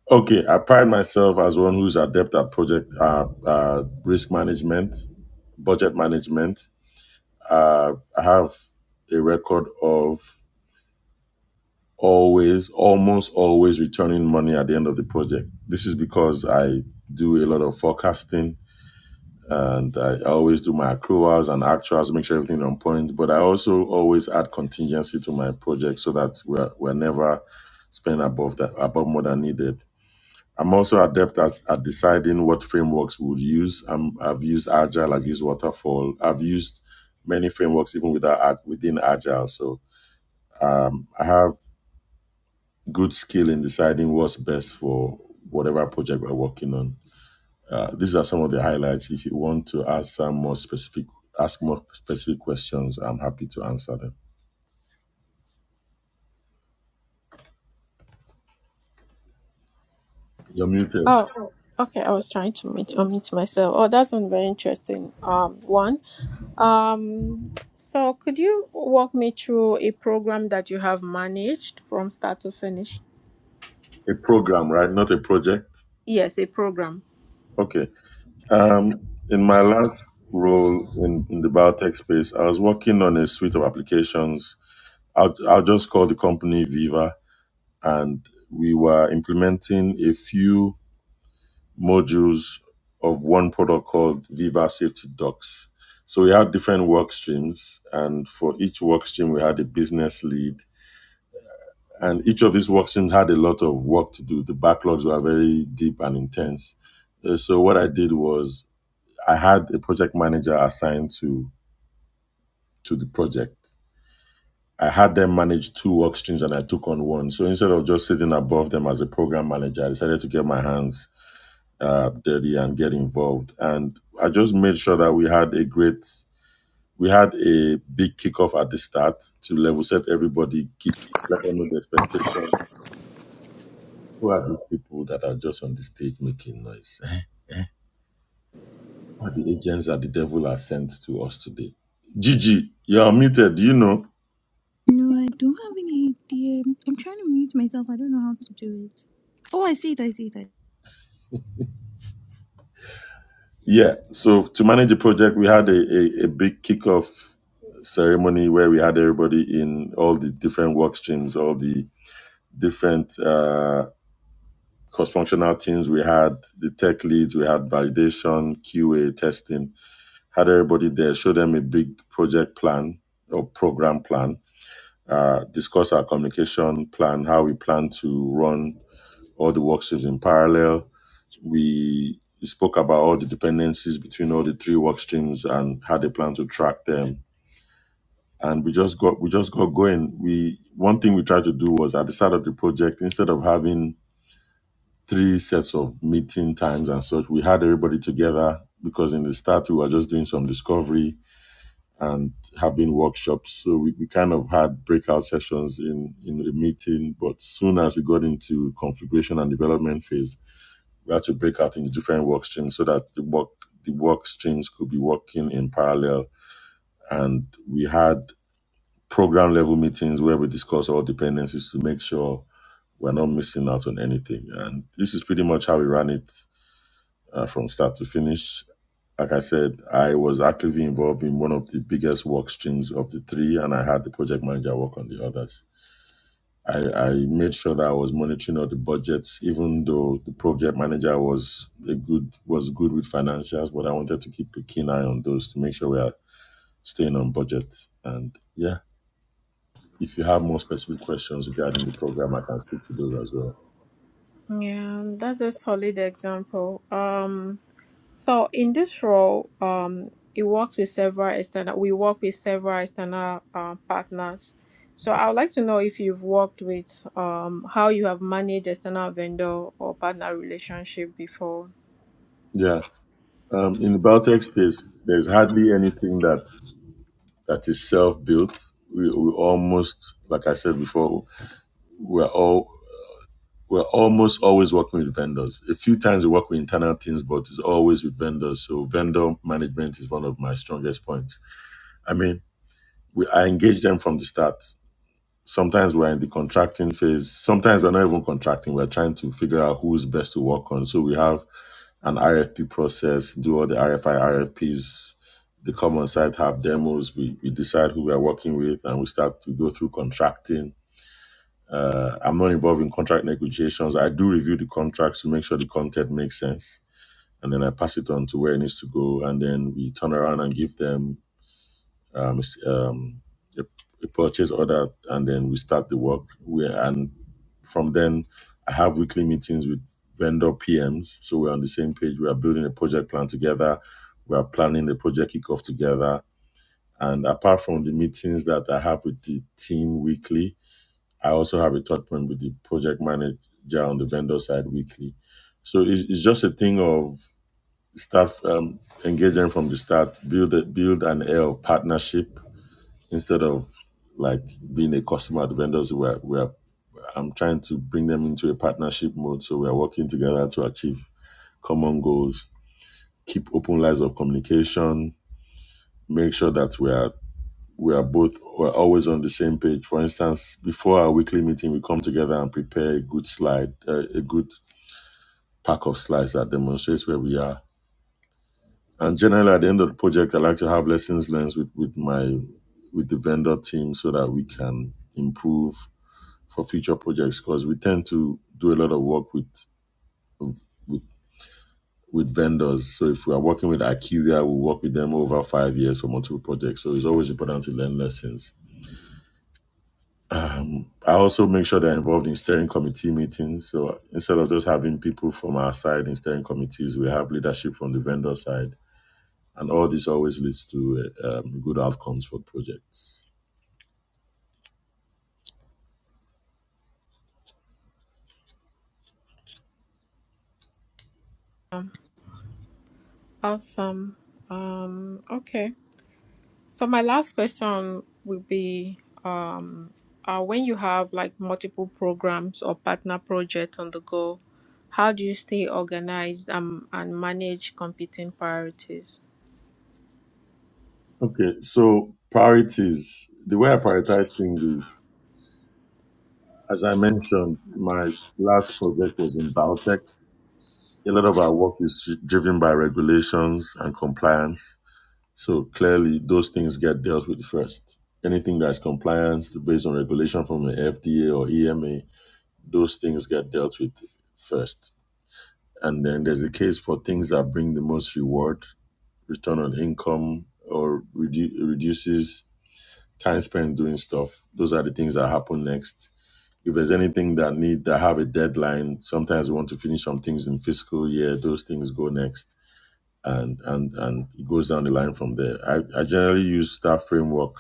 S2: Okay, I pride myself as one who's adept at project uh, uh, risk management, budget management. Uh, I have a record of always, almost always returning money at the end of the project. This is because I do a lot of forecasting and I always do my accruals and actuals, make sure everything is on point. But I also always add contingency to my project so that we're, we're never spending above that above more than needed. I'm also adept at, at deciding what frameworks we would use. Um, I've used Agile, I've used Waterfall, I've used many frameworks even without, Ag- within Agile. So um, I have good skill in deciding what's best for whatever project we're working on. Uh, these are some of the highlights. If you want to ask some more specific, ask more specific questions, I'm happy to answer them. You're muted.
S4: Oh, okay. I was trying to mute, unmute myself. Oh, that sounds very interesting. Um, one. Um, so could you walk me through a program that you have managed from start to finish?
S2: A program, right? Not a project.
S4: Yes, a program.
S2: Okay. Um, in my last role in, in the biotech space, I was working on a suite of applications. I'll, I'll just call the company Viva, and we were implementing a few modules of one product called Viva Safety Docs. So we had different work streams, and for each work stream, we had a business lead. And each of these work streams had a lot of work to do. The backlogs were very deep and intense. Uh, So what I did was I had a project manager assigned to to the project. I had them manage two work streams and I took on one. So instead of just sitting above them as a program manager, I decided to get my hands uh, dirty and get involved. And I just made sure that we had a great, we had a big kickoff at the start to level set everybody, kick, let them know the expectation. Who are these people that are just on the stage making noise? *laughs* Who are the agents that the devil has sent to us today? Gigi, you're muted. You know.
S6: No, I don't have any idea. I'm trying to mute myself. I don't know how to do it. Oh, I see it. I see it. I-
S2: Yeah. So to manage the project, we had a, a, a big kickoff ceremony where we had everybody in all the different work streams, all the different uh, cross-functional teams. We had the tech leads, we had validation, QA, testing. Had everybody there, show them a big project plan or program plan. Uh, discuss our communication plan, how we plan to run all the work streams in parallel we spoke about all the dependencies between all the three work streams and had a plan to track them. And we just got we just got going. We one thing we tried to do was at the start of the project, instead of having three sets of meeting times and such, we had everybody together because in the start we were just doing some discovery and having workshops. So we, we kind of had breakout sessions in, in the meeting, but soon as we got into configuration and development phase, we had to break out into different work streams so that the work the work streams could be working in parallel. And we had program level meetings where we discuss all dependencies to make sure we're not missing out on anything. And this is pretty much how we ran it uh, from start to finish. Like I said, I was actively involved in one of the biggest work streams of the three, and I had the project manager work on the others I, I made sure that I was monitoring all the budgets, even though the project manager was a good was good with financials, but I wanted to keep a keen eye on those to make sure we are staying on budget. And yeah, if you have more specific questions regarding the program, I can speak to those as well.
S4: Yeah, that's a solid example. Um, So in this role, um, it works with several external. We work with several external uh, partners. So I would like to know if you've worked with um, how you have managed external vendor or partner relationship before.
S2: Yeah, um, in the biotech space, there's hardly anything that that is self built. We, we almost, like I said before, we're all We're almost always working with vendors. A few times we work with internal teams, but it's always with vendors. So vendor management is one of my strongest points. I mean, we, I engage them from the start. Sometimes we're in the contracting phase. Sometimes we're not even contracting. We're trying to figure out who's best to work on. So we have an RFP process, do all the RFI, RFPs. They come on site, have demos. We, we decide who we are working with, and we start to go through contracting uh, I'm not involved in contract negotiations. I do review the contracts to make sure the content makes sense, and then I pass it on to where it needs to go, and then we turn around and give them um, s- um, a, a purchase order, and then we start the work. We and from then I have weekly meetings with vendor PMs, so we're on the same page. We are building a project plan together. We are planning the project kickoff together. And apart from the meetings that I have with the team weekly, I also have a third point with the project manager on the vendor side weekly. So it's, it's just a thing of start um, engaging from the start, build a, build an air of partnership instead of like being a customer at the vendors. Where where I'm trying to bring them into a partnership mode, so we are working together to achieve common goals. Keep open lines of communication. Make sure that we are we are both we're always on the same page. For instance, before our weekly meeting, we come together and prepare a good slide, uh, a good pack of slides that demonstrates where we are. And generally, at the end of the project, I like to have lessons learned with, with my with the vendor team so that we can improve for future projects because we tend to do a lot of work with with with vendors. So if we are working with Acuria, we work with them over five years for multiple projects. So it's always important to learn lessons I also make sure they're involved in steering committee meetings. So instead of just having people from our side in steering committees, we have leadership from the vendor side. And all this always leads to uh, um, good outcomes for projects.
S4: Awesome. Um, okay. So my last question will be, um, uh, when you have like multiple programs or partner projects on the go, how do you stay organized um, and manage competing priorities?
S2: Okay, so priorities. The way I prioritize things is, as I mentioned, my last project was in biotech. A lot of our work is driven by regulations and compliance So clearly, those things get dealt with first. Anything that's compliance based on regulation from the FDA or EMA, those things get dealt with first. And then there's a case for things that bring the most reward, return on income, or redu- reduces time spent doing stuff. Those are the things that happen next. If there's anything that need that have a deadline, sometimes we want to finish some things in fiscal year. Those things go next and and and it goes down the line from there. I, I generally use that framework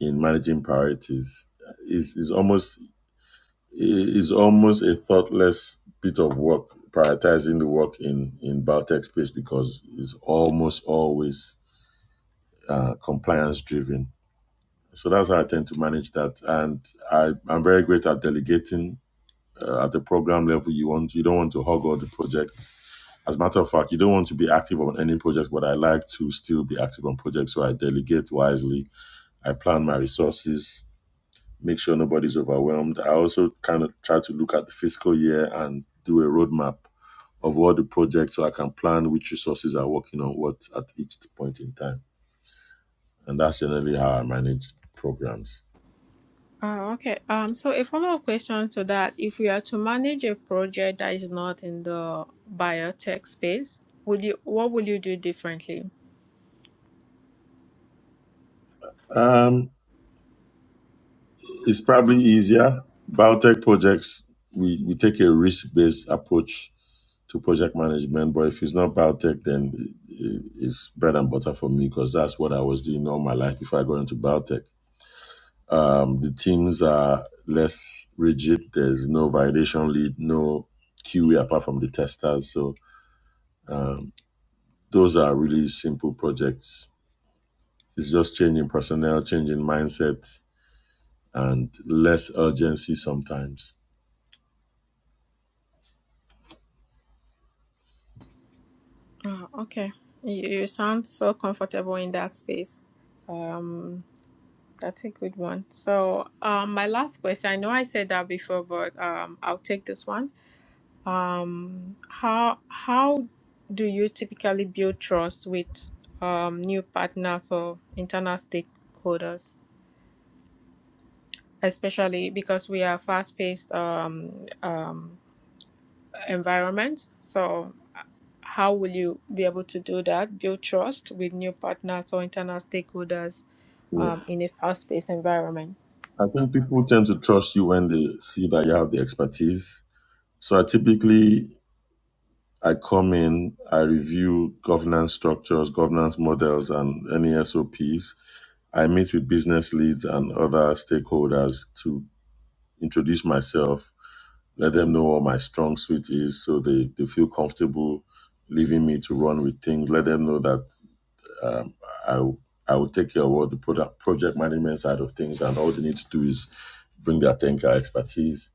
S2: in managing priorities. Is is almost is almost a thoughtless bit of work prioritizing the work in in biotech space because it's almost always uh, compliance driven. So that's how I tend to manage that, and I I'm very great at delegating. Uh, at the program level, you want you don't want to hog all the projects As a matter of fact, you don't want to be active on any project, but I like to still be active on projects. So I delegate wisely. I plan my resources, make sure nobody's overwhelmed. I also kind of try to look at the fiscal year and do a roadmap of all the projects so I can plan which resources are working on what at each point in time. And that's generally how I manage programs.
S4: Oh, okay. Um, so a follow-up question to that, if we are to manage a project that is not in the biotech space, would you what would you do differently?
S2: Um, it's probably easier. Biotech projects, we, we take a risk based approach to project management. But if it's not biotech, then i- i- it's bread and butter for me because that's what I was doing all my life before I got into biotech. Um, the teams are less rigid. There's no validation lead, no QA apart from the testers. So um, those are really simple projects. It's just changing personnel, changing mindset, and less urgency sometimes.
S4: Oh, okay. You, you sound so comfortable in that space. Um, that's a good one. So, um, my last question, I know I said that before, but um, I'll take this one. Um, how how do you typically build trust with um new partners or internal stakeholders? especially because we are fast-paced um, um, environment. So, uh, how will you be able to do that? Build trust with new partners or internal stakeholders
S2: Yeah.
S4: um, in a fast-paced environment.
S2: I think people tend to trust you when they see that you have the expertise. So I typically I come in, I review governance structures, governance models, and any SOPs. I meet with business leads and other stakeholders to introduce myself, let them know what my strong suit is so they, they feel comfortable leaving me to run with things. Let them know that um, I, I will take care of all the product, project management side of things, and all they need to do is bring their Tenka expertise.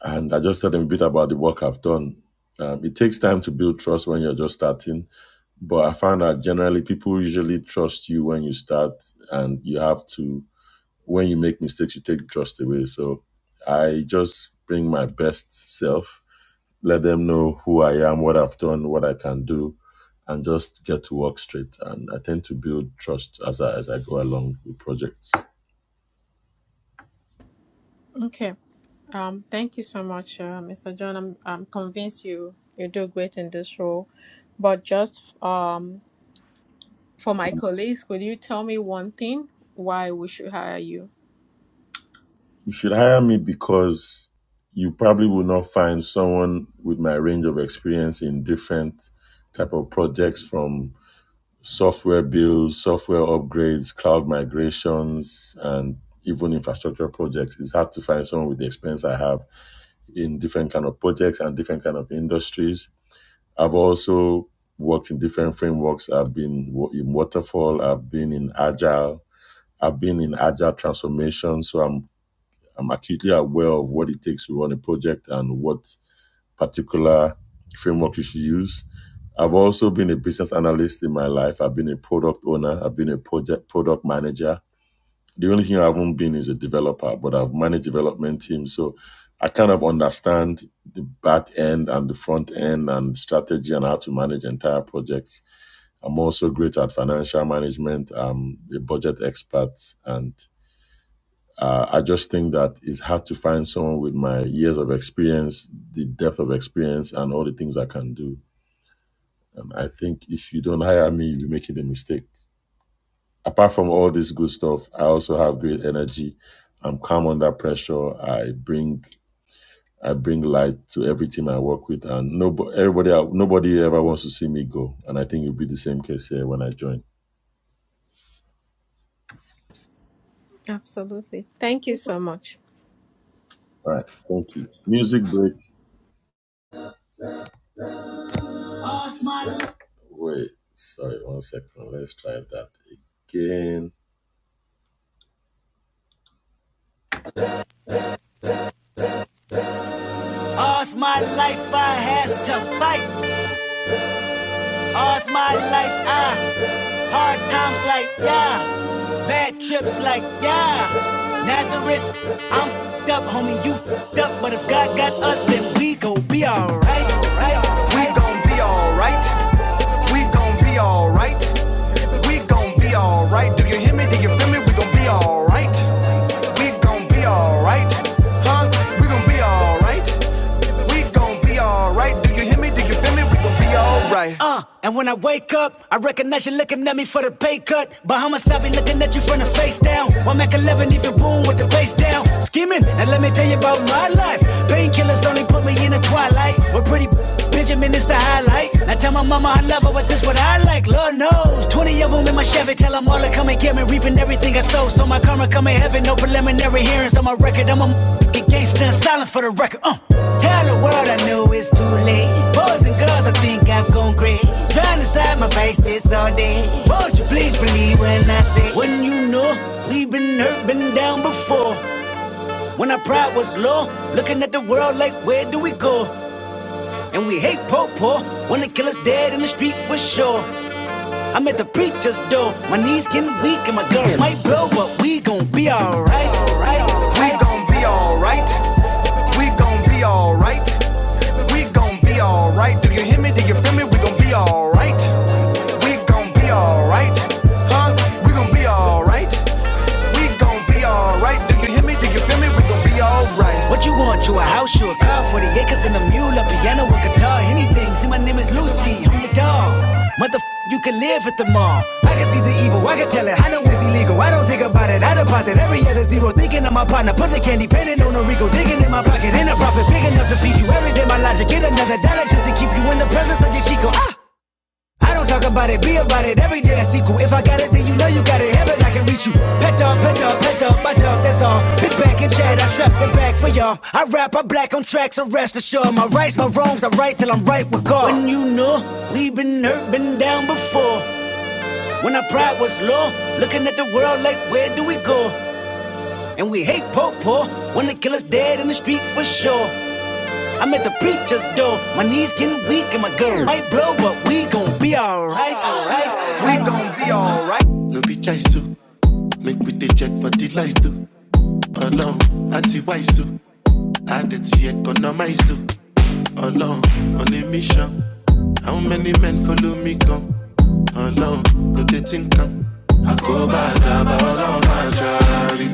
S2: And I just tell them a bit about the work I've done. Um, it takes time to build trust when you're just starting but I find that generally people usually trust you when you start, and you have to, when you make mistakes, you take trust away. So I just bring my best self, let them know who I am, what I've done, what I can do, and just get to work straight. And I tend to build trust as I, as I go along with projects.
S4: Okay. Um, thank you so much, uh, Mr. John. I'm, I'm convinced you you do great in this role. But just um, for my colleagues, could you tell me one thing why we should hire you?
S2: You should hire me because you probably will not find someone with my range of experience in different type of projects from software builds, software upgrades, cloud migrations, and even infrastructure projects. It's hard to find someone with the experience I have in different kind of projects and different kind of industries. I've also worked in different frameworks. I've been in waterfall. I've been in agile. I've been in agile transformation. So I'm I'm acutely aware of what it takes to run a project and what particular framework you should use. I've also been a business analyst in my life. I've been a product owner. I've been a project product manager. The only thing I haven't been is a developer, but I've managed development teams. So I kind of understand the back end and the front end and strategy and how to manage entire projects. I'm also great at financial management. I'm a budget expert and uh, I just think that it's hard to find someone with my years of experience, the depth of experience, and all the things I can do. And I think if you don't hire me, you'll be making a mistake. Apart from all this good stuff, I also have great energy. I'm calm under pressure. I bring I bring light to every team I work with, and nobody everybody nobody ever wants to see me go. And I think it'll be the same case here when I join.
S4: Absolutely. Thank you so much.
S2: All right, thank you. Music break. Wait, sorry, one second. Let's try that again.
S1: Uh, and when I wake up, I recognize you looking at me for the pay cut. Bahamas, I be looking at you from the face down. One Mac 11, even boom with the face down. Skimming, and let me tell you about my life. Painkillers only put me in the twilight. We're pretty Benjamin is the highlight. I tell my mama I love her, but this what I like. Earrings on my balance for the record. Uh, test to the gap, gon' my face is all day. Would you please believe when I say, when you know, we've been down before. When our pride was low, looking at the world like, where do we go? Poor, when the killer's dead in the street for sure. I'm at the preacher's door, my knees getting weak and my gun might blow, but we gon' be alright. Right, right. We gon' be alright. Do you hear me? We gon' we gon' right, huh? We gon' be all right. We gon' be all right. Do you hear me? Do you feel me? right. What you want? You a house, you a car, 40 acres and a mule, a piano, a guitar, anything. See, my name is Lucy, I'm your dog. Mother, you can live at the mall. I can see the evil, I can tell it. I know it's illegal, I don't think about it. I deposit every other zero, thinking of my partner. Put the candy, painting on a Rico, digging in my pocket. In a profit, big enough to feed you every day. My logic, get another dollar just to keep you in the presence of your Chico. Ah! I don't talk about it, be about it. Every day I see cool. If I got it, then you know you got it. Heaven, I can reach you. Pet dog, pet dog, pet dog, my dog, that's all. Pick back and chat, I trap the back for y'all. I rap, I'm extra rest assured. My rights, my wrongs, I right till I'm right with God. When you know, we never been before. Like, war, when he for sure. Getting weak and my girl. Right, alright, alright. No be chaisu, make we dey check for the light too. Ọlọ́run àti wáìsù, Adití economize o. Ọlọ́run on a mission. How many men follow me come? Ọlọ́run kò tètè my kan. Àkóbá kill ọlọ́run máa jàre.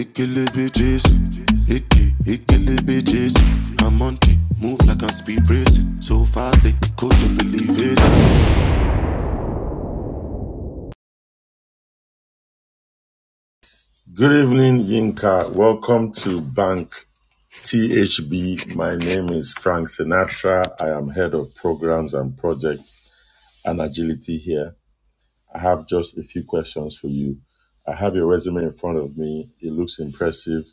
S1: Ekelebe Jésù, eke ekelebe Jésù. I'm on it, move like a speed racing. So fast they couldn't believe it.
S2: Good evening, Yinka. Welcome to Bank THB. My name is Frank Sinatra. I am head of programs and projects and agility here. I have just a few questions for you. I have your resume in front of me. It looks impressive.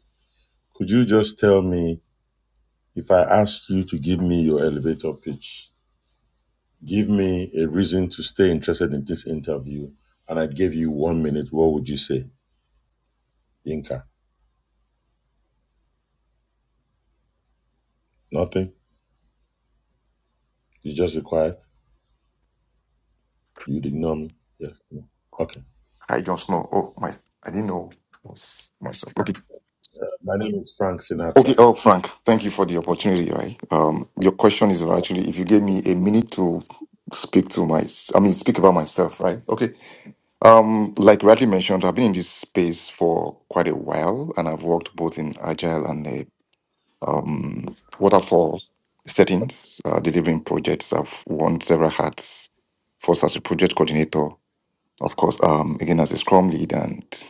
S2: Could you just tell me if I ask you to give me your elevator pitch? Give me a reason to stay interested in this interview, and I gave you one minute. What would you say, Yinka? Nothing. You just be quiet. You'd ignore me. Yes. No. Okay.
S7: I just know. Oh, my, I didn't know it was myself. Okay.
S2: My name is Frank
S7: Okay.
S2: Sinatra.
S7: Oh, Frank, thank you for the opportunity. Right. Um, your question is actually if you gave me a minute to speak to my, I mean, speak about myself. Right. Okay. Um, like rightly mentioned, I've been in this space for quite a while, and I've worked both in agile and a, um, waterfall settings, uh, delivering projects. I've worn several hats, first as a project coordinator, of course, um, again as a Scrum lead and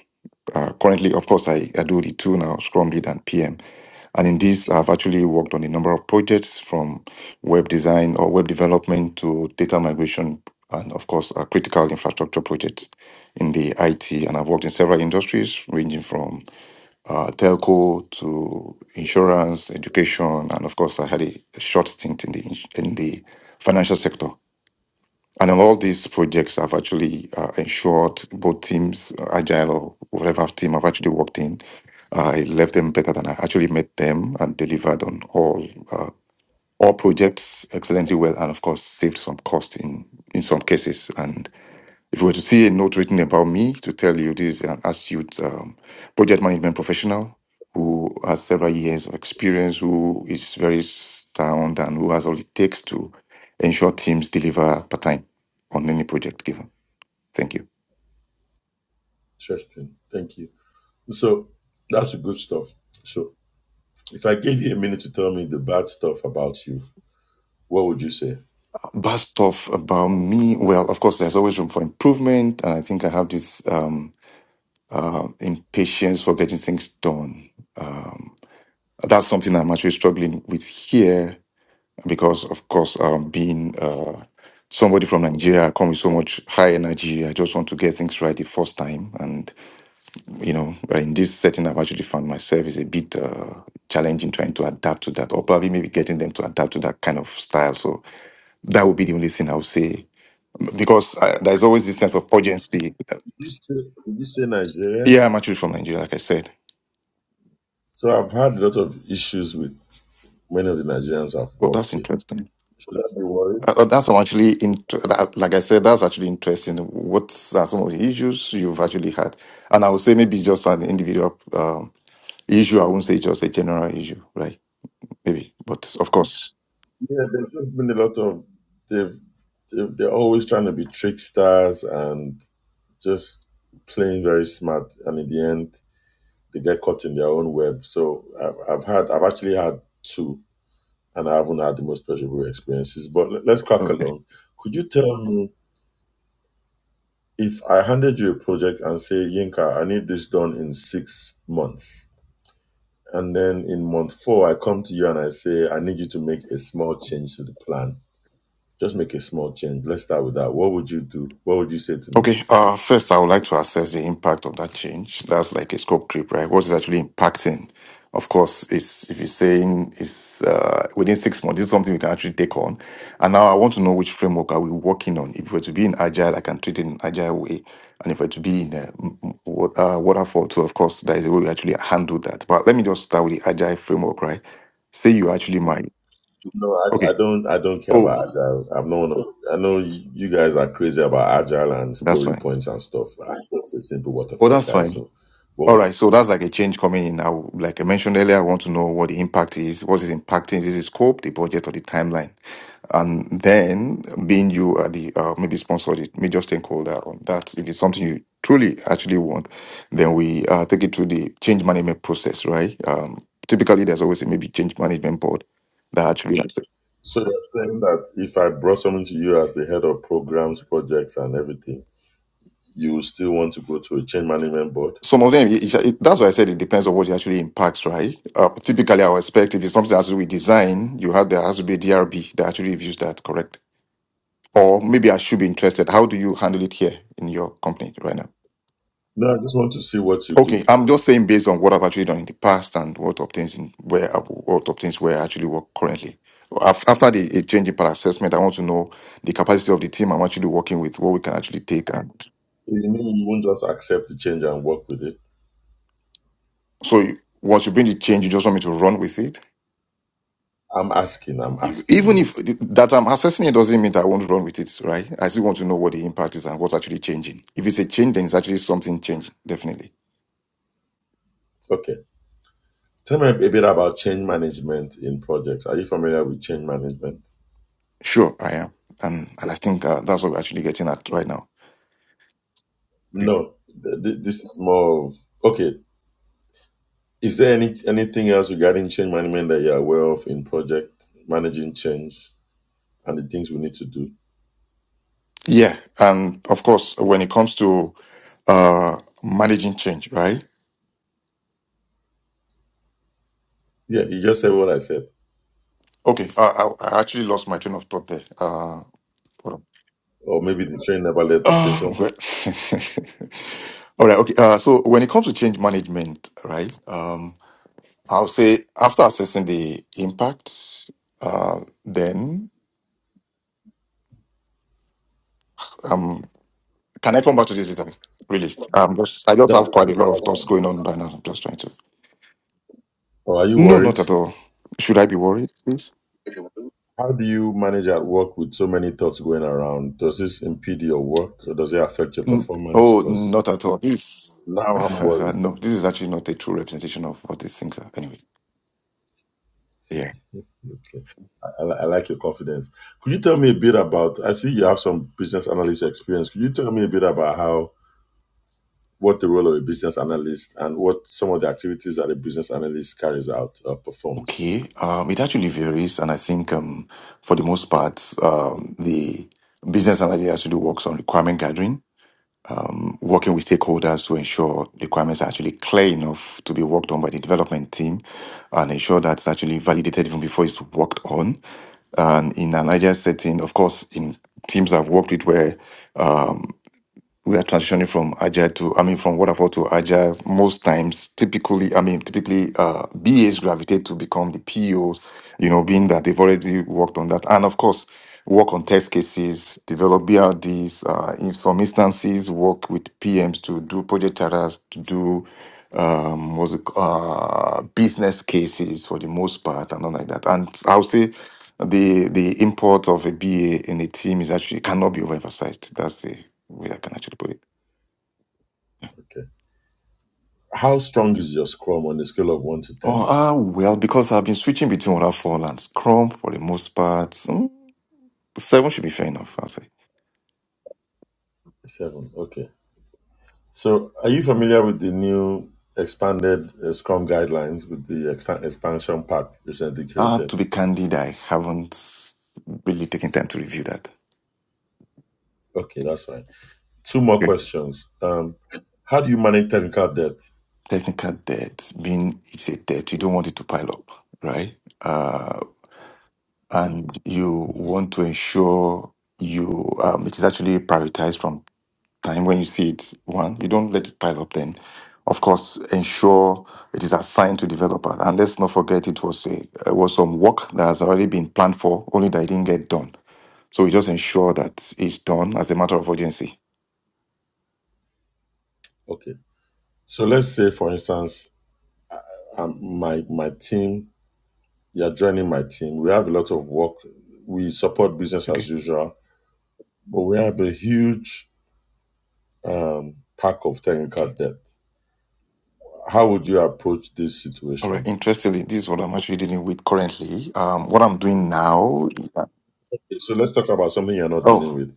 S7: Uh, currently, of course, I, I do the two now, Scrum Lead and PM. And in this, I've actually worked on a number of projects from web design or web development to data migration and, of course, uh, critical infrastructure projects in the IT. And I've worked in several industries ranging from uh, telco to insurance, education, and, of course, I had a, a short stint in the in the financial sector. And all these projects have actually uh, ensured both teams, uh, Agile or whatever team I've actually worked in, Uh, I left them better than I actually met them and delivered on all uh, all projects excellently well, and of course saved some cost in in some cases. and. If you were to see a note written about me to tell you this is an astute um, project management professional who has several years of experience, who is very sound, and who has all it takes to ensure teams deliver per time on any project given. Thank you.
S2: Interesting. Thank you. So that's the good stuff. So if I gave you a minute to tell me the bad stuff about you, what would you say? Did
S7: Bad stuff about me. Well, of course, there's always room for improvement, and I think I have this um, uh, impatience for getting things done. Um, that's something I'm actually struggling with here because of course um, being uh, somebody from nigeria I come with so much high energy i just want to get things right the first time and you know uh, in this setting i've actually found myself is a bit uh, challenging trying to adapt to that or probably maybe getting them to adapt to that kind of style so that would be the only thing i would say because uh there's always this sense of urgency
S2: you say, did you say Nigeria?
S7: yeah i'm actually from nigeria like i said
S2: So I've had a lot of issues with many of the Nigerians I've
S7: oh
S2: worked
S7: that's
S2: with.
S7: interesting
S2: Should I be worried?
S7: Uh, uh, That's all actually int- that, like I said, that's actually interesting. What are some of the issues you've actually had? And I would say maybe just an individual um, issue. I wouldn't say just a general issue, right? Maybe, but of course.
S2: Yeah, there's just been a lot of they've they've- they're always trying to be tricksters and just playing very smart and in the end they get caught in their own web. So I've, I've had, I've actually had two, and I haven't had the most pleasurable experiences. But let, let's crack along. Could you tell me if I handed you a project and say, Yinka, I need this done in six months, and then in month four I come to you and I say, I need you to make a small change to the plan. Just make a small change. Let's start with that. What would you do? What would you say to me?
S7: Okay, uh, first, I would like to assess the impact of that change. That's like a scope creep, right? What is actually impacting? Of course, it's if you're saying it's uh, within six months, this is something we can actually take on. And now I want to know which framework are we working on. If we're to be in agile, I can treat it in an agile way, and if we're to be in a m- m- wa- uh, waterfall too, of course, that is the way we actually handle that. But let me just start with the agile framework, right? Say you actually might.
S2: No, I,
S7: Okay.
S2: I don't. I don't care
S7: Oh,
S2: about agile. I'm not. one of- I know you you guys are crazy about agile and
S7: that's
S2: story
S7: fine.
S2: points and stuff. I'm just a simple
S7: Oh,
S2: waterfall
S7: that's
S2: guy.
S7: fine.
S2: So,
S7: All
S2: well,
S7: right, so that's like a change coming in. I, w- like I mentioned earlier, I want to know what the impact is, what is impacting, is it scope, the budget, or the timeline? And then, being you are the uh, maybe sponsor the major stakeholder on that, if it's something you truly actually want, then we uh, take it through the change management process, right? Um, typically, there's always a maybe change management board that actually. Yes.
S2: so you're saying that if I brought something to you as the head of programs, projects, and everything, you will still want to go to a change management board?
S7: Some of them, it- it- it- that's why I said it depends on what it actually impacts, right? Uh, typically, I would expect if it's something that has to do with design, you have there has to be a DRB that actually reviews that, correct? Or maybe I should be interested. How do you handle it here in your company right now?
S2: No, I just want to see what you
S7: Okay,
S2: do.
S7: I'm just saying based on what I've actually done in the past and what obtains in where I, what obtains where I actually work currently. Af- After the a change in per assessment, I want to know the capacity of the team I'm actually working with, what we can actually take. And
S2: You mean you won't just accept the change and work with it?
S7: so, you- once you bring the change, you just want me to run with it.
S2: I'm asking. I'm
S7: E-
S2: asking
S7: Even
S2: you.
S7: if the- that I'm assessing it doesn't mean that I won't run with it, right? I still want to know what the impact is and what's actually changing. If it's a change, then it's actually something changed, definitely.
S2: Okay. Tell me a bit about change management in projects. Are you familiar with change management?
S7: Sure, I am. And, and I think uh, that's what we're actually getting at right now. Okay.
S2: No, th- th- this is more of okay. Is there any anything else regarding change management that you're aware of in project managing change and the things we need to do?
S7: Yeah. And of course, when it comes to uh, managing change, right?
S2: Yeah, you just said what I said,
S7: Okay. I, I, I actually lost my train of thought there. Uh, hold on.
S2: or maybe the train never left the
S7: Uh,
S2: station.
S7: well, *laughs* all right. Okay. Uh, so when it comes to change management, right? Um, I'll say after assessing the impact, uh, then um, can I come back to this later? Really, um, just I just
S2: That's
S7: have quite a
S2: fine.
S7: lot of
S2: That's
S7: thoughts
S2: fine.
S7: going on right now. I'm just trying to
S2: Or are you
S7: No,
S2: worried?
S7: not at all. Should I be worried, please?
S2: How do you manage at work with so many thoughts going around? Does this impede your work or does it affect your
S7: N-
S2: performance?
S7: Oh,
S2: Because
S7: not at all. This,
S2: now I'm
S7: *laughs*
S2: worried.
S7: no, this is actually not a true representation of what these things are. Anyway, yeah.
S2: Okay. I, li- I like your confidence. Could you tell me a bit about? I see you have some business analyst experience. Could you tell me a bit about how what the role of a business analyst and what some of the activities that a business analyst carries out or performs?
S7: Okay. Um, it actually varies, and I think um, for the most part, um, the business analyst actually works on requirement gathering um, working with stakeholders to ensure the requirements are actually clear enough to be worked on by the development team and ensure that's actually validated even before it's worked on. And in an agile setting, of course, in teams I've worked with where we are transitioning from agile to i mean from waterfall to agile most times typically i mean typically uh bas gravitate to become the pos you know being that they've already worked on that and of course work on test cases develop brds uh, in some instances work with pms to do project charters to do um was it, uh business cases for the most part and all like that and i'll say the the import of a ba in a team is actually cannot be overemphasized that's the where can I actually put it?
S2: Okay. How strong is your Scrum on a scale of one to
S7: Oh,
S2: ten?
S7: ah, well, because I've been switching between waterfall and Scrum for the most part. Hmm, seven should be fair enough, I'll say.
S2: Seven. Okay. So, are you familiar with the new expanded uh, Scrum guidelines with the extan expansion pack recently
S7: Uh, to
S2: created?
S7: be candid, I haven't really taken time to review that.
S2: Okay, that's fine. Two more
S7: Okay.
S2: questions. Um, how do you manage technical debt?
S7: Technical debt, being it's a debt, you don't want it to pile up, right? Uh, and you want to ensure you um, it is actually prioritized from time when you see it one you don't let it pile up then of course ensure it is assigned to developer and let's not forget it was a it was some work that has already been planned for only that it didn't get done so we just ensure that it's done as a matter of urgency
S2: Okay. So let's say, for instance, uh, um, my my team, you're joining my team. We have a lot of work. We support business
S7: okay
S2: as usual, but we have a huge um, pack of technical
S7: okay
S2: debt. How would you approach this
S7: all right
S2: situation?
S7: interestingly this is what i'm actually dealing with currently um what i'm doing now
S2: Okay, So let's talk about something you're not dealing
S7: oh
S2: with.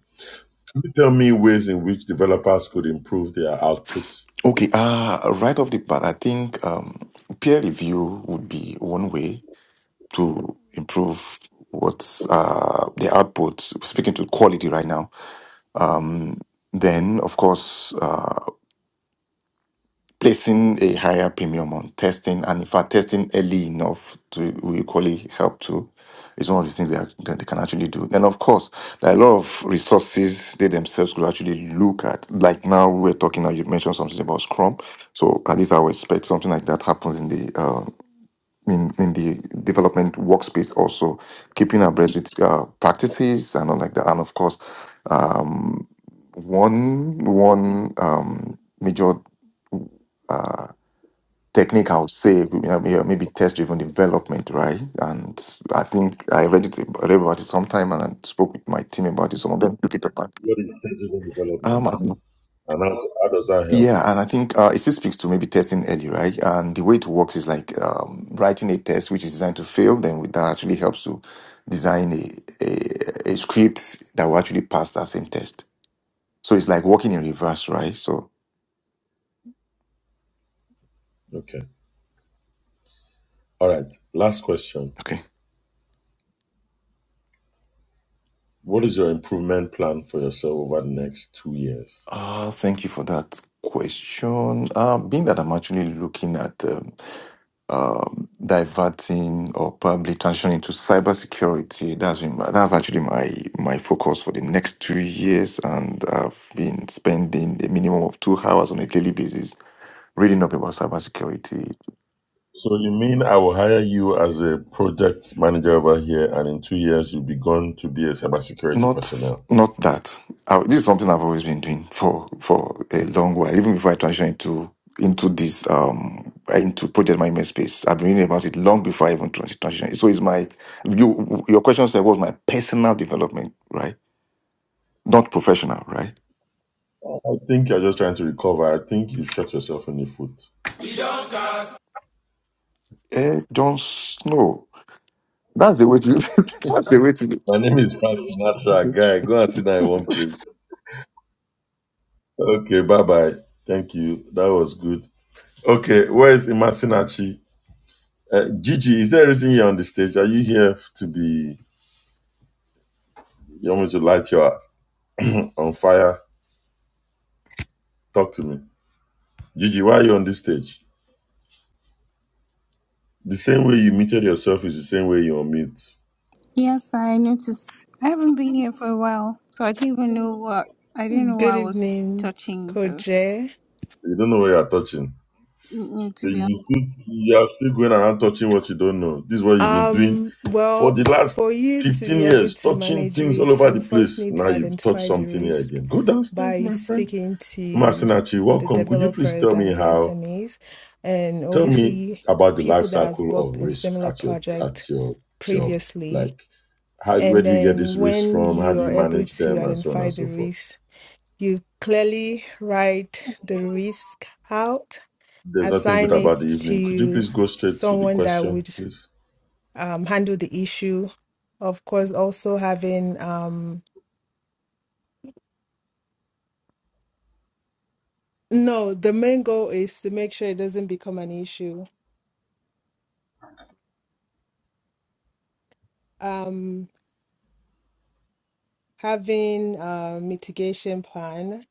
S2: Can you tell me ways in which developers could improve their output
S7: okay uh right off the bat i think um peer review would be one way to improve what's uh, the output, speaking to quality right now, then of course, uh, placing a higher premium on testing, and in fact, testing early enough to will equally help too. It's one of the things they, are, that they can actually do. And of course, there are a lot of resources they themselves could actually look at. Like now, we're talking now, you mentioned something about Scrum. So at least I would expect something like that happens in the uh, in, in the development workspace also keeping abreast with uh, practices and all like that and of course um, one one um, major uh, technique I would say you know, may- maybe test driven development right and I think I read it read about it sometime and I spoke with my team about it some of them took it apart
S2: What is technical development,
S7: Um.
S2: and how, how does that help?
S7: Yeah, and I think uh, it still speaks to maybe testing early, right? And the way it works is like um, writing a test which is designed to fail, then with that actually helps to design a, a, a script that will actually pass that same test. So it's like working in reverse, right? So,
S2: Okay. All right. Last question.
S7: okay.
S2: What is your improvement plan for yourself over the next two years?
S7: Uh, thank you for that question. Uh, being that I'm actually looking at um, um, diverting or probably transitioning into cybersecurity. That's been my, that's actually my my focus for the next two years, and I've been spending a minimum of two hours on a daily basis reading up about cybersecurity.
S2: So you mean I will hire you as a project manager over here, and in two years you'll be gone to be a cybersecurity
S7: Not
S2: personnel?
S7: not that I, this is something I've always been doing for for a long while, even before I transitioned into into this um into project management space. I've been reading about it long before I even transi- transitioned. So it's my you your question said what was my personal development, right? Not professional, right?
S2: I think you're just trying to recover. I think you shot yourself in the foot.
S7: Eh, John Snow. That's the way to. *laughs* that's the way to. do.
S2: My name is Frank Sinatra.
S7: it.
S2: Guy, go and sit down in one place. Okay, bye bye. Thank you. That was good. Okay, where is Imasinachi? Uh, Gigi, is there a reason you're on the stage? Are you here to be? You want me to light you on fire? Talk to me. Gigi, why are you on this stage? The same way you muted yourself is the same way you unmute.
S6: Yes, I noticed. I haven't been here for a while, so I didn't even know what I didn't know what
S8: Good
S6: I was
S8: evening,
S6: touching. So,
S8: Coach. Jay.
S2: You don't know what you are touching.
S6: mm, mm, to
S2: You,
S6: be honest,
S2: you you are still going around touching what you don't know. This is what you've been doing
S8: Um,
S2: for
S8: well,
S2: the last
S8: for you to
S2: 15
S8: be able
S2: years,
S8: to
S2: touching
S8: manage
S2: things all
S8: risk,
S2: over
S8: you
S2: the
S8: first
S2: place.
S8: need
S2: Now
S8: to
S2: you've touched
S8: identify the
S2: something here
S8: risk
S2: again. Go downstairs,
S8: by
S2: my friend.
S8: speaking to
S2: Masinachi,
S8: the
S2: welcome. Could you please
S8: developers
S2: tell
S8: and
S2: me
S8: the
S2: how,
S8: SMEs, and
S2: tell me
S8: obviously
S2: about the
S8: people
S2: life
S8: that has
S2: cycle of
S8: worked in
S2: risks
S8: similar
S2: at your
S8: project
S2: at your job?
S8: previously.
S2: Like, how where
S8: And
S2: do you get
S8: then
S2: these risks
S8: when
S2: from? How
S8: you
S2: do
S8: are
S2: you
S8: able
S2: manage
S8: to
S2: them and so on
S8: identify
S2: and
S8: the
S2: so forth?
S8: risk, you clearly write the risk out
S2: There's nothing good
S8: assign it
S2: about the evening. Could you
S8: to
S2: please go straight to the
S8: someone that
S2: question,
S8: would
S2: please?
S8: um, handle the issue. Of course, also having um, no, the main goal is to make sure it doesn't become an issue. Um, having a mitigation plan.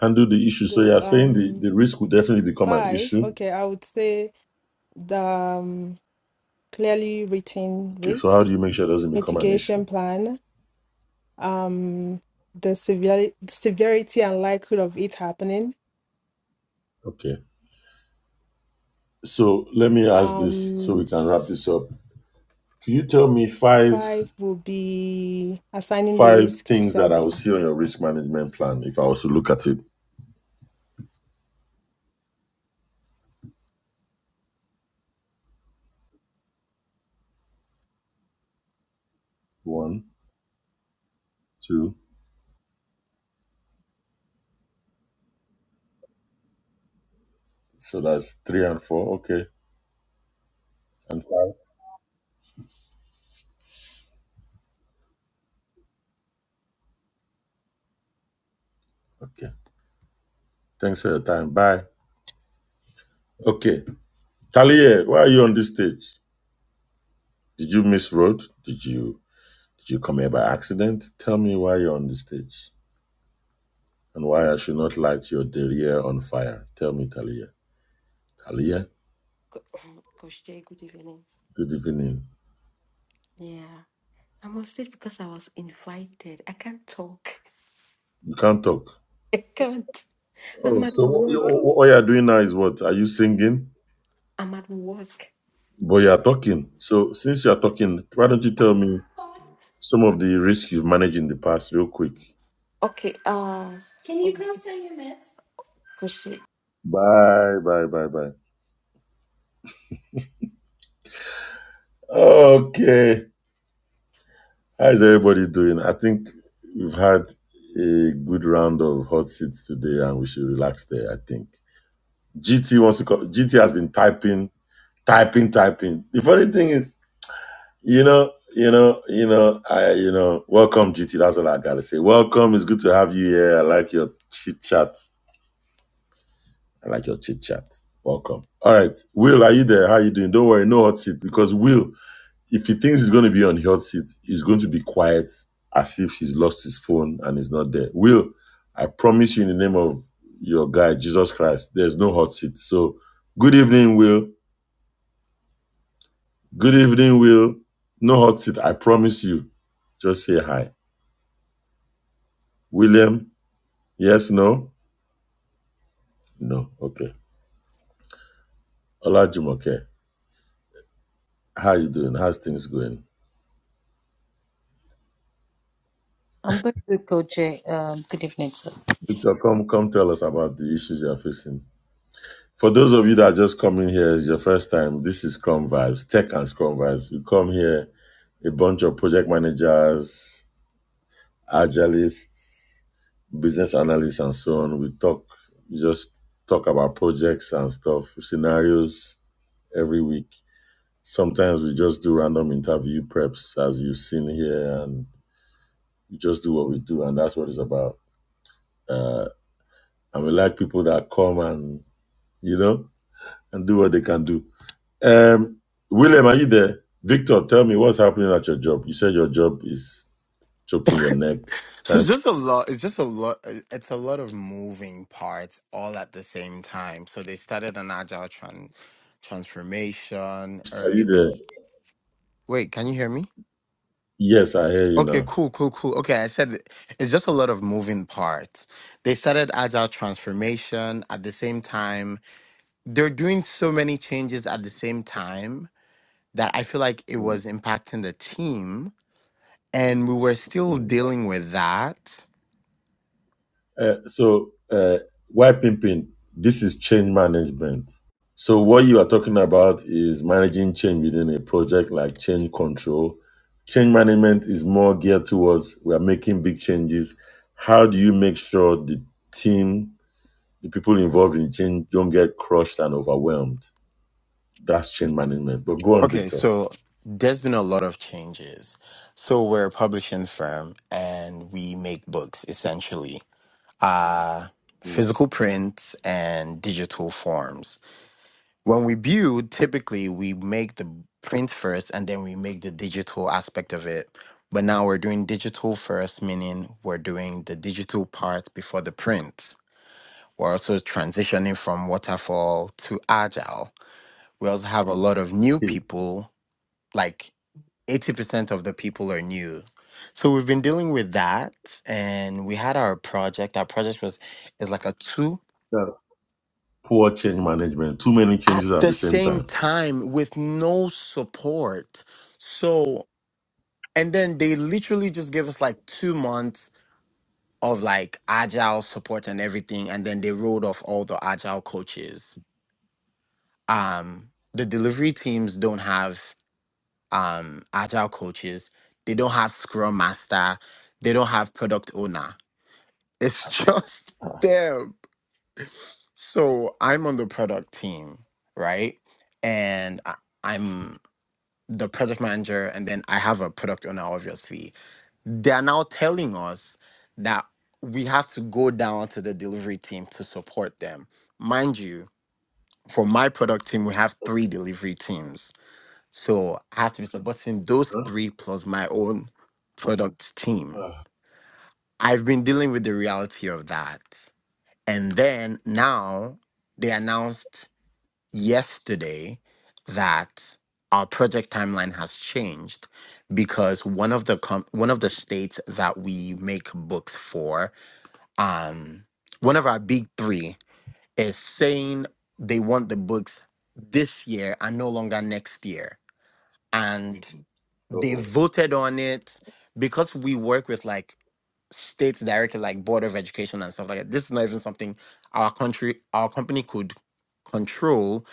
S2: handle the issue. So
S8: The
S2: you are saying the,
S8: um,
S2: the risk will definitely become an
S8: five,
S2: issue.
S8: okay, I would say the um, clearly written
S2: Okay, so how
S8: risk
S2: do you make sure it doesn't become an issue?
S8: mitigation plan. Um, the severity, severity and likelihood of it happening.
S2: Okay. So let me ask this so
S8: Um,
S2: we can wrap this up. Can you tell me five
S8: Five will be assigning the
S2: five
S8: risk to
S2: things that I will
S8: somebody.
S2: see on your risk management plan if I was to look at it? One, two. So that's three and four. Okay. And five. Okay. Thanks for your time. Bye. Okay. Talia, why are you on this stage? Did you miss road? Did you did you come here by accident? Tell me why you're on this stage. and why I should not light your derriere on fire. Tell me, Talia. Talia,
S9: Co- *laughs* *clears throat* Coach Jay, good evening.
S2: good evening.
S9: Yeah, I'm on stage because I was invited. I can't talk.
S2: You can't talk.
S9: *laughs* I can't. I'm
S2: Oh,
S9: at
S2: so what,
S9: work.
S2: what what you are doing now is what? Are you singing?
S9: I'm at work.
S2: But you are talking. So since you are talking, why don't you tell me some of the risks you've managed in the past, real quick?
S9: Okay. Uh. Can you okay. close your mouth?
S2: Bye, bye, bye, bye. Okay. How is everybody doing? I think we've had a good round of hot seats today, and we should relax there. I think GT wants to. Come. GT has been typing typing, typing. The funny thing is, you know, you know, you know, I, you know, welcome, GT. That's all I gotta say. Welcome. It's good to have you here. I like your chit chat. I like your chit chat. Welcome. All right, Will, are you there? How are you doing? Don't worry, no hot seat because Will, if he thinks he's going to be on hot seat, he's going to be quiet as if he's lost his phone and he's not there. Will, I promise you in the name of your guy Jesus Christ, there's no hot seat. So, good evening, Will. Good evening, Will. No hot seat, I promise you. Just say hi. William, yes, no? No, okay. Ola Jumoke, how you doing? How's things going?
S3: I'm good, good Coach Jay. Um, good evening, sir.
S2: Victor, come come tell us about the issues you're facing. For those of you that are just coming here, it's your first time, this is Scrum Vibes, Tech and Scrum Vibes. You come here, a bunch of project managers, agilists, business analysts, and so on. We talk, we just talk about projects and stuff, scenarios every week Sometimes we just do random interview preps, as you've seen here, and we just do what we do, and that's what it's about. Uh, and we like people that come and you know and do what they can do. Um, William, are you there? Victor, tell me what's happening at your job. You said your job is choking your neck,
S10: So
S2: trying
S10: it's
S2: to.
S10: just a lot. It's just a lot. uh, It's a lot of moving parts all at the same time. So they started an agile tran- transformation
S2: Are you
S10: earlier
S2: there?
S10: this. Wait, can you hear me?
S2: Yes, I hear you
S10: Okay,
S2: now.
S10: cool, cool, cool. Okay, I said it- it's just a lot of moving parts. They started agile transformation at the same time. They're doing so many changes at the same time that I feel like it
S2: Mm,
S10: was impacting the team, and we were still
S2: mm.
S10: dealing with that
S2: Uh, so uh, why pimping? This is change management. So what you are talking about is managing change within a project like change control. Change management is more geared towards we are making big changes. How do you make sure the team, the people involved in change, don't get crushed and overwhelmed? That's change management. But go on,
S10: Okay,
S2: Victor.
S10: so there's been a lot of changes. So we're a publishing firm and we make books essentially, uh,
S2: Hmm.
S10: physical prints and digital forms. When we build, typically we make the print first and then we make the digital aspect of it. But now we're doing digital first, meaning we're doing the digital part before the print. We're also transitioning from waterfall to agile. We also have a lot of new people, like 80% of the people are new. So we've been dealing with that and we had our project. Our project was is like a two
S2: poor change management. Too many
S10: at
S2: changes at
S10: the
S2: the same
S10: same
S2: time.
S10: time with no support. So and then they literally just gave us like two months of like agile support and everything. And then they rolled off all the agile coaches. Um the delivery teams don't have um agile coaches. They don't have scrum master. They don't have product owner It's *laughs* just
S2: Huh?
S10: them. So I'm on the product team, right? And I, I'm the project manager, and then I have a product owner, obviously. They are now telling us that we have to go down to the delivery team to support them. Mind you, for my product team, we have three delivery teams. So I have to be supporting those three plus my own product team.
S2: Ah.
S10: I've been dealing with the reality of that. And then now they announced yesterday that our project timeline has changed because one of the com- one of the states that we make books for, um, one of our big three is saying they want the books this year and no longer next year. And Mhm. they
S2: Uh-oh.
S10: voted on it because we work with like state directly like board of education and stuff like that. This is not even something our country, our company could control.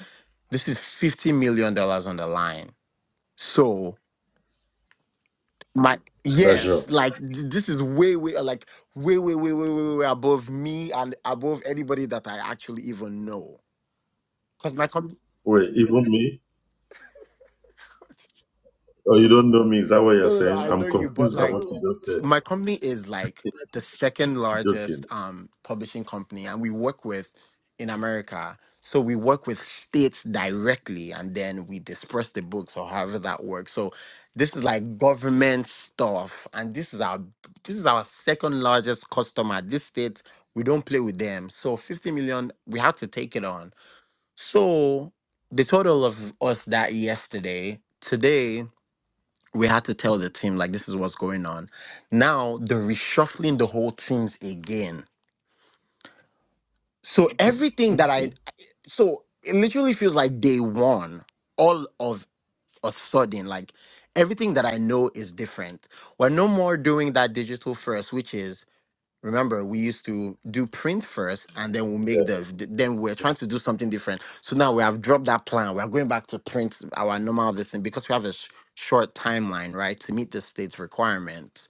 S10: This is fifty million dollars on the line. So my
S2: Pressure.
S10: yes, like th- this is way, way, uh, like way, way, way, way, way, way above me and above anybody that I actually even know. Because my company
S2: Wait, even me? Oh, you don't know me? Is that what you're
S10: No, no, no,
S2: saying?
S10: I
S2: I'm
S10: know you, but
S2: confused by what
S10: like
S2: you just
S10: s-
S2: said.
S10: my company is like
S2: *laughs*
S10: the second
S2: joking.
S10: largest um publishing company and we work with in America. So we work with states directly and then we disperse the books or however that works. So this is like government stuff and this is our this is our second largest customer. This state we don't play with them. So 50 million we had to take it on. So they told all of us that yesterday. Today we had to tell the team like this is what's going on. Now they're reshuffling the whole teams again. So everything that I so it literally feels like day one, all of a sudden, like everything that I know is different. We're no more doing that digital first, which is remember we used to do print first and then we'll
S2: Yeah,
S10: make the th- then we're trying to do something different so now we have dropped that plan we're going back to print our normal this thing because we have a sh- short timeline right to meet the state's requirement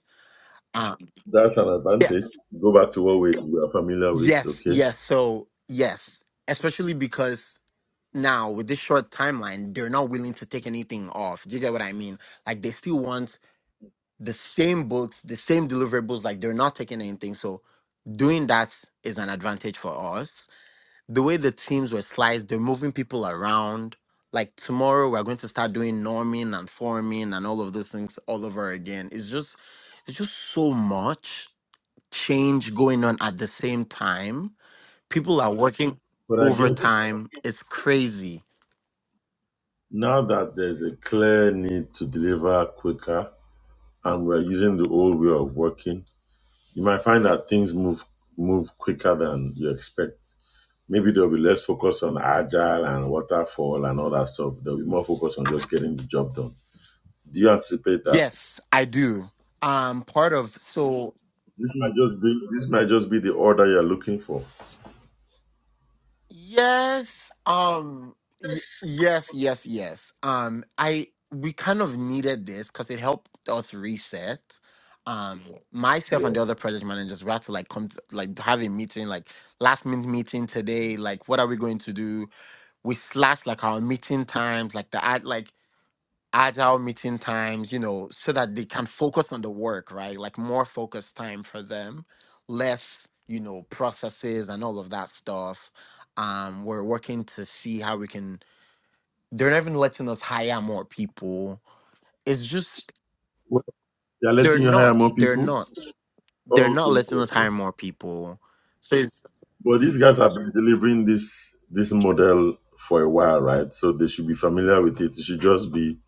S10: Um,
S2: that's an advantage.
S10: yes,
S2: Go back to what we, we are familiar with,
S10: yes,
S2: okay?
S10: yes. So yes, especially because now with this short timeline, they're not willing to take anything off. Do you get what I mean? Like they still want the same books, the same deliverables. Like they're not taking anything. So doing that is an advantage for us. The way the teams were sliced, they're moving people around. Like tomorrow, we're going to start doing norming and forming and all of those things all over again. It's just, it's just so much change going on at the same time. People are working
S2: But I guess
S10: overtime. It's crazy.
S2: now that there's a clear need to deliver quicker, and we're using the old way of working, you might find that things move move quicker than you expect. Maybe there'll be less focus on agile and waterfall and all that stuff. There'll be more focus on just getting the job done. Do you anticipate that?
S10: Yes, I do. Um, part of so
S2: This might just be this might just be the order you're looking for.
S10: yes, um, y- yes, yes, yes. Um, I we kind of needed this because it helped us reset. Um, myself
S2: Yeah.
S10: and the other project managers, we had to like come to, like have a meeting, like last minute meeting today. Like, what are we going to do? We slashed like our meeting times, like the ad, like agile meeting times, you know, so that they can focus on the work, right? Like more focus time for them, less, you know, processes and all of that stuff. Um, we're working to see how we can. They're not even letting us hire more people. It's just
S2: Well, they're
S10: they're
S2: letting you hire
S10: not.
S2: more
S10: They're
S2: people.
S10: not. They're
S2: Oh,
S10: not
S2: okay,
S10: letting
S2: okay,
S10: us hire
S2: okay.
S10: more people. So it's
S2: But these guys have been delivering this this model for a while, right? So they should be familiar with it. It should just be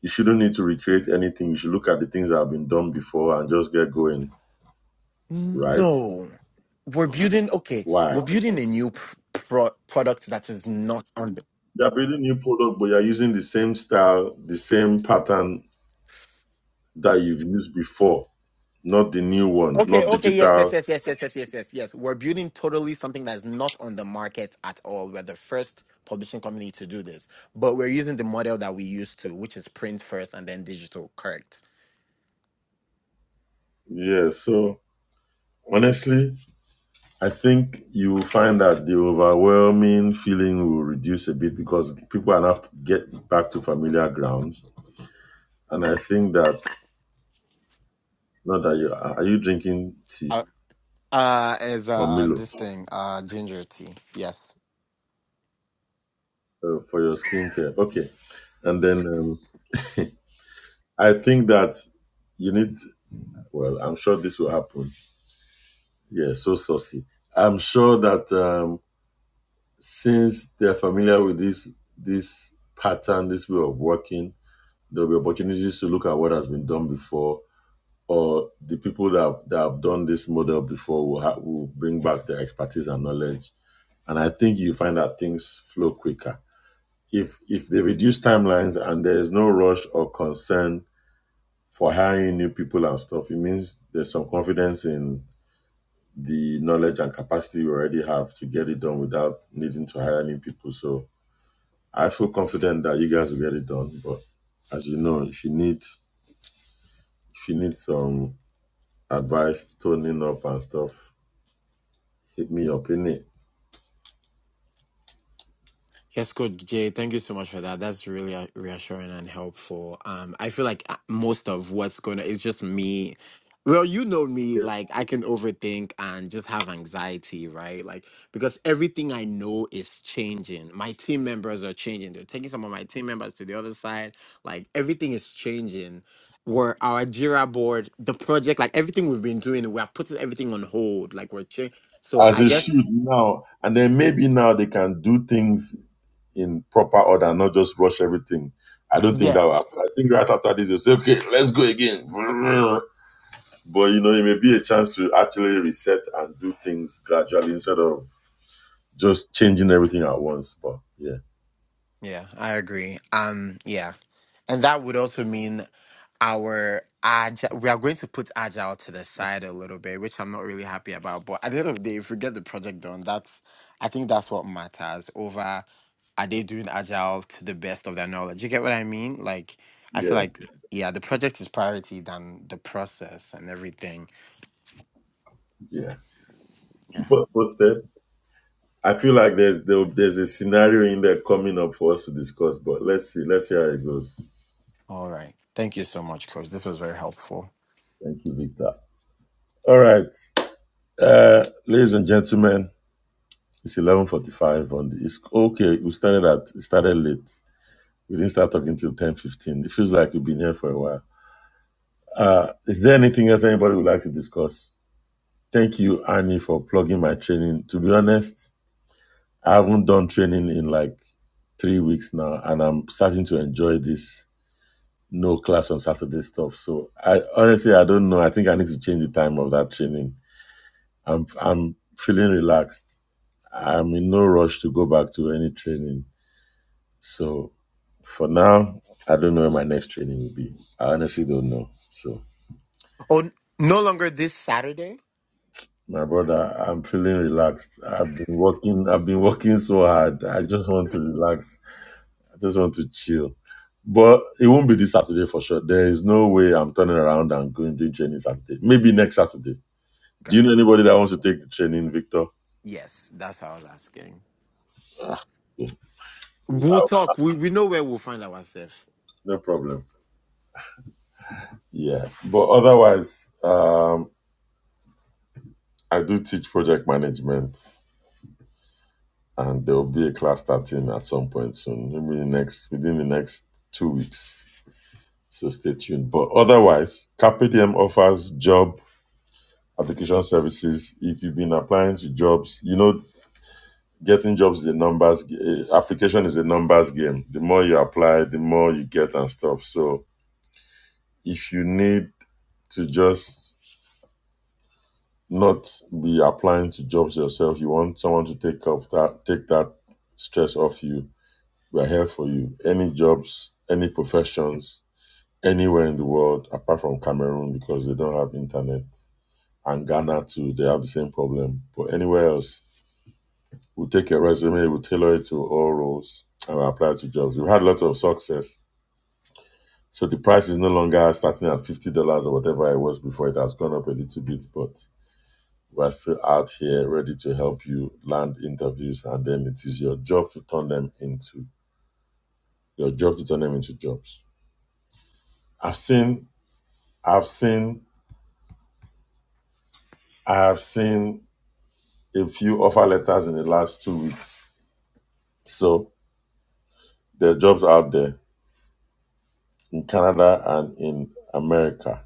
S2: you shouldn't need to recreate anything. You should look at the things that have been done before and just get going, right?
S10: no. We're building. Okay,
S2: Why?
S10: we're building a new pr- pro- product that is not on the
S2: They're building new product, but you're using the same style, the same pattern that you've used before, not the new one,
S10: Okay,
S2: not
S10: okay, yes, yes,
S2: digital.
S10: yes, yes, yes, yes, yes, yes, yes. We're building totally something that's not on the market at all. We're the first publishing company to do this, but we're using the model that we used to, which is print first and then digital. Correct.
S2: Yeah. So honestly, I think you will find that the overwhelming feeling will reduce a bit because people are not get back to familiar grounds. And I think that not that you are you drinking tea
S10: Uh, uh, as uh,
S2: or
S10: uh,
S2: Milo
S10: this thing, uh, ginger tea. Yes.
S2: uh, for your skincare, okay? And then um, I think that you need. Well, I'm sure this will happen. Yeah, so saucy. I'm sure that um, since they're familiar with this this pattern, this way of working, there'll be opportunities to look at what has been done before or the people that have, that have done this model before will, ha- will bring back their expertise and knowledge. And I think you find that things flow quicker. If, if they reduce timelines and there is no rush or concern for hiring new people and stuff, it means there's some confidence in the knowledge and capacity we already have to get it done without needing to hire new people. So I feel confident that you guys will get it done. But as you know, if you need if you need some advice, toning up and stuff, Hit me up innit?
S10: Yes, Coach Jay, thank you so much for that. That's really uh, reassuring and helpful. Um, I feel like uh, most of what's going to, it's just me. Well, you know me, like I can overthink and just have anxiety, right? Like, because everything I know is changing. My team members are changing. They're taking some of my team members to the other side. Like, everything is changing. Where our Jira board, the project, like everything we've been doing, we're putting everything on hold. Like, we're changing. So
S2: As
S10: I
S2: it
S10: guess,
S2: should now. And then maybe now they can do things in proper order, not just rush everything. I don't think that will
S10: yes.
S2: happen. I think right after this, you'll say, okay, let's go again. But you know, it may be a chance to actually reset and do things gradually instead of just changing everything at once. But yeah,
S10: Yeah, I agree. Um, yeah. And that would also mean our agile, we are going to put agile to the side a little bit, which I'm not really happy about. But at the end of the day, if we get the project done, that's, I think that's what matters over are they doing agile to the best of their knowledge? You get what I mean? Like, I feel
S2: yeah,
S10: like, yeah, yeah, the project is priority than the process and everything.
S2: yeah.
S10: Yeah.
S2: Keep us posted. I feel like there's there, there's a scenario in there coming up for us to discuss, but let's see, let's see how it goes.
S10: All right. Thank you so much, coach. This was very helpful.
S2: Thank you, Victor. All right. Uh, ladies and gentlemen, it's eleven forty-five on the. It's okay. We started at we started late. We didn't start talking till ten fifteen. It feels like we've been here for a while. Uh, is there anything else anybody would like to discuss? Thank you, Annie, for plugging my training. To be honest, I haven't done training in like three weeks now, and I'm starting to enjoy this no class on Saturday stuff. So I honestly I don't know. I think I need to change the time of that training. I'm I'm feeling relaxed I'm in no rush to go back to any training. So for now, I don't know where my next training will be. I honestly don't know. So
S10: Oh, n- no longer this Saturday?
S2: my brother, I'm feeling relaxed. I've been working I've been working so hard. I just want to relax. I just want to chill. But it won't be this Saturday for sure. There is no way I'm turning around and going to training Saturday. Maybe next Saturday. Do you know
S10: Gotcha.
S2: anybody that wants to take the training, Victor?
S10: Yes, that's what I was asking.
S2: Yeah.
S10: We'll
S2: Oh,
S10: talk. We, we know where we'll find ourselves.
S2: No problem. Yeah. But otherwise, um. I do teach project management, and there will be a class starting at some point soon, maybe next within the next two weeks. So stay tuned. But otherwise, CapDM offers job application services. If you've been applying to jobs, you know getting jobs is a numbers g- eh, application is a numbers game. The more you apply, the more you get and stuff. So if you need to just not be applying to jobs yourself, you want someone to take off that take that stress off you We are here for you. Any jobs, any professions, anywhere in the world, apart from Cameroon because they don't have internet, and Ghana too, they have the same problem. But anywhere else, we'll take your resume, we'll tailor it to all roles, and we'll apply to jobs. We've had a lot of success. So the price is no longer starting at fifty dollars or whatever it was before. It has gone up a little bit, but we're still out here ready to help you land interviews, and then it is your job to turn them into your job to turn them into jobs. I've seen I've seen I have seen a few offer letters in the last two weeks. So there are jobs out there in Canada and in America.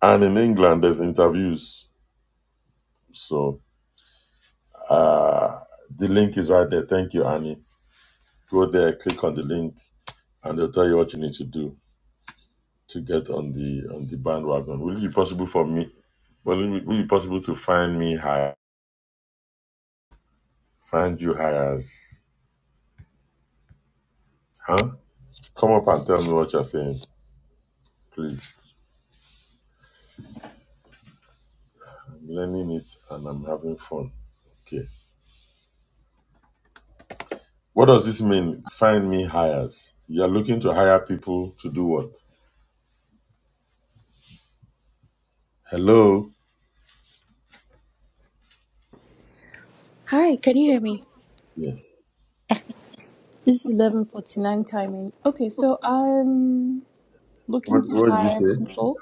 S2: And in England there's interviews. So uh the link is right there. Thank you, Annie. Go there, click on the link, and they'll tell you what you need to do to get on the on the bandwagon. Will it be possible for me? Will it, will it be possible to find me higher? Find you hires? Huh? Come up and tell me what you're saying, please. I'm learning it and I'm having fun. Okay. What does this mean? Find me hires. You're looking to hire people to do what? Hello?
S6: Hi, can you hear me?
S2: Yes.
S6: This is 11:49 timing. Okay, so I'm looking
S2: What
S6: to
S2: what did you
S6: hire
S2: say?
S6: people.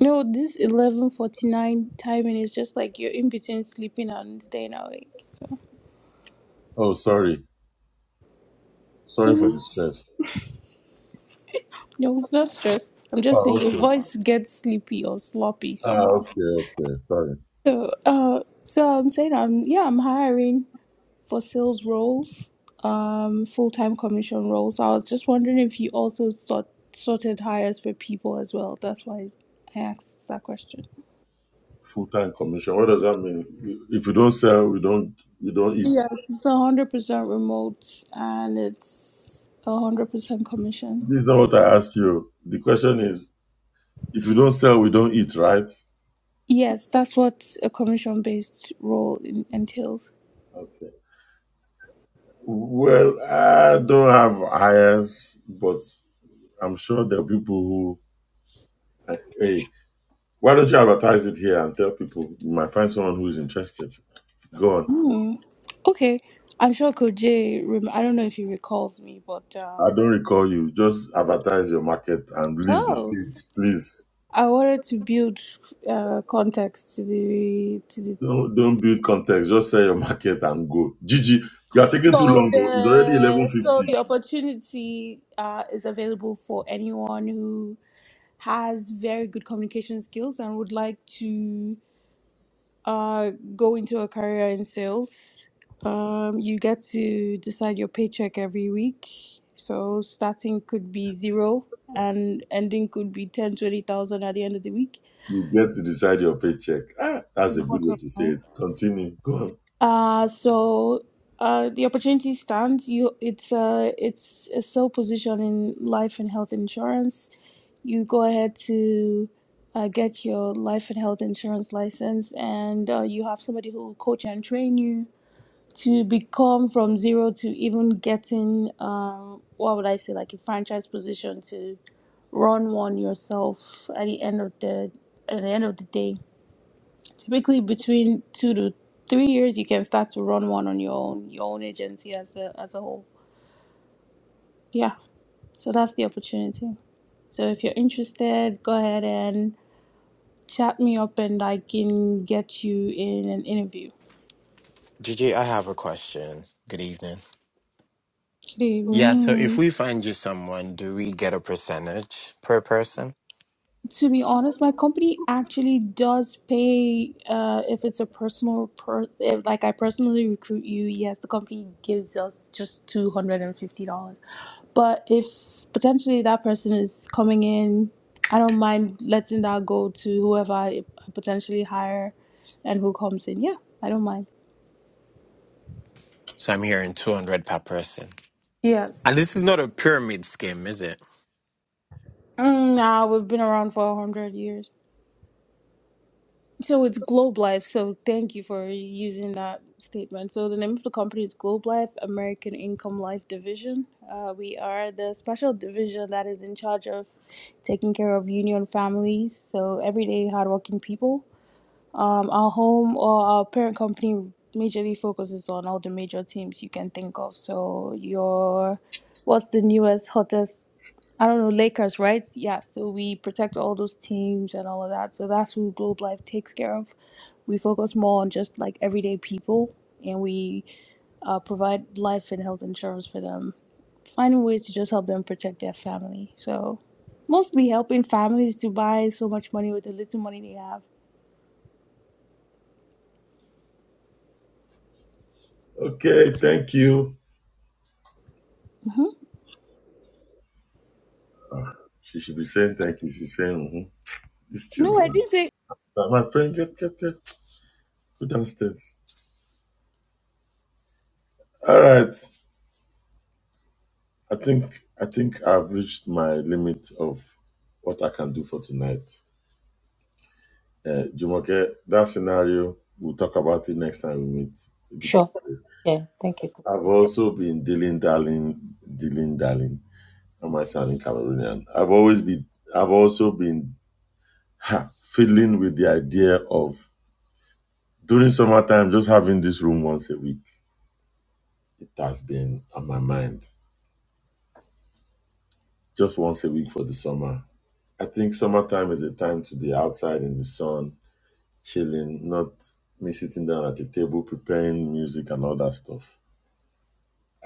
S6: No, this 11:49 timing is just like you're in between sleeping and staying awake. So.
S2: Oh sorry. Sorry for the stress.
S6: No, it's not stress. I'm just saying
S2: Oh
S6: your
S2: okay.
S6: voice gets sleepy or sloppy
S2: Ah,
S6: somehow.
S2: okay, okay. Sorry.
S6: So, uh, so I'm saying I'm yeah I'm hiring for sales roles, um, full time commission roles. So I was just wondering if you also sort sorted hires for people as well. That's why I asked that question.
S2: Full time commission. What does that mean? If you don't sell, we don't we don't eat.
S6: Yes, it's a hundred percent remote and it's a hundred percent commission.
S2: This is not what I asked you. The question is if you don't sell, we don't eat, right?
S6: Yes, that's what a commission based role in, entails.
S2: Okay. Well, I don't have hires, but I'm sure there are people who. like, Hey, why don't you advertise it here and tell people? You might find someone who's interested. Go on.
S6: Hmm. Okay. I'm sure Koje, rem- I don't know if he recalls me, but
S2: I
S6: um,
S2: don't recall you. Just advertise your market and leave the
S6: oh,
S2: page, please.
S6: I wanted to build uh, context to the to the
S2: Don't, don't build context. Just sell your market and go. Gigi, you are taking too
S6: so
S2: long, though. It's
S6: the
S2: already
S6: so
S2: 11.50.
S6: the opportunity uh, is available for anyone who has very good communication skills and would like to uh, go into a career in sales. Um, you get to decide your paycheck every week. So starting could be zero and ending could be 10, 20,000 at the end of the week.
S2: You get to decide your paycheck. Ah, that's a good way
S6: Bottom
S2: to say
S6: line.
S2: it. Continue. Go on.
S6: Uh, so uh, the opportunity stands. You, it's a it's a sole position in life and health insurance. You go ahead to uh, get your life and health insurance license, and uh, you have somebody who will coach and train you to become from zero to even getting um what would I say like a franchise position to run one yourself at the end of the at the end of the day. Typically between two to three years you can start to run one on your own, your own agency as a as a whole. Yeah. So that's the opportunity. So if you're interested, go ahead and chat me up and I can get you in an interview.
S10: Gigi, I have a question. Good evening.
S6: Good
S10: Yeah, so if
S6: evening.
S10: we find you someone, do we get a percentage per person?
S6: To be honest, my company actually does pay uh, if it's a personal per if, like I personally recruit you, yes, the company gives us just two hundred and fifty dollars. But if potentially that person is coming in, I don't mind letting that go to whoever I potentially hire and who comes in. Yeah, I don't mind.
S10: So I'm hearing 200 per person. And this is
S6: Yes.
S10: not a pyramid scheme, is it?
S6: Mm, nah, we've been around for a hundred years. So it's Globe Life. So thank you for using that statement. So the name of the company is Globe Life American Income Life Division. Uh, we are the special division that is in charge of taking care of union families, so everyday hardworking people. Um, our home or our parent company majorly focuses on all the major teams you can think of. So your what's the newest, hottest I don't know, Lakers, right? Yeah, so we protect all those teams and all of that. So that's who Globe Life takes care of. We focus more on just like everyday people and we uh, provide life and health insurance for them, finding ways to just help them protect their family. So mostly helping families to buy so much money with the little money they have.
S2: Okay, thank you.
S6: hmm
S2: She should be saying thank you. She's saying, mhm. These
S6: No, I
S2: children.
S6: didn't say
S2: But my friend, get get get go downstairs. All right. I think I think I've reached my limit of what I can do for tonight. Uh, Jumoke, that scenario we'll talk about it next time we meet. We'll be
S3: Sure.
S2: talking.
S3: Yeah, thank you. Coach
S2: I've
S3: Jay.
S2: also been dealing, darling, dealing, darling. Am I sounding Cameroonian? I've always been. I've also been ha, fiddling with the idea of during summertime just having this room once a week. It has been on my mind just once a week for the summer. I think summertime is a time to be outside in the sun, chilling, not me sitting down at the table preparing music and all that stuff.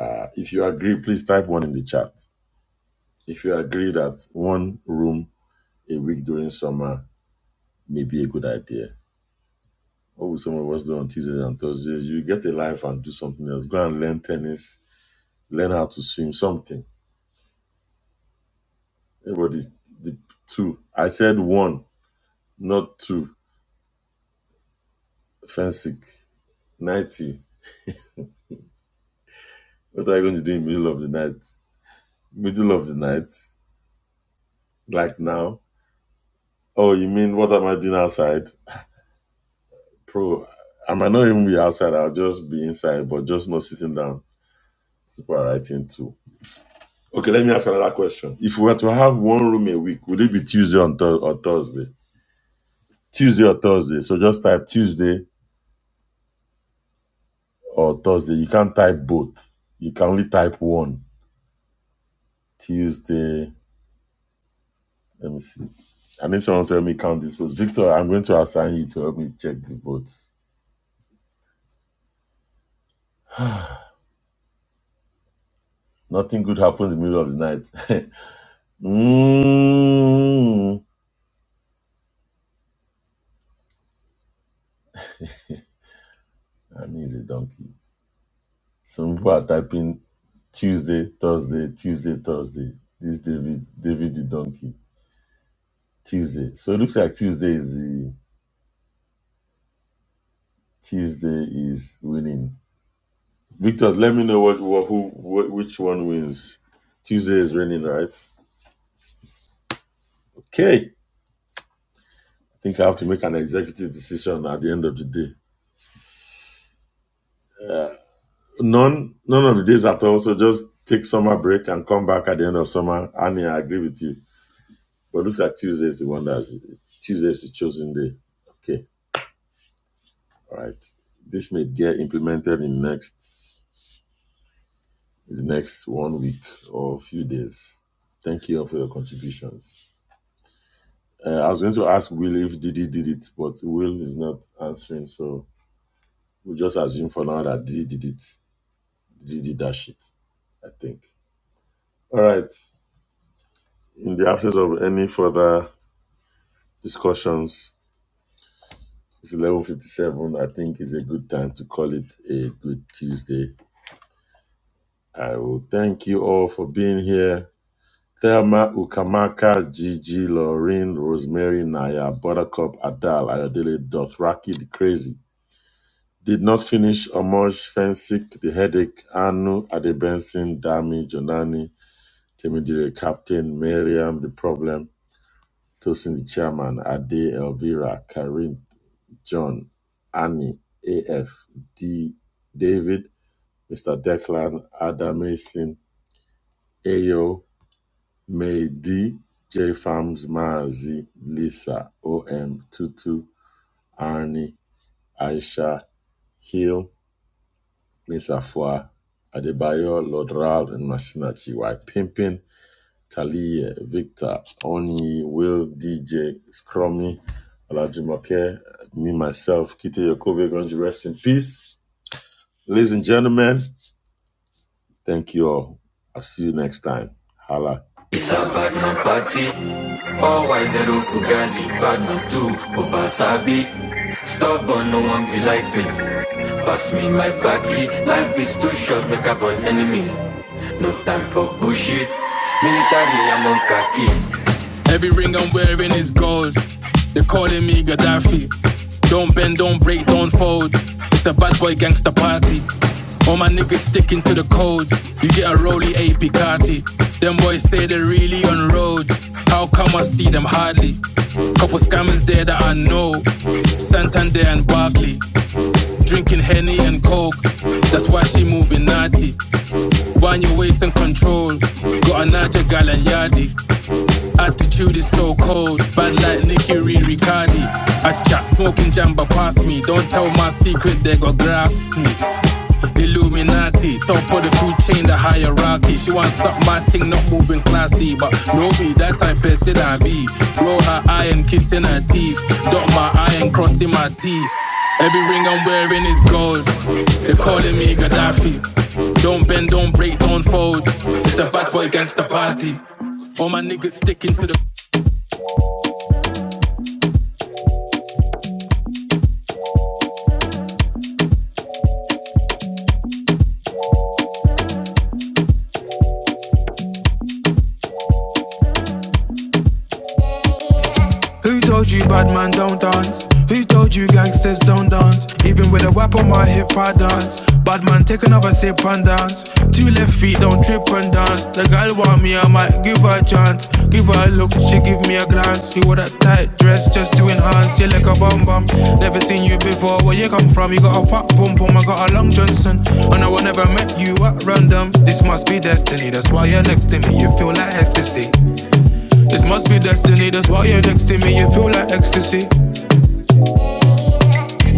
S2: Uh, if you agree, please type one in the chat. If you agree that one room a week during summer may be a good idea. What will some of us do on Tuesdays and Thursdays? You get a life and do something else. Go and learn tennis, learn how to swim, something. Everybody's the two. I said one, not two. Fancy 90. What are you going to do in the middle of the night? Middle of the night? Like now? Oh, you mean what am I doing outside? Pro, I might not even be outside. I'll just be inside, but just not sitting down. People are writing too. Okay, let me ask another question. If we were to have one room a week, would it be Tuesday on Thur- or Thursday? Tuesday or Thursday. So just type Tuesday or Thursday. You can't type both. You can only type one. Tuesday. Let me see. I need someone to help me count these votes. Victor, I'm going to assign you to help me check the votes. Nothing good happens in the middle of the night. *laughs* mm. And he's a donkey. Some people are typing Tuesday, Thursday, Tuesday, Thursday. This David, David the donkey. Tuesday. So it looks like Tuesday is the Tuesday is winning. Victor, let me know what, what who what, which one wins. Tuesday is winning, right? Okay. I think I have to make an executive decision at the end of the day. None, none of the days at all. So just take summer break and come back at the end of summer. I mean, I agree with you. But looks like Tuesday is the one that's Tuesday is the chosen day. Okay, all right. This may get implemented in next in the next one week or a few days. Thank you all for your contributions. Uh, I was going to ask Will if Didi did it, but Will is not answering, so we'll just assume for now that Didi did it. Didi did that shit. I think. All right. In the absence of any further discussions. It's 11:57. I think it's a good time to call it a good Tuesday. I will thank you all for being here. Thelma Ukamaka, Gigi, Lorraine, Rosemary, Naya, Buttercup, Adal, Ayodele, Dothraki, the Crazy. Did not finish Omoj, Fensick, The Headache, Anu, Adebensin, Dami, Jonani, Temidire, Captain, Miriam, The Problem, Tosin, The Chairman, Ade, Elvira, Karim, John, Annie, A F D, David, Mr. Declan, Ada Mason, Ayo, May D, J Farms, Mazi, Lisa, OM, Tutu, Arnie, Aisha, Hill, Miss Afua, Adebayo, Lord Ralph, and Masinachi, Y Pimpin, Talie, Victor, Oni, Will, DJ, Scrummy, Olajumoke, me, myself, Kite Yokove, going to rest in peace. Ladies and gentlemen, Thank you all. I'll see you next time. Hala.
S1: Isa Batman party, always zero fugazi, Batman two over Sabi. Stubborn, no one be like me. Pass me my baggy. life is too short, make up on enemies. No time for bullshit. Military, I'm a- Every ring I'm wearing is gold. They're calling me Gaddafi. Don't bend, don't break, don't fold. It's a bad boy gangster party. All my niggas sticking to the code. You get a rolly AP Carti. Them boys say they are really on how come I see them hardly? Couple scammers there that I know. Santander and Barkley, drinking Henny and Coke. That's why she moving naughty. Wind your waist and control. Got a Niger gal and Yardie. Attitude is so cold, bad like Nicky Reed Riccardi. I chat smoking jamba past me. Don't tell my secret, they go grass me. Illuminati, top of the food chain, the hierarchy. She wants suck my thing, not moving classy, but no be that type person I be. Roll her eye and kissing her teeth, dot my eye and crossing my teeth. Every ring I'm wearing is gold. They calling me Gaddafi. Don't bend, don't break, don't fold. It's a bad boy gangster party. All my niggas sticking to the Who told you bad man don't dance? Who told you gangsters don't dance? Even with a whip on my hip, I dance. Bad man, take another sip and dance. Two left feet, don't trip and dance. The girl want me, I might give her a chance. Give her a look, she give me a glance. You wore that tight dress just to enhance. You like a bum bum. Never seen you before. Where you come from? You got a fat pum pum. I got a long Johnson. And I would never met you at random. This must be destiny. That's why you're next to me. You feel like ecstasy. This must be destiny, that's why you're next to me, you feel like ecstasy.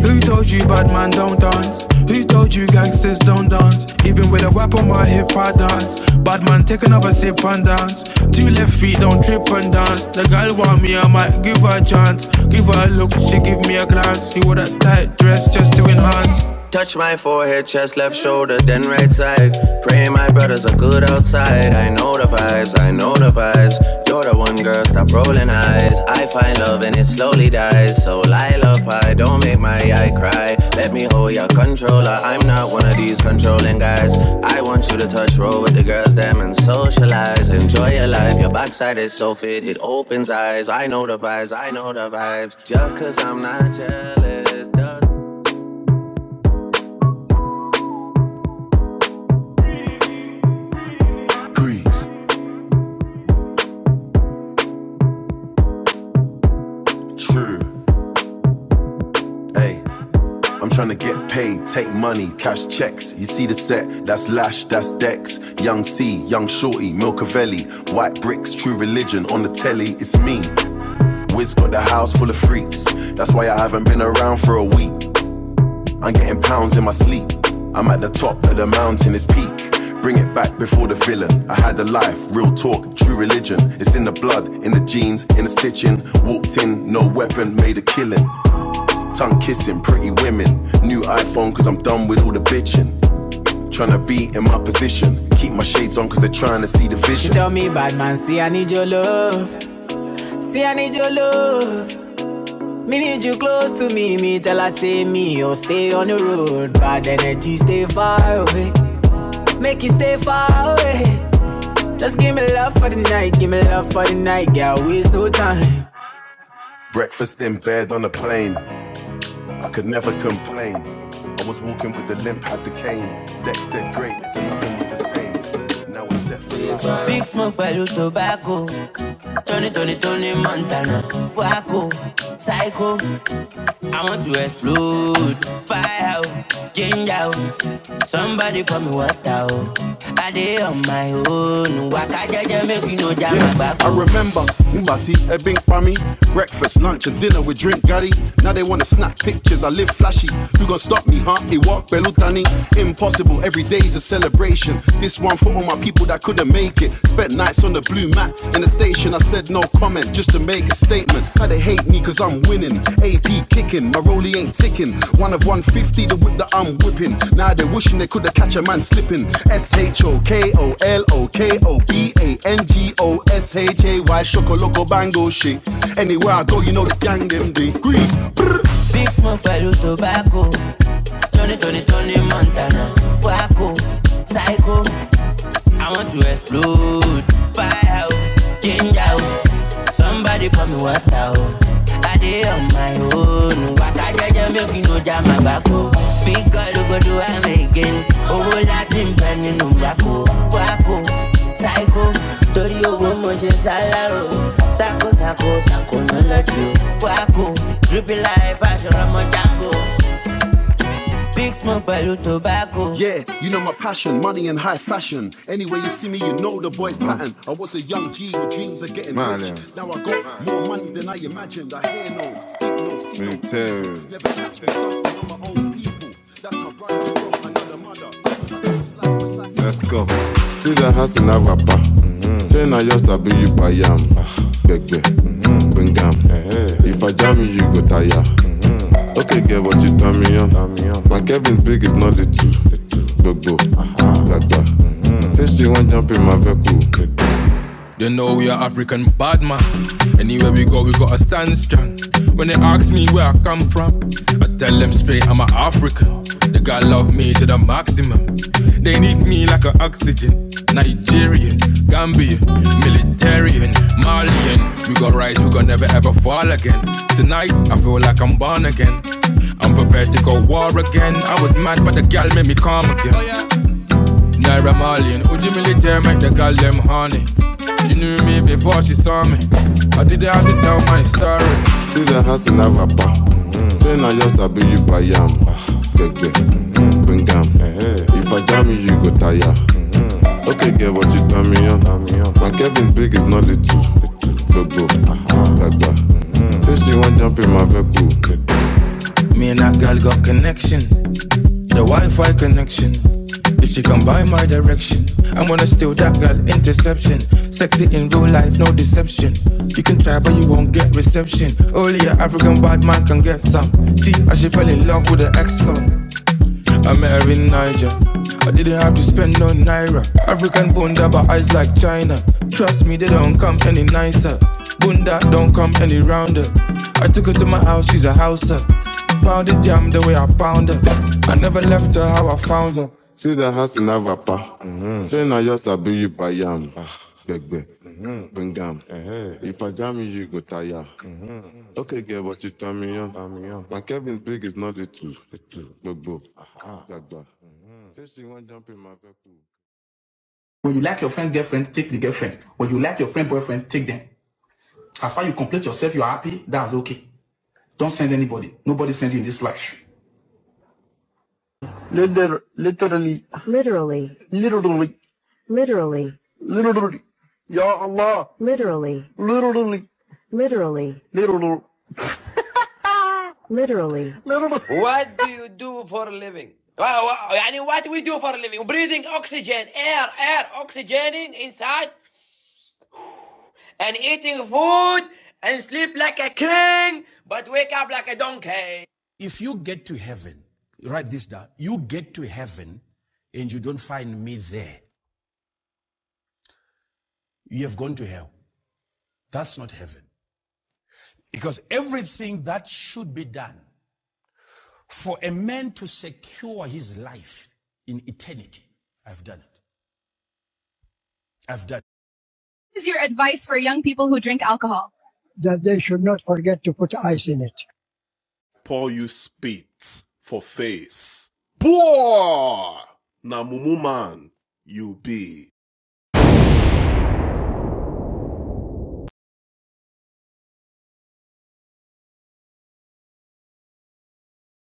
S1: Who told you bad man don't dance? Who told you gangsters don't dance? Even with a whip on my hip, I dance. Bad man, take another sip and dance. Two left feet, don't trip and dance. The girl want me, I might give her a chance. Give her a look, she give me a glance. She wore that tight dress just to enhance. Touch my forehead, chest, left shoulder, then right side. Praying my brothers are good outside. I know the vibes, I know the vibes. You're the one girl, stop rolling eyes. I find love and it slowly dies. So Lila don't make my eye cry. Let me hold your controller. I'm not one of these controlling guys. I want you to touch roll with the girls, them and socialize. Enjoy your life. Your backside is so fit, it opens eyes. I know the vibes, I know the vibes. Just cause I'm not jealous, does Breeze, true. Hey, I'm trying to get paid, take money, cash checks. You see the set, that's Lash, that's Dex. Young C, Young Shorty, Milcavelli. White bricks, true religion, on the telly, it's me. Wiz got the house full of freaks. That's why I haven't been around for a week. I'm getting pounds in my sleep. I'm at the top of the mountain, it's peak. Bring it back before the villain. I had a life, real talk, true religion. It's in the blood, in the jeans, in the stitching. Walked in, no weapon, made a killing. Tongue kissing, pretty women. New iPhone, cause I'm done with all the bitching. Tryna be in my position. Keep my shades on, cause they're trying to see the She vision. She tell me, bad man, see, I need your love. See, I need your love. Me need you close to me. Me tell her, say me, or stay on the road. Bad energy, stay far away. Make it stay far away. Just give me love for the night. Give me love for the night. Yeah, waste no time. Breakfast in bed on a plane. I could never complain. I was walking with the limp, had the cane. Deck said great, so nothing was the same. Now it's set for life. Big smoke pẹ̀lú tobacco. Tony Tony Tony Montana. Wacko, psycho. I want to explode. Fire, out, Somebody for me, water. I dey on my own. Waka jaja, make you no jam my Yeah, back. I oh. remember Ubati, Ebbing Pami. Breakfast, lunch, and dinner with drink Gary. Now they wanna snap pictures, I live flashy. You gonna stop me, huh? It walk Belutani. Impossible, every day's a celebration. This one for all my people that couldn't make it. Spent nights on the blue mat in the station. I said no comment just to make a statement. How they hate me cause I'm winning. AP kicking, my rollie ain't ticking. One of 150, the whip that I'm whipping. Now they're wishing they could have catch a man slipping. S H O K O L O K O B A N G O S H A Y Shoko Loco Bango shit. Anywhere I go, you know the gang them they grease. Big Smoke pẹ̀lú tobacco Tony Tony Tony Montana Waco Psycho I want to explode. Fire out, change out. Somebody pour me water out. I dey on my own. Waka jaja make you no jam my back oh. Big girl go do am again. Owó láti ń bẹ nínú Wákò, psycho, torí owó moje ṣe sálárò. Sako sako sako nọlọ́jì o. Wákò, dripping life aṣọ ọmọ jango. Big smoke pẹ̀lú tobacco. Yeah, you know my passion, money and high fashion. Anyway, you see me, you know the boy's pattern. I was a young G with dreams of getting Man, rich. yes. Now I got Man. more money than I imagined. I hear no, speak no, see me no. Military. Never catch me stunting on my own people. That's my brother from another mother. Let's go. See the house in Avapa. China, yes, I just be you by yam. Beg, beg, bring gam. If I jam you, you go tire. They care what you turn me on. My Kevin's big is not little. You know we are African bad man. Anywhere we go, we gotta stand strong. When they ask me where I come from, I tell them straight I'm an African. They gotta love me to the maximum. Again, again. I'm prepared to go war again. I was mad, but the gal made me calm again. Oh, yeah. Naira Marley and Uji Military make the gal them honey. She knew me before she saw me. I didn't have to tell my story. Me and that girl got connection, the Wi-Fi connection. If she come by my direction, I'm gonna steal that girl interception. Sexy in real life, no deception. You can try, but you won't get reception. Only an African bad man can get some. See, I she fell in love with the ex-con. I met her in Niger. I didn't have to spend no naira. African bunda, but eyes like China. Trust me, they don't come any love. Gbogbo. Aha. Gbagba. Just Okay. Well then, that's okay. Nobody, nobody's slash. Li- Ya Allah. li- li- Literally. What do you do for a living? Wow, wow, يعني what do we do for a living? Breathing oxygen, air, air, oxygening inside and eating food and sleep like a king but wake up like a donkey. If you get to heaven, write this down. You get to heaven and you don't find me there. you have gone to hell. That's not heaven. Because everything that should be done for a man to secure his life in eternity, I've done it. I've done it. that they should not forget to put ice in it. Paul you spit for face. Poor! na mumu man, you be.